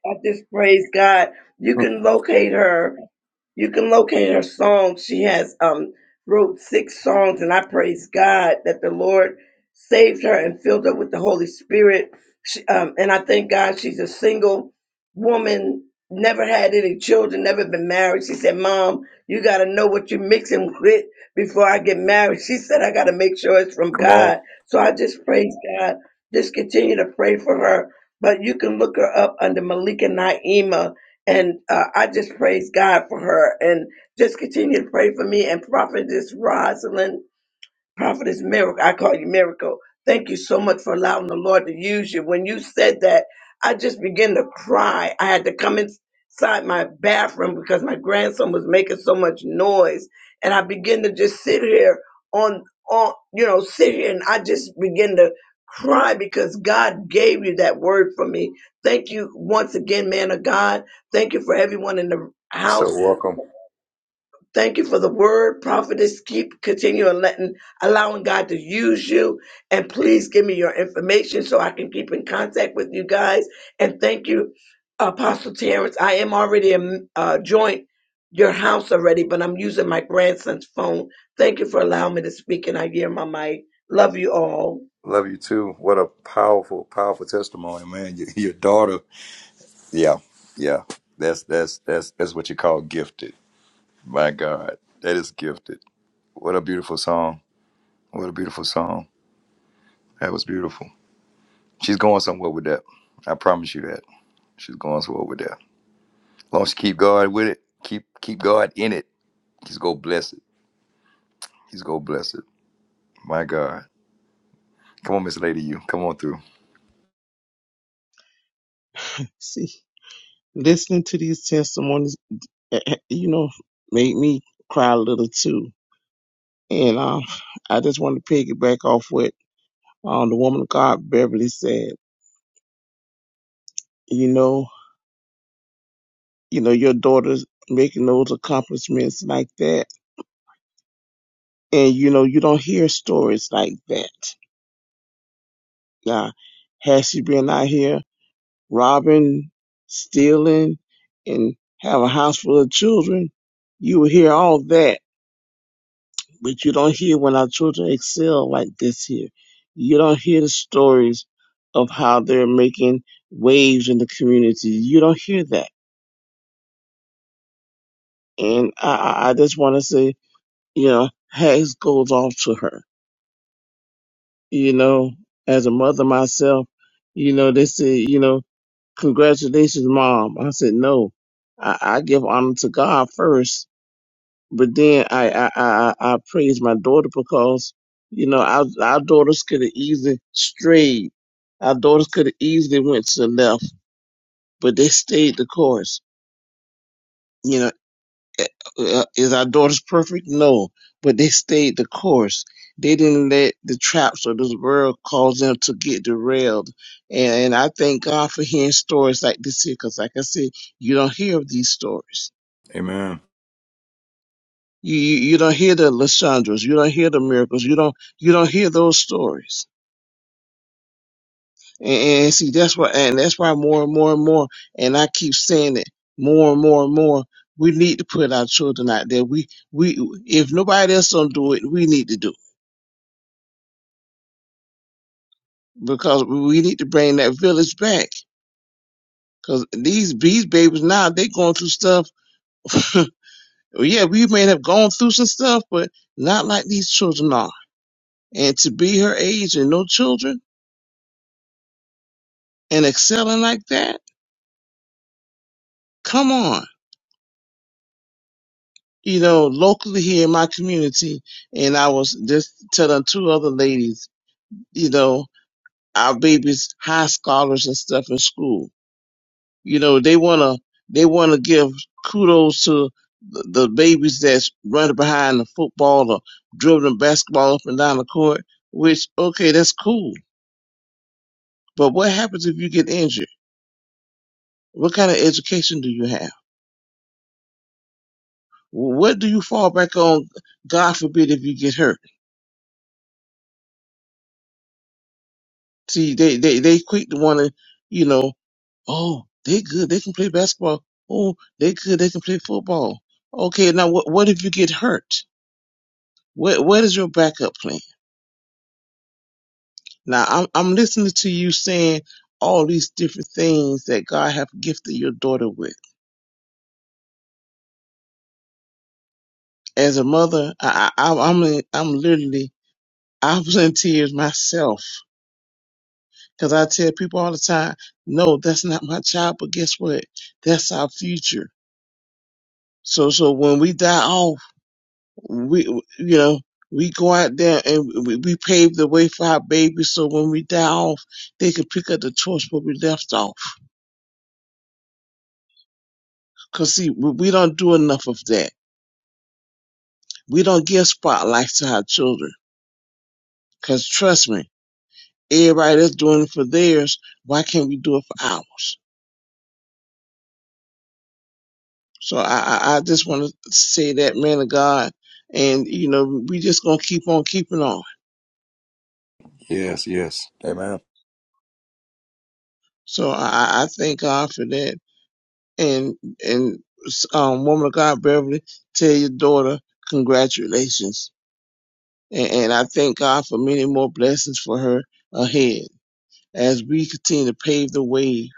[SPEAKER 5] I just praise God. You
[SPEAKER 1] Hmm.
[SPEAKER 5] can locate her you can locate her songs. She has um wrote six songs, and I praise God that the Lord saved her and filled her with the Holy Spirit. She, um, and I thank God she's a single woman, never had any children, never been married. She said, "Mom, you got to know what you're mixing [laughs] with before I get married." She said, "I got to make sure it's from
[SPEAKER 1] Come on.
[SPEAKER 5] God." So I just praise God. Just continue to pray for her. But you can look her up under Malika Naima and uh, I just praise God for her and just continue to pray for me and Prophetess Rosalind Prophetess Miracle, I call you Miracle. Thank you so much for allowing the Lord to use you. When you said that, I just began to cry. I had to come inside my bathroom because my grandson was making so much noise. And I began to just sit here on, on you know, sit here and I just began to cry because God gave you that word for me. Thank you once again, man of God. Thank you for everyone in the
[SPEAKER 1] You're so
[SPEAKER 5] house.
[SPEAKER 1] welcome.
[SPEAKER 5] Thank you for the word, prophetess. Keep continuing letting, allowing God to use you. And please give me your information so I can keep in contact with you guys. And thank you, Apostle Terrence. I am already a uh, joint your house already, but I'm using my grandson's phone. Thank you for allowing me to speak, and I hear my mic. Love you all.
[SPEAKER 1] Love you too. What a powerful, powerful testimony, man. Your, your daughter. Yeah. Yeah. That's that's that's that's what you call gifted. My God. That is gifted. What a beautiful song. What a beautiful song. That was beautiful. She's going somewhere with that. I promise you that. She's going somewhere with that. long as you keep God with it, keep keep God in it. He's gonna bless it. He's gonna bless it. My God. Come on, Miss Lady, you come on through.
[SPEAKER 6] See, listening to these testimonies, eh, eh, you know, made me cry a little too. And um, I just want to piggyback off what um, the woman of God, Beverly, said. You know, you know, your daughter's making those accomplishments like that, and you know, you don't hear stories like that. Now, has she been out here robbing, stealing, and have a house full of children? You will hear all that But you don't hear when our children excel like this here. You don't hear the stories of how they're making waves in the community. You don't hear that. And I, I I just want to say, you know, hats goes off to her. You know, as a mother myself, you know, they say, you know, congratulations, mom. I said, no, I, I give honor to God first But then I I I, I I praise my daughter because you know our our daughters could have easily strayed. Our daughters could have easily went to the left, but they stayed the course. You know, eh, eh, uh, is our daughters perfect? No, but they stayed the course. They didn't let the traps of this world cause them to get derailed. And, and I thank God for hearing stories like this here, because like I said, you don't hear of these stories
[SPEAKER 1] Amen.
[SPEAKER 6] You, you you don't hear the Lysandras, you don't hear the miracles, you don't you don't hear those stories. And, and see that's why and that's why more and more and more and I keep saying it more and more and more. We need to put our children out there. We we if nobody else don't do it, we need to do it because we need to bring that village back. Cause these these babies now they going through stuff. [laughs] yeah, we may have gone through some stuff, but not like these children are. And to be her age and no children and excelling like that come on. You know, locally here in my community, and I was just telling two other ladies, you know, our babies high scholars and stuff in school. You know, they wanna they wanna give kudos to the, the babies that's running behind the football or dribbling basketball up and down the court. Which okay, that's cool. But what happens if you get injured? What kind of education do you have? What do you fall back on? God forbid if you get hurt See, they they they quick to want to, you know, oh, they good, they can play basketball. Oh, they good, they can play football. Okay, now what what if you get hurt? What what is your backup plan? Now I'm I'm listening to you saying all these different things that God have gifted your daughter with. As a mother, I, I I'm I'm in- I'm literally I was in tears myself because I tell people all the time, no, that's not my child, but guess what? That's our future. So so when we die off. we you know we go out there and we, we pave the way for our babies so when we die off they can pick up the torch where we left off because see we, we don't do enough of that we don't give spotlights to our children because trust me everybody that's doing it for theirs why can't we do it for ours so i i, I just want to say that man of god and you know we just gonna keep on keeping on
[SPEAKER 1] Yes, yes. Amen.
[SPEAKER 6] so i i I thank god for that and and um, woman of God, Beverly, tell your daughter congratulations, and, and I thank God for many more blessings for her ahead as we continue to pave the way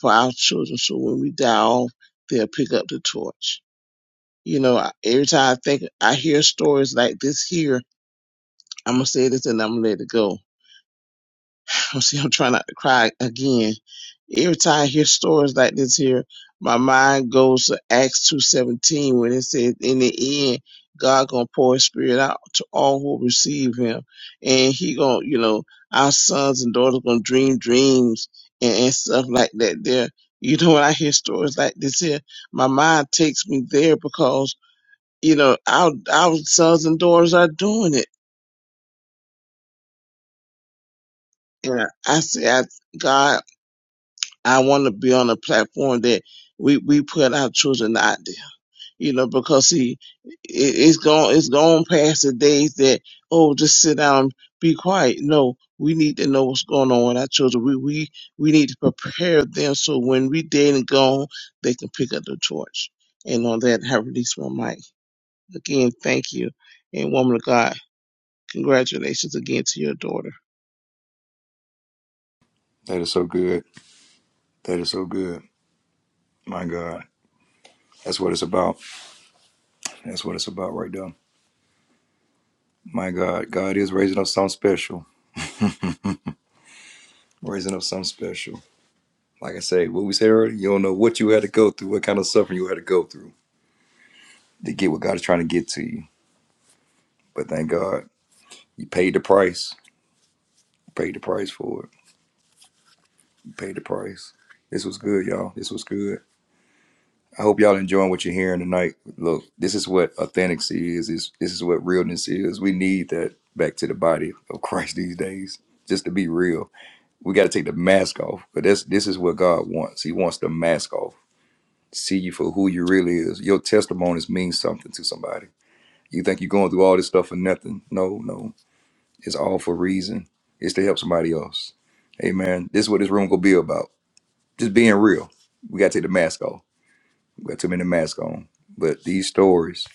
[SPEAKER 6] for our children. So when we die off, they'll pick up the torch. You know, I- every time I think I hear stories like this here, I'm gonna say this and I'm gonna let it go [laughs] I'm see, I'm trying not to cry again. Every time I hear stories like this here, my mind goes to Acts two seventeen when it says, "In the end, God gonna pour His Spirit out to all who receive Him, and He gonna, you know, our sons and daughters gonna dream dreams and, and stuff like that." There, you know, [laughs] when I hear stories like this here, my mind takes me there because you know our our sons and daughters are doing it, and I, say, I, God. I want to be on a platform that we, we put our children out there, you know, because see, it, it's gone, it's gone past the days that, oh, just sit down, and be quiet. No, we need to know what's going on with our children. We, we, we need to prepare them so when we dead and gone, they can pick up the torch. And on that, I release my mic. Again, thank you. And woman of God, congratulations again to your daughter.
[SPEAKER 1] That is so good. That is so good. My God. That's what it's about. That's what it's about right there. My God. God is raising up something special. Raising up something special. Like I say, what we said earlier, you don't know what you had to go through, what kind of suffering you had to go through to get what God is trying to get to you. But thank God, you paid the price. You paid the price for it. Paid the price. This was good, y'all. This was good. I hope y'all enjoying what you're hearing tonight. Look, this is what authenticity is. This, this is what realness is. We need that back to the body of Christ these days. Just to be real, we got to take the mask off. But this this is what God wants. He wants the mask off. See you for who you really is. Your testimonies mean something to somebody. You think you're going through all this stuff for nothing? No, no. It's all for a reason. It's to help somebody else. Amen. This is what this room gonna be about just being real. We gotta take the mask off. We got too many masks on. But these stories,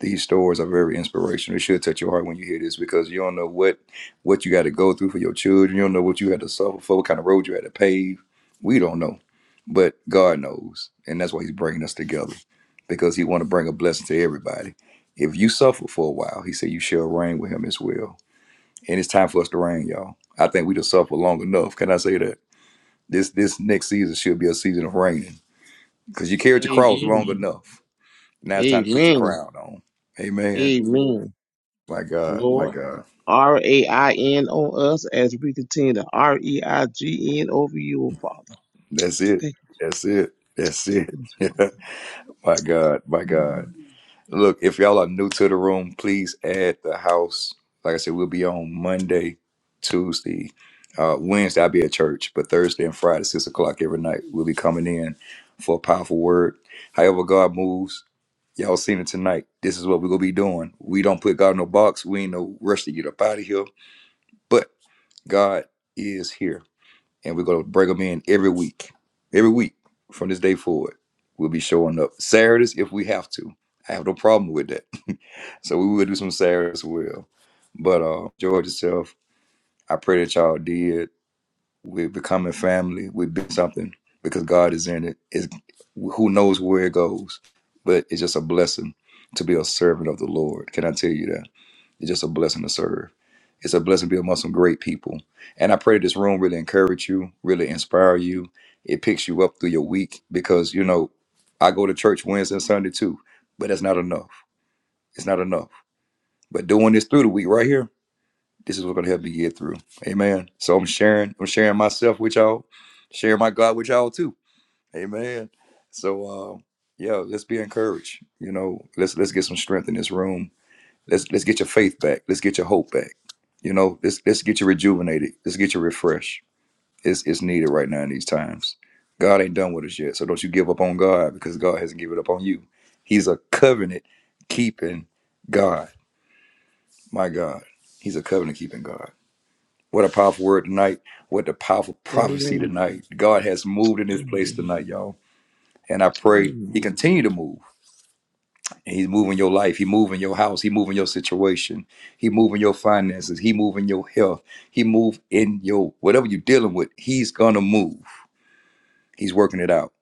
[SPEAKER 1] these stories are very inspirational. It should touch your heart when you hear this because you don't know what what you got to go through for your children. You don't know what you had to suffer for, what kind of road you had to pave. We don't know, but God knows, and that's why He's bringing us together because He want to bring a blessing to everybody. If you suffer for a while, He said you shall reign with Him as well. And it's time for us to reign, y'all. I think we just suffered long enough. Can I say that? This this next season should be a season of reigning because you carried your cross long
[SPEAKER 6] Amen.
[SPEAKER 1] enough. Now it's time to put your
[SPEAKER 6] Amen.
[SPEAKER 1] crown on. Amen.
[SPEAKER 6] Amen.
[SPEAKER 1] My God, my
[SPEAKER 6] Lord.
[SPEAKER 1] God.
[SPEAKER 6] R A I N on us as we continue to R E I G N over you, oh Father.
[SPEAKER 1] That's it.
[SPEAKER 6] Thank
[SPEAKER 1] That's it. That's it.
[SPEAKER 6] you. Jesus.
[SPEAKER 1] [laughs] my God, my
[SPEAKER 6] Mm.
[SPEAKER 1] God. Look, if y'all are new to the room, please add the house. Like I said, we'll be on Monday, Tuesday, uh, Wednesday. I'll be at church, but Thursday and Friday, six o'clock every night, we'll be coming in for a powerful word. However, God moves. Y'all seen it tonight. This is what we're gonna be doing. We don't put God in no box. We ain't no rush to get up out of here But God is here, and we're going to bring them in every week. Every week from this day forward, we'll be showing up Saturdays if we have to. I have no problem with that. [laughs] so we will do some Saturdays as well. But uh, enjoy yourself. I pray that y'all did. We're becoming family. We've been something because God is in it. It's, who knows where it goes? But it's just a blessing to be a servant of the Lord. Can I tell you that? It's just a blessing to serve. It's a blessing to be among some great people. And I pray this room really encourage you, really inspire you. It picks you up through your week because, you know, I go to church Wednesday and Sunday too, but that's not enough. It's not enough. But doing this through the week right here, this is what's going to help me get through. Amen. So I'm sharing, I'm sharing myself with y'all, sharing my God with y'all too. Amen. So, uh, yeah, let's be encouraged. You know, let's let's get some strength in this room Let's let's get your faith back. Let's get your hope back. You know, let's let's get you rejuvenated. Let's get you refreshed. It's it's needed right now in these times. God ain't done with us yet, so don't you give up on God because God hasn't given up on you. He's a covenant keeping God. My God, He's a covenant keeping God. What a powerful word tonight. What a powerful prophecy
[SPEAKER 6] Amen.
[SPEAKER 1] tonight. God has moved in this place
[SPEAKER 6] Amen.
[SPEAKER 1] tonight, y'all. And I pray He
[SPEAKER 6] Amen.
[SPEAKER 1] continue to move. And he's moving your life. He moving your house. He moving your situation. He moving your finances. He moving your health. He move in your whatever you're dealing with. He's gonna move. He's working it out.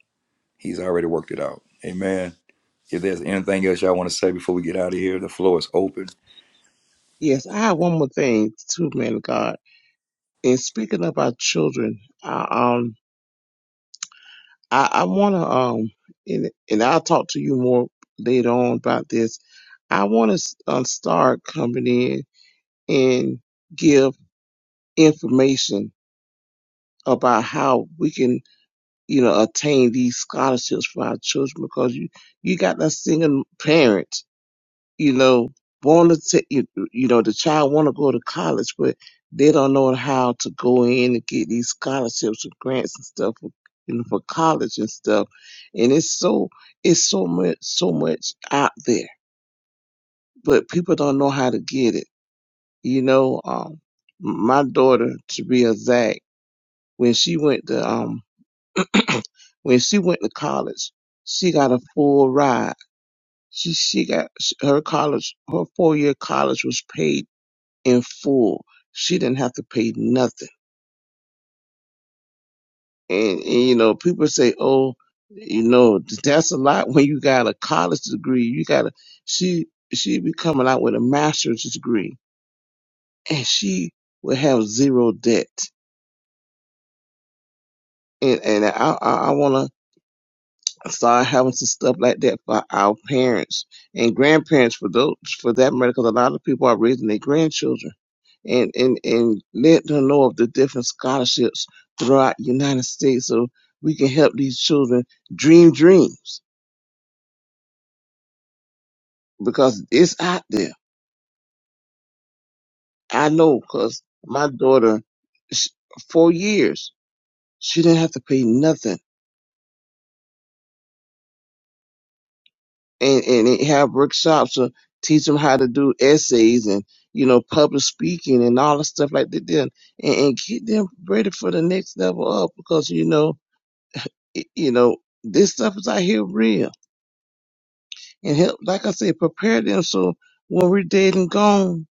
[SPEAKER 1] He's already worked it out. Amen. If there's anything else y'all want to say before we get out of here, the floor is open.
[SPEAKER 6] Yes, I have one more thing too, man of God. In speaking of our children, I um I, I wanna um and, and I'll talk to you more later on about this. I wanna um, start coming in and give information about how we can you know, attain these scholarships for our children because you, you got that single parent, you know, want to, t- you, you know, the child want to go to college, but they don't know how to go in and get these scholarships and grants and stuff, for, you know, for college and stuff. And it's so, it's so much, so much out there, but people don't know how to get it. You know, um, my daughter, to be exact, when she went to, um. [clears throat] when she went to college, she got a full ride. She she got her college her four year college was paid in full. She didn't have to pay nothing. And, and you know, people say, "Oh, you know, that's a lot when you got a college degree. You got a she she be coming out with a master's degree, and she would have zero debt." And and I I, I want to start having some stuff like that for our parents and grandparents for those for that matter because a lot of people are raising their grandchildren and and and let them know of the different scholarships throughout the united states so we can help these children dream dreams because it's out there i know because my daughter sh- four years she didn't have to pay nothing and and it- have workshops to teach them how to do essays and you know public speaking and all the stuff like that then and, and get them ready for the next level up because you know it, you know this stuff is out here real and help like i said prepare them so when we're dead and gone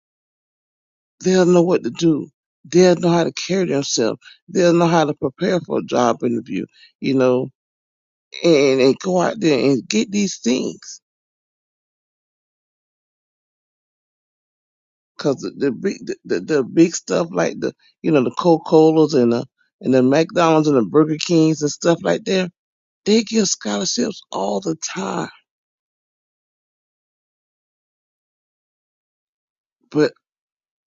[SPEAKER 6] they'll know what to do they'll know how to carry themselves they'll know how to prepare for a job interview you know and and go out there and get these things Cause the, the big, the, the big stuff like the, you know, the Coca Colas and the and the McDonald's and the Burger Kings and stuff like that, they give scholarships all the time. But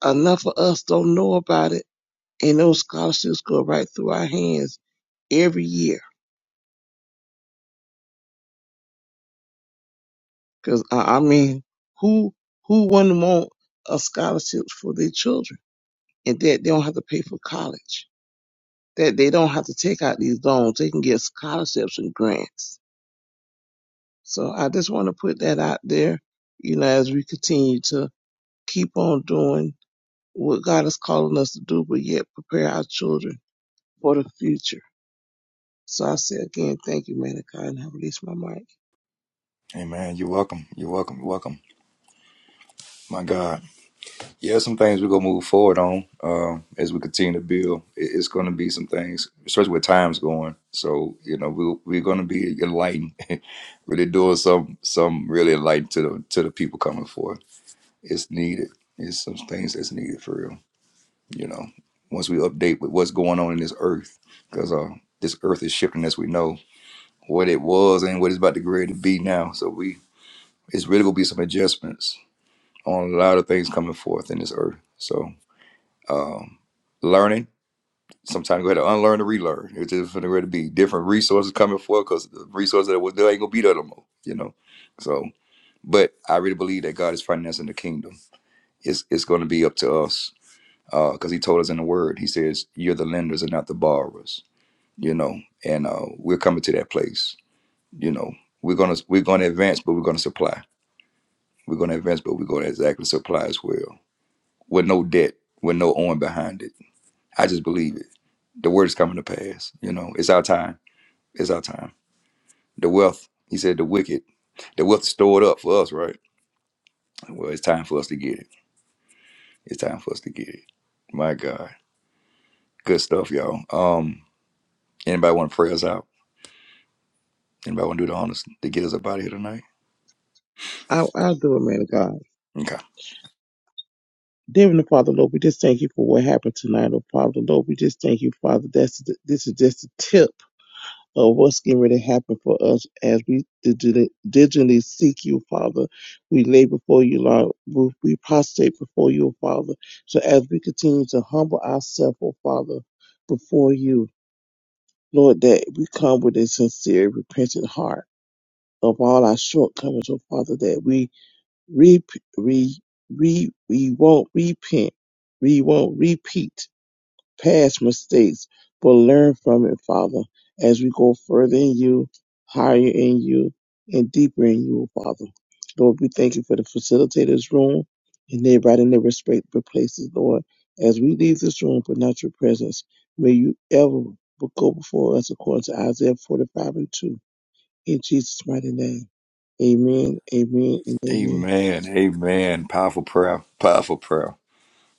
[SPEAKER 6] enough of us don't know about it, and those scholarships go right through our hands every year. Cause I, I mean, who who wouldn't want a scholarship for their children, and that they don't have to pay for college, that they don't have to take out these loans, they can get scholarships and grants So I just want to put that out there, you know, as we continue to keep on doing what God is calling us to do, but yet prepare our children for the future. So I say again, thank you, man of God, and I release my mic.
[SPEAKER 1] Amen. You're welcome. You're welcome. You're welcome. My God. Yeah, some things we're gonna move forward on um, as we continue to build. It- It's gonna be some things, especially with times going. So you know, we we're gonna be enlightened, [laughs] really doing some some really enlightened to the to the people coming forth. It's needed. It's some things that's needed for real. You know, once we update with what's going on in this earth, because uh, this earth is shifting as we know what it was and what it's about to grade to be now. So we, it's really gonna be some adjustments on a lot of things coming forth in this earth. So um, learning. Sometimes we had to unlearn and relearn. It's just going to be different resources coming forth because the resources that was there ain't gonna be there no more. You know, so but I really believe that God is financing the kingdom. It's it's going to be up to us because He told us in the Word. He says, "You're the lenders and not the borrowers." You know, and uh, we're coming to that place. You know, we're gonna we're gonna advance, but we're gonna supply. We're gonna advance, but we're gonna exactly supply as well with no debt, with no owing behind it I just believe it. The word is coming to pass. You know, it's our time. It's our time. The wealth, he said, the wicked, the wealth is stored up for us, right? Well, it's time for us to get it. It's time for us to get it. My God. Good stuff, y'all. Um, anybody want to pray us out? Anybody want to do the honors to get us up out of here tonight?
[SPEAKER 6] I, I'll do it, man of God.
[SPEAKER 1] Okay.
[SPEAKER 6] Dear Heavenly Father, Lord, we just thank you for what happened tonight, oh Father. Lord, we just thank you, Father. That's, the, this is just the tip of what's getting ready to happen for us as we digitally, digitally seek you, Father. We lay before you, Lord. We we prostrate before you, Father. So as we continue to humble ourselves, oh Father, before you, Lord, that we come with a sincere, repentant heart of all our shortcomings, oh Father, that we re, re, re, we won't repent, we won't repeat past mistakes, but learn from it, Father, as we go further in you, higher in you, and deeper in you, Father. Lord, we thank you for the facilitators room and everybody in their respective places, Lord. As we leave this room, but not your presence, may you ever go before us according to Isaiah 45 and 2. In Jesus' mighty name. Amen, amen, and amen.
[SPEAKER 1] Amen. Amen. Powerful prayer. Powerful prayer.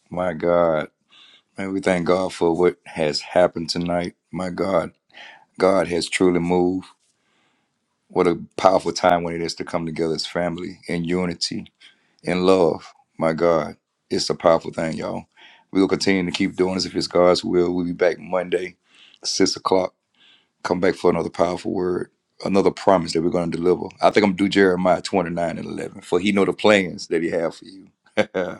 [SPEAKER 1] My God. Man, we thank God for what has happened tonight. My God. God has truly moved. What a powerful time when it is to come together as family in unity, in love. My God, it's a powerful thing, y'all. We will continue to keep doing this if it's God's will. We'll be back Monday, six o'clock. Come back for another powerful word, another promise that we're going to deliver. I think I'm due Jeremiah 29 and 11. For he know the plans that he have for you. [laughs]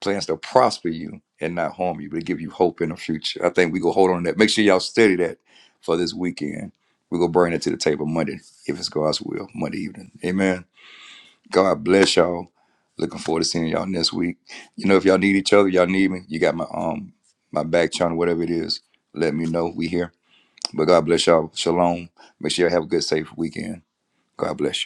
[SPEAKER 1] plans to prosper you and not harm you, but to give you hope in the future. I think we go hold on to that. Make sure y'all study that for this weekend. We're going to bring it to the table Monday, if it's God's will, Monday evening. Amen. God bless y'all. Looking forward to seeing y'all next week. You know, if y'all need each other, y'all need me. You got my um my back channel, whatever it is. Let me know. We here. But God bless y'all. Shalom. Make sure you all have a good, safe weekend. God bless you.